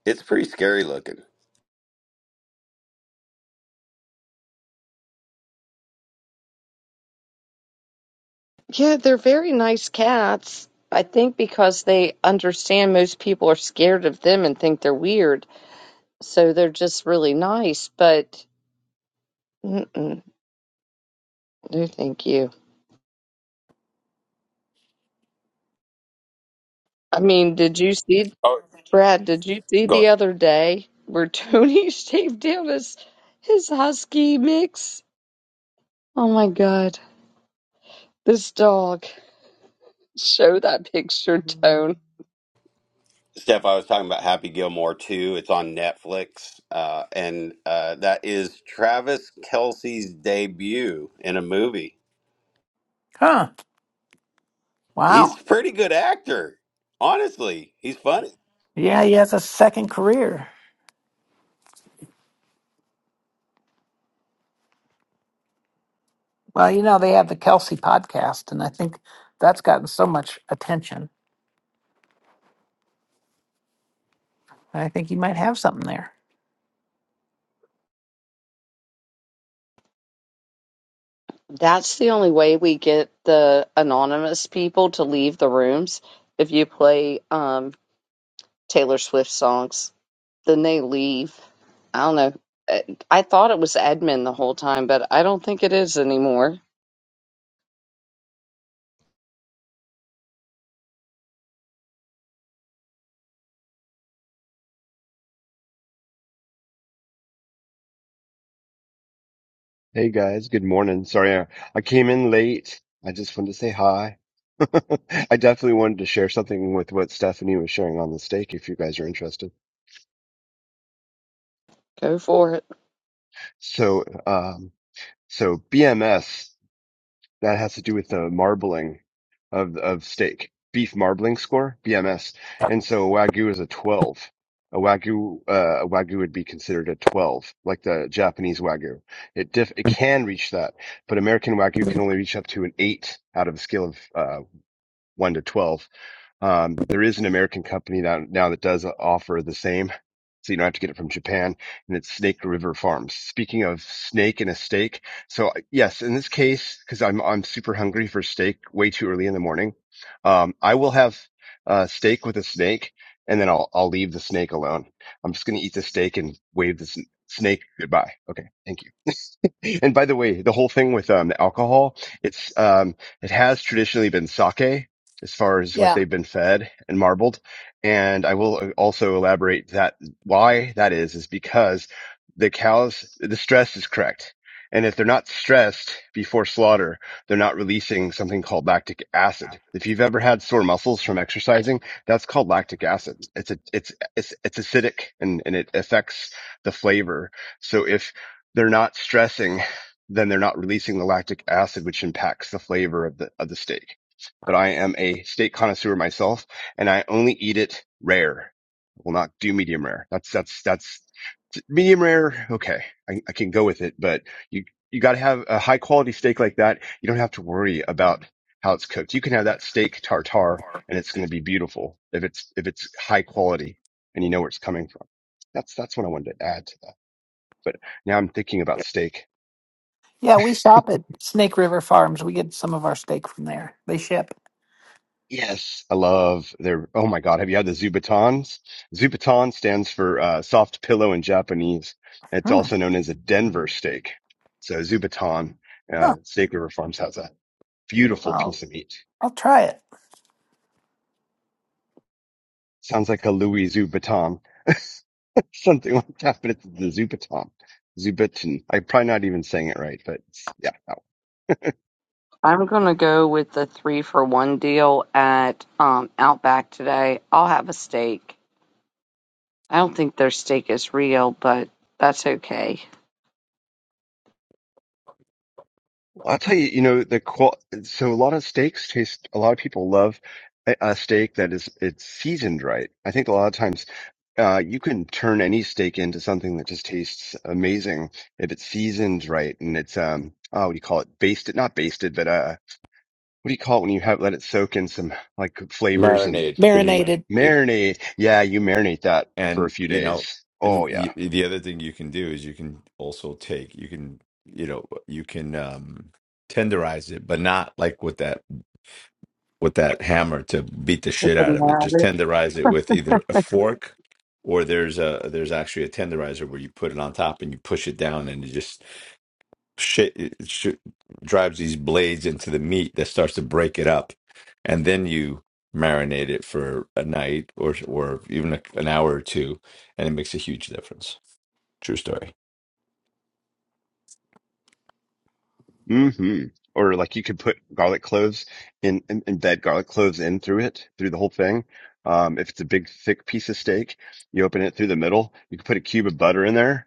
H: It's pretty scary looking.
A: Yeah, they're very nice cats. I think because they understand most people are scared of them and think they're weird. So they're just really nice, but mm-mm, no, thank you. I mean, did you see?
H: Oh,
A: Brad, did you see
H: go.
A: the other day where Tony shaved down his his husky mix? Oh my god, this dog. Show that picture, Tone.
H: Steph, I was talking about Happy Gilmore too. It's on Netflix, uh, and uh, that is Travis Kelsey's debut in a movie.
G: Huh. Wow.
H: He's a pretty good actor, honestly. He's funny.
G: Yeah, he has a second career. Well, you know, they have the Kelsey podcast, and I think that's gotten so much attention. I think he might have something there.
A: That's the only way we get the anonymous people to leave the rooms if you play um Taylor Swift songs. Then they leave. I don't know. I I thought it was admin the whole time, but I don't think it is anymore.
M: Hey guys, good morning. Sorry, I, I came in late. I just wanted to say hi. I definitely wanted to share something with what Stephanie was sharing on the stake if you guys are interested.
A: Go for it.
M: So, um, so BMS. that has to do with the marbling of of steak, beef marbling score (BMS), and so wagyu is a twelve. A wagyu uh, a wagyu would be considered a twelve, like the Japanese wagyu. It diff it can reach that, but American wagyu can only reach up to an eight out of a scale of uh, one to twelve. Um, there is an American company now, now that does offer the same. So you don't have to get it from Japan and it's Snake River Farms. Speaking of snake and a steak. So uh, yes, in this case, cause I'm, I'm super hungry for steak way too early in the morning. Um, I will have uh, steak with a snake and then I'll, I'll leave the snake alone. I'm just going to eat the steak and wave the sn- snake goodbye. Okay. Thank you. And by the way, the whole thing with um, alcohol, it's um, it has traditionally been sake as far as what
G: Yeah.
M: they've been fed and marbled. And I will uh, also elaborate that why that is is because the cows, the stress is correct. And if they're not stressed before slaughter, they're not releasing something called lactic acid. If you've ever had sore muscles from exercising, that's called lactic acid. It's a, it's, it's, it's acidic and, and it affects the flavor. So if they're not stressing, then they're not releasing the lactic acid, which impacts the flavor of the, of the steak. But I am a steak connoisseur myself and I only eat it rare. I will not do medium rare. That's, that's, that's medium rare. Okay. I, I can go with it, but you, you got to have a high quality steak like that. You don't have to worry about how it's cooked. You can have that steak tartare and it's going to be beautiful if it's, if it's high quality and you know where it's coming from. That's, that's what I wanted to add to that. But now I'm thinking about steak.
G: Yeah, we shop at Snake River Farms. We get some of our steak from there. They ship.
M: Yes, I love their. Oh my God, have you had the Zubatons? Zubatan stands for uh, soft pillow in Japanese. It's
G: Hmm.
M: also known as a Denver steak. So Zubatan
G: Huh.
M: uh, Steak River Farms has a beautiful
G: I'll,
M: piece of meat.
G: I'll try it.
M: Sounds like a Louis Zubaton, something like that, but it's the Zubaton. Zubaton. I'm probably not even saying it right, but it's, yeah.
A: I'm gonna go with the three for one deal at um, Outback today. I'll have a steak. I don't think their steak is real, but that's okay.
M: I'll tell you, you know, the qual- so a lot of steaks taste, a lot of people love a, a steak that is, it's seasoned right. I think a lot of times, uh, you can turn any steak into something that just tastes amazing if it's seasoned right and it's, um, oh, what do you call it? Basted, not basted, but, uh, what do you call it when you have, let it soak in some like flavors and
B: marinade, marinade.
G: Marinated.
M: marinate? Yeah, you marinate that for a
B: and
M: few
B: you know
M: days. Oh,
B: and y
M: yeah.
B: the other thing you can do is you can also take you can you know you can um tenderize it but not like with that with that hammer to beat the shit out
A: Doesn't
B: of it. Just
A: matter.
B: tenderize it with either a fork or there's a there's actually a tenderizer where you put it on top and you push it down and it just shit it sh- drives these blades into the meat that starts to break it up, and then you marinate it for a night or or even a, an hour or two, and it makes a huge difference. True story.
M: hmm Or like you could put garlic cloves in, in embed garlic cloves in through it, through the whole thing. Um, if it's a big thick piece of steak, you open it through the middle. You can put a cube of butter in there,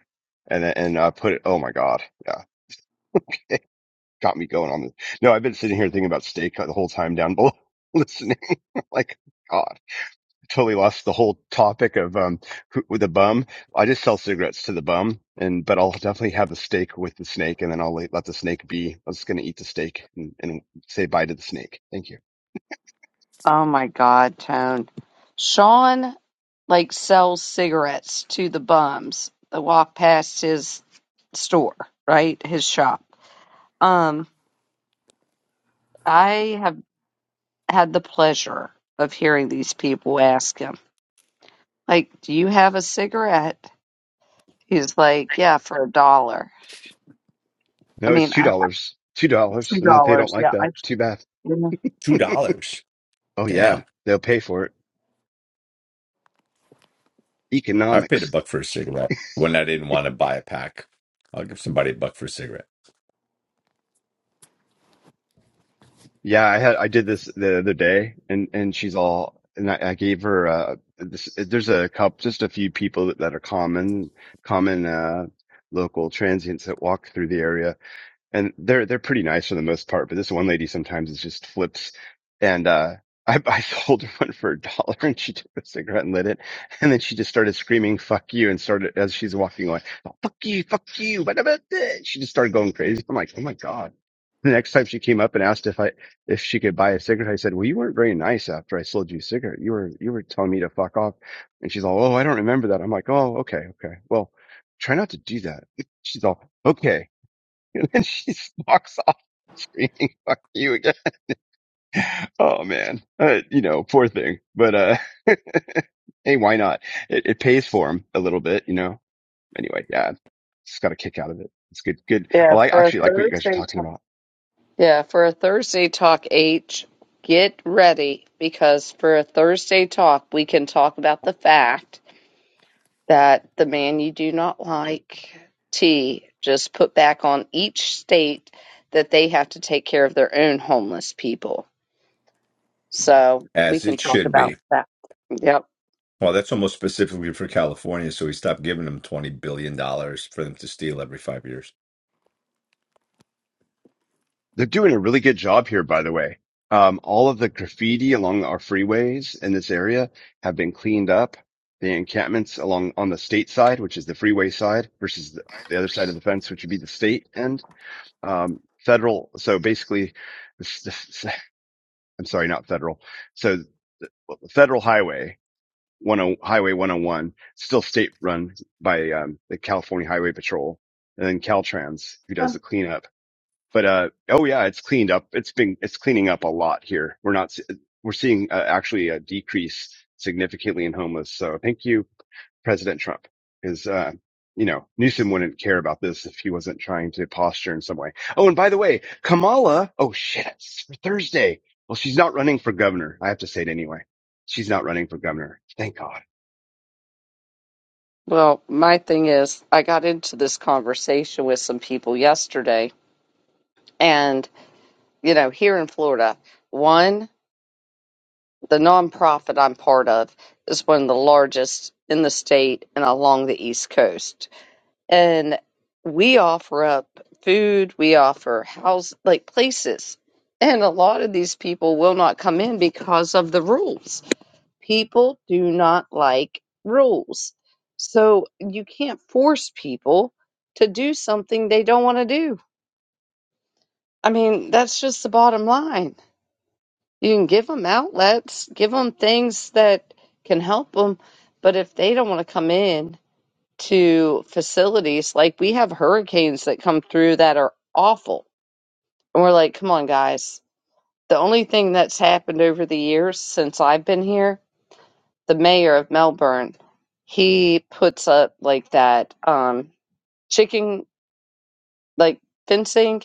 M: and then- and uh, put it. Oh my God, yeah, it got me going on this. No, I've been sitting here thinking about steak the whole time down below, listening. like God totally lost the whole topic of um who, with the bum. I just sell cigarettes to the bum, and but I'll definitely have a steak with the snake, and then I'll let, the snake be. I'm just gonna eat the steak and, and say bye to the snake. Thank you.
A: Oh my God, Tone. Sean like sells cigarettes to the bums that walk past his store, right? His shop. Um, I have had the pleasure of hearing these people ask him, like, do you have a cigarette? He's like, yeah, for a dollar. I
M: No, it's
A: mean,
M: two
A: I,
M: dollars, two dollars,
A: two
M: and if they don't
A: dollars.
M: like
A: Yeah,
M: that,
A: I
M: too bad.
B: Two dollars.
M: Oh yeah,
B: Damn,
M: they'll pay for it.
B: I've paid a
M: Economics.
B: buck for a cigarette when I didn't want to buy a pack. I'll give somebody a buck for a cigarette.
M: Yeah, I had I did this the other day, and and she's all, and I, I gave her uh this. There's a couple, just a few people that, that are common, common uh local transients that walk through the area, and they're they're pretty nice for the most part. But this one lady sometimes it just flips, and uh, I I sold her one for a dollar, and she took a cigarette and lit it, and then she just started screaming "fuck you" and started as she's walking away, "Oh, "fuck you, fuck you," what about this? She just started going crazy. I'm like, oh my god. The next time she came up and asked if I if she could buy a cigarette, I said, "Well, you weren't very nice after I sold you a cigarette. You were you were telling me to fuck off." And she's all, "Oh, I don't remember that." I'm like, "Oh, okay, okay. Well, try not to do that." She's all, "Okay." And then she walks off screaming, fuck you again. Oh man. Uh, you know, poor thing. But, uh, hey, why not? It, it pays for him a little bit, you know? Anyway, yeah, just got a kick out of it. It's good. Good. I
A: yeah
M: like,
A: for a
M: actually like what you guys are
A: Thursday
M: talking
A: talk.
M: about.
A: Yeah, for a Thursday talk, H. Get ready because for a Thursday talk, we can talk about the fact that the man you do not like, T, just put back on each state that they have to take care of their own homeless people. So we
B: as
A: can
B: it
A: talk
B: should
A: about
B: be.
A: that. Yep.
B: Well, that's almost specifically for California, so we stopped giving them twenty billion dollars for them to steal every five years.
M: They're doing a really good job here, by the way. Um, all of the graffiti along our freeways in this area have been cleaned up. The encampments along on the state side, which is the freeway side versus the, the other side of the fence, which would be the state end um, federal. So basically, s- s- I'm sorry, not federal. So federal highway one oh, highway 101 still state run by um, the California Highway Patrol and then Caltrans who does the cleanup. But uh, oh yeah, it's cleaned up. It's been it's cleaning up a lot here. We're not s- we're seeing uh, actually a decrease significantly in homeless. So thank you President Trump. is, uh, you know, Newsom wouldn't care about this if he wasn't trying to posture in some way. Oh, and by the way, Kamala, oh shit, it's for Thursday. Well, she's not running for governor. I have to say it anyway. She's not running for governor. Thank God.
A: Well, my thing is, I got into this conversation with some people yesterday, and. you know, here in Florida, one, the nonprofit I'm part of is one of the largest in the state and along the East Coast. And we offer up food, we offer house, like places. And a lot of these people will not come in because of the rules. People do not like rules. So you can't force people to do something they don't want to do. I mean, that's just the bottom line You can give them outlets, give them things that can help them, but if they don't want to come in to facilities, like we have hurricanes that come through that are awful, and we're like, come on, guys. The only thing that's happened over the years since I've been here, the mayor of Melbourne, he puts up like that um, chicken, like fencing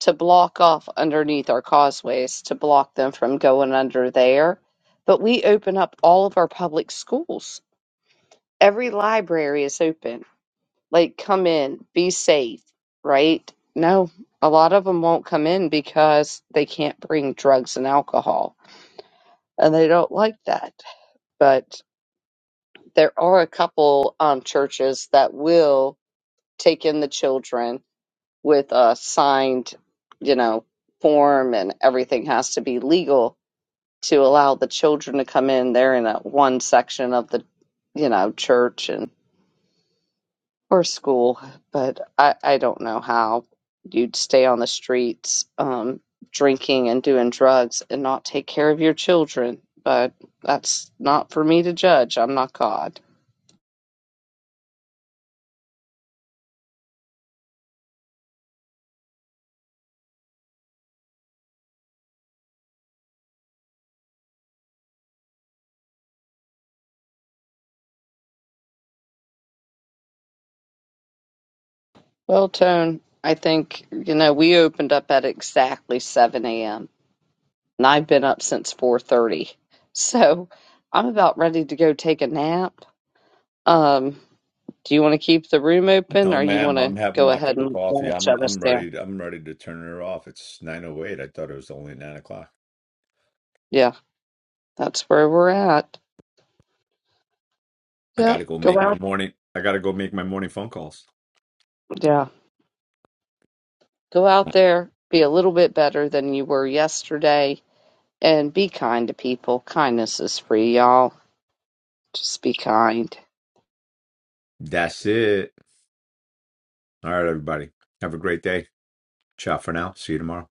A: to block off underneath our causeways to block them from going under there. But we open up all of our public schools. Every library is open. Like, come in, be safe, right? No, a lot of them won't come in because they can't bring drugs and alcohol, and they don't like that. But there are a couple um, churches that will take in the children with a signed, you know, form, and everything has to be legal to allow the children to come in. They're in a one section of the, you know, church and or school, but I I don't know how you'd stay on the streets, um, drinking and doing drugs and not take care of your children. But that's not for me to judge. I'm not God. Well, Tone, I think you know we opened up at exactly 7 a.m. and I've been up since 4:30, so I'm about ready to go take a nap. Um, Do you want to keep the room open
B: No,
A: or you
B: ma'am,
A: want
B: I'm
A: to
B: having
A: go
B: my
A: ahead
B: cup of
A: and
B: coffee.
A: let
B: I'm
A: shut us
B: I'm
A: down?
B: ready. I'm ready to turn her off. It's nine oh eight. I thought it was only nine o'clock.
A: Yeah, that's where we're at.
B: I
A: Yep.
B: gotta go make
A: Go
B: my
A: out.
B: morning. I gotta go make my morning phone calls.
A: Yeah. Go out there, be a little bit better than you were yesterday, and be kind to people. Kindness is free, y'all. Just be kind.
B: That's it. All right, everybody. Have a great day. Ciao for now. See you tomorrow.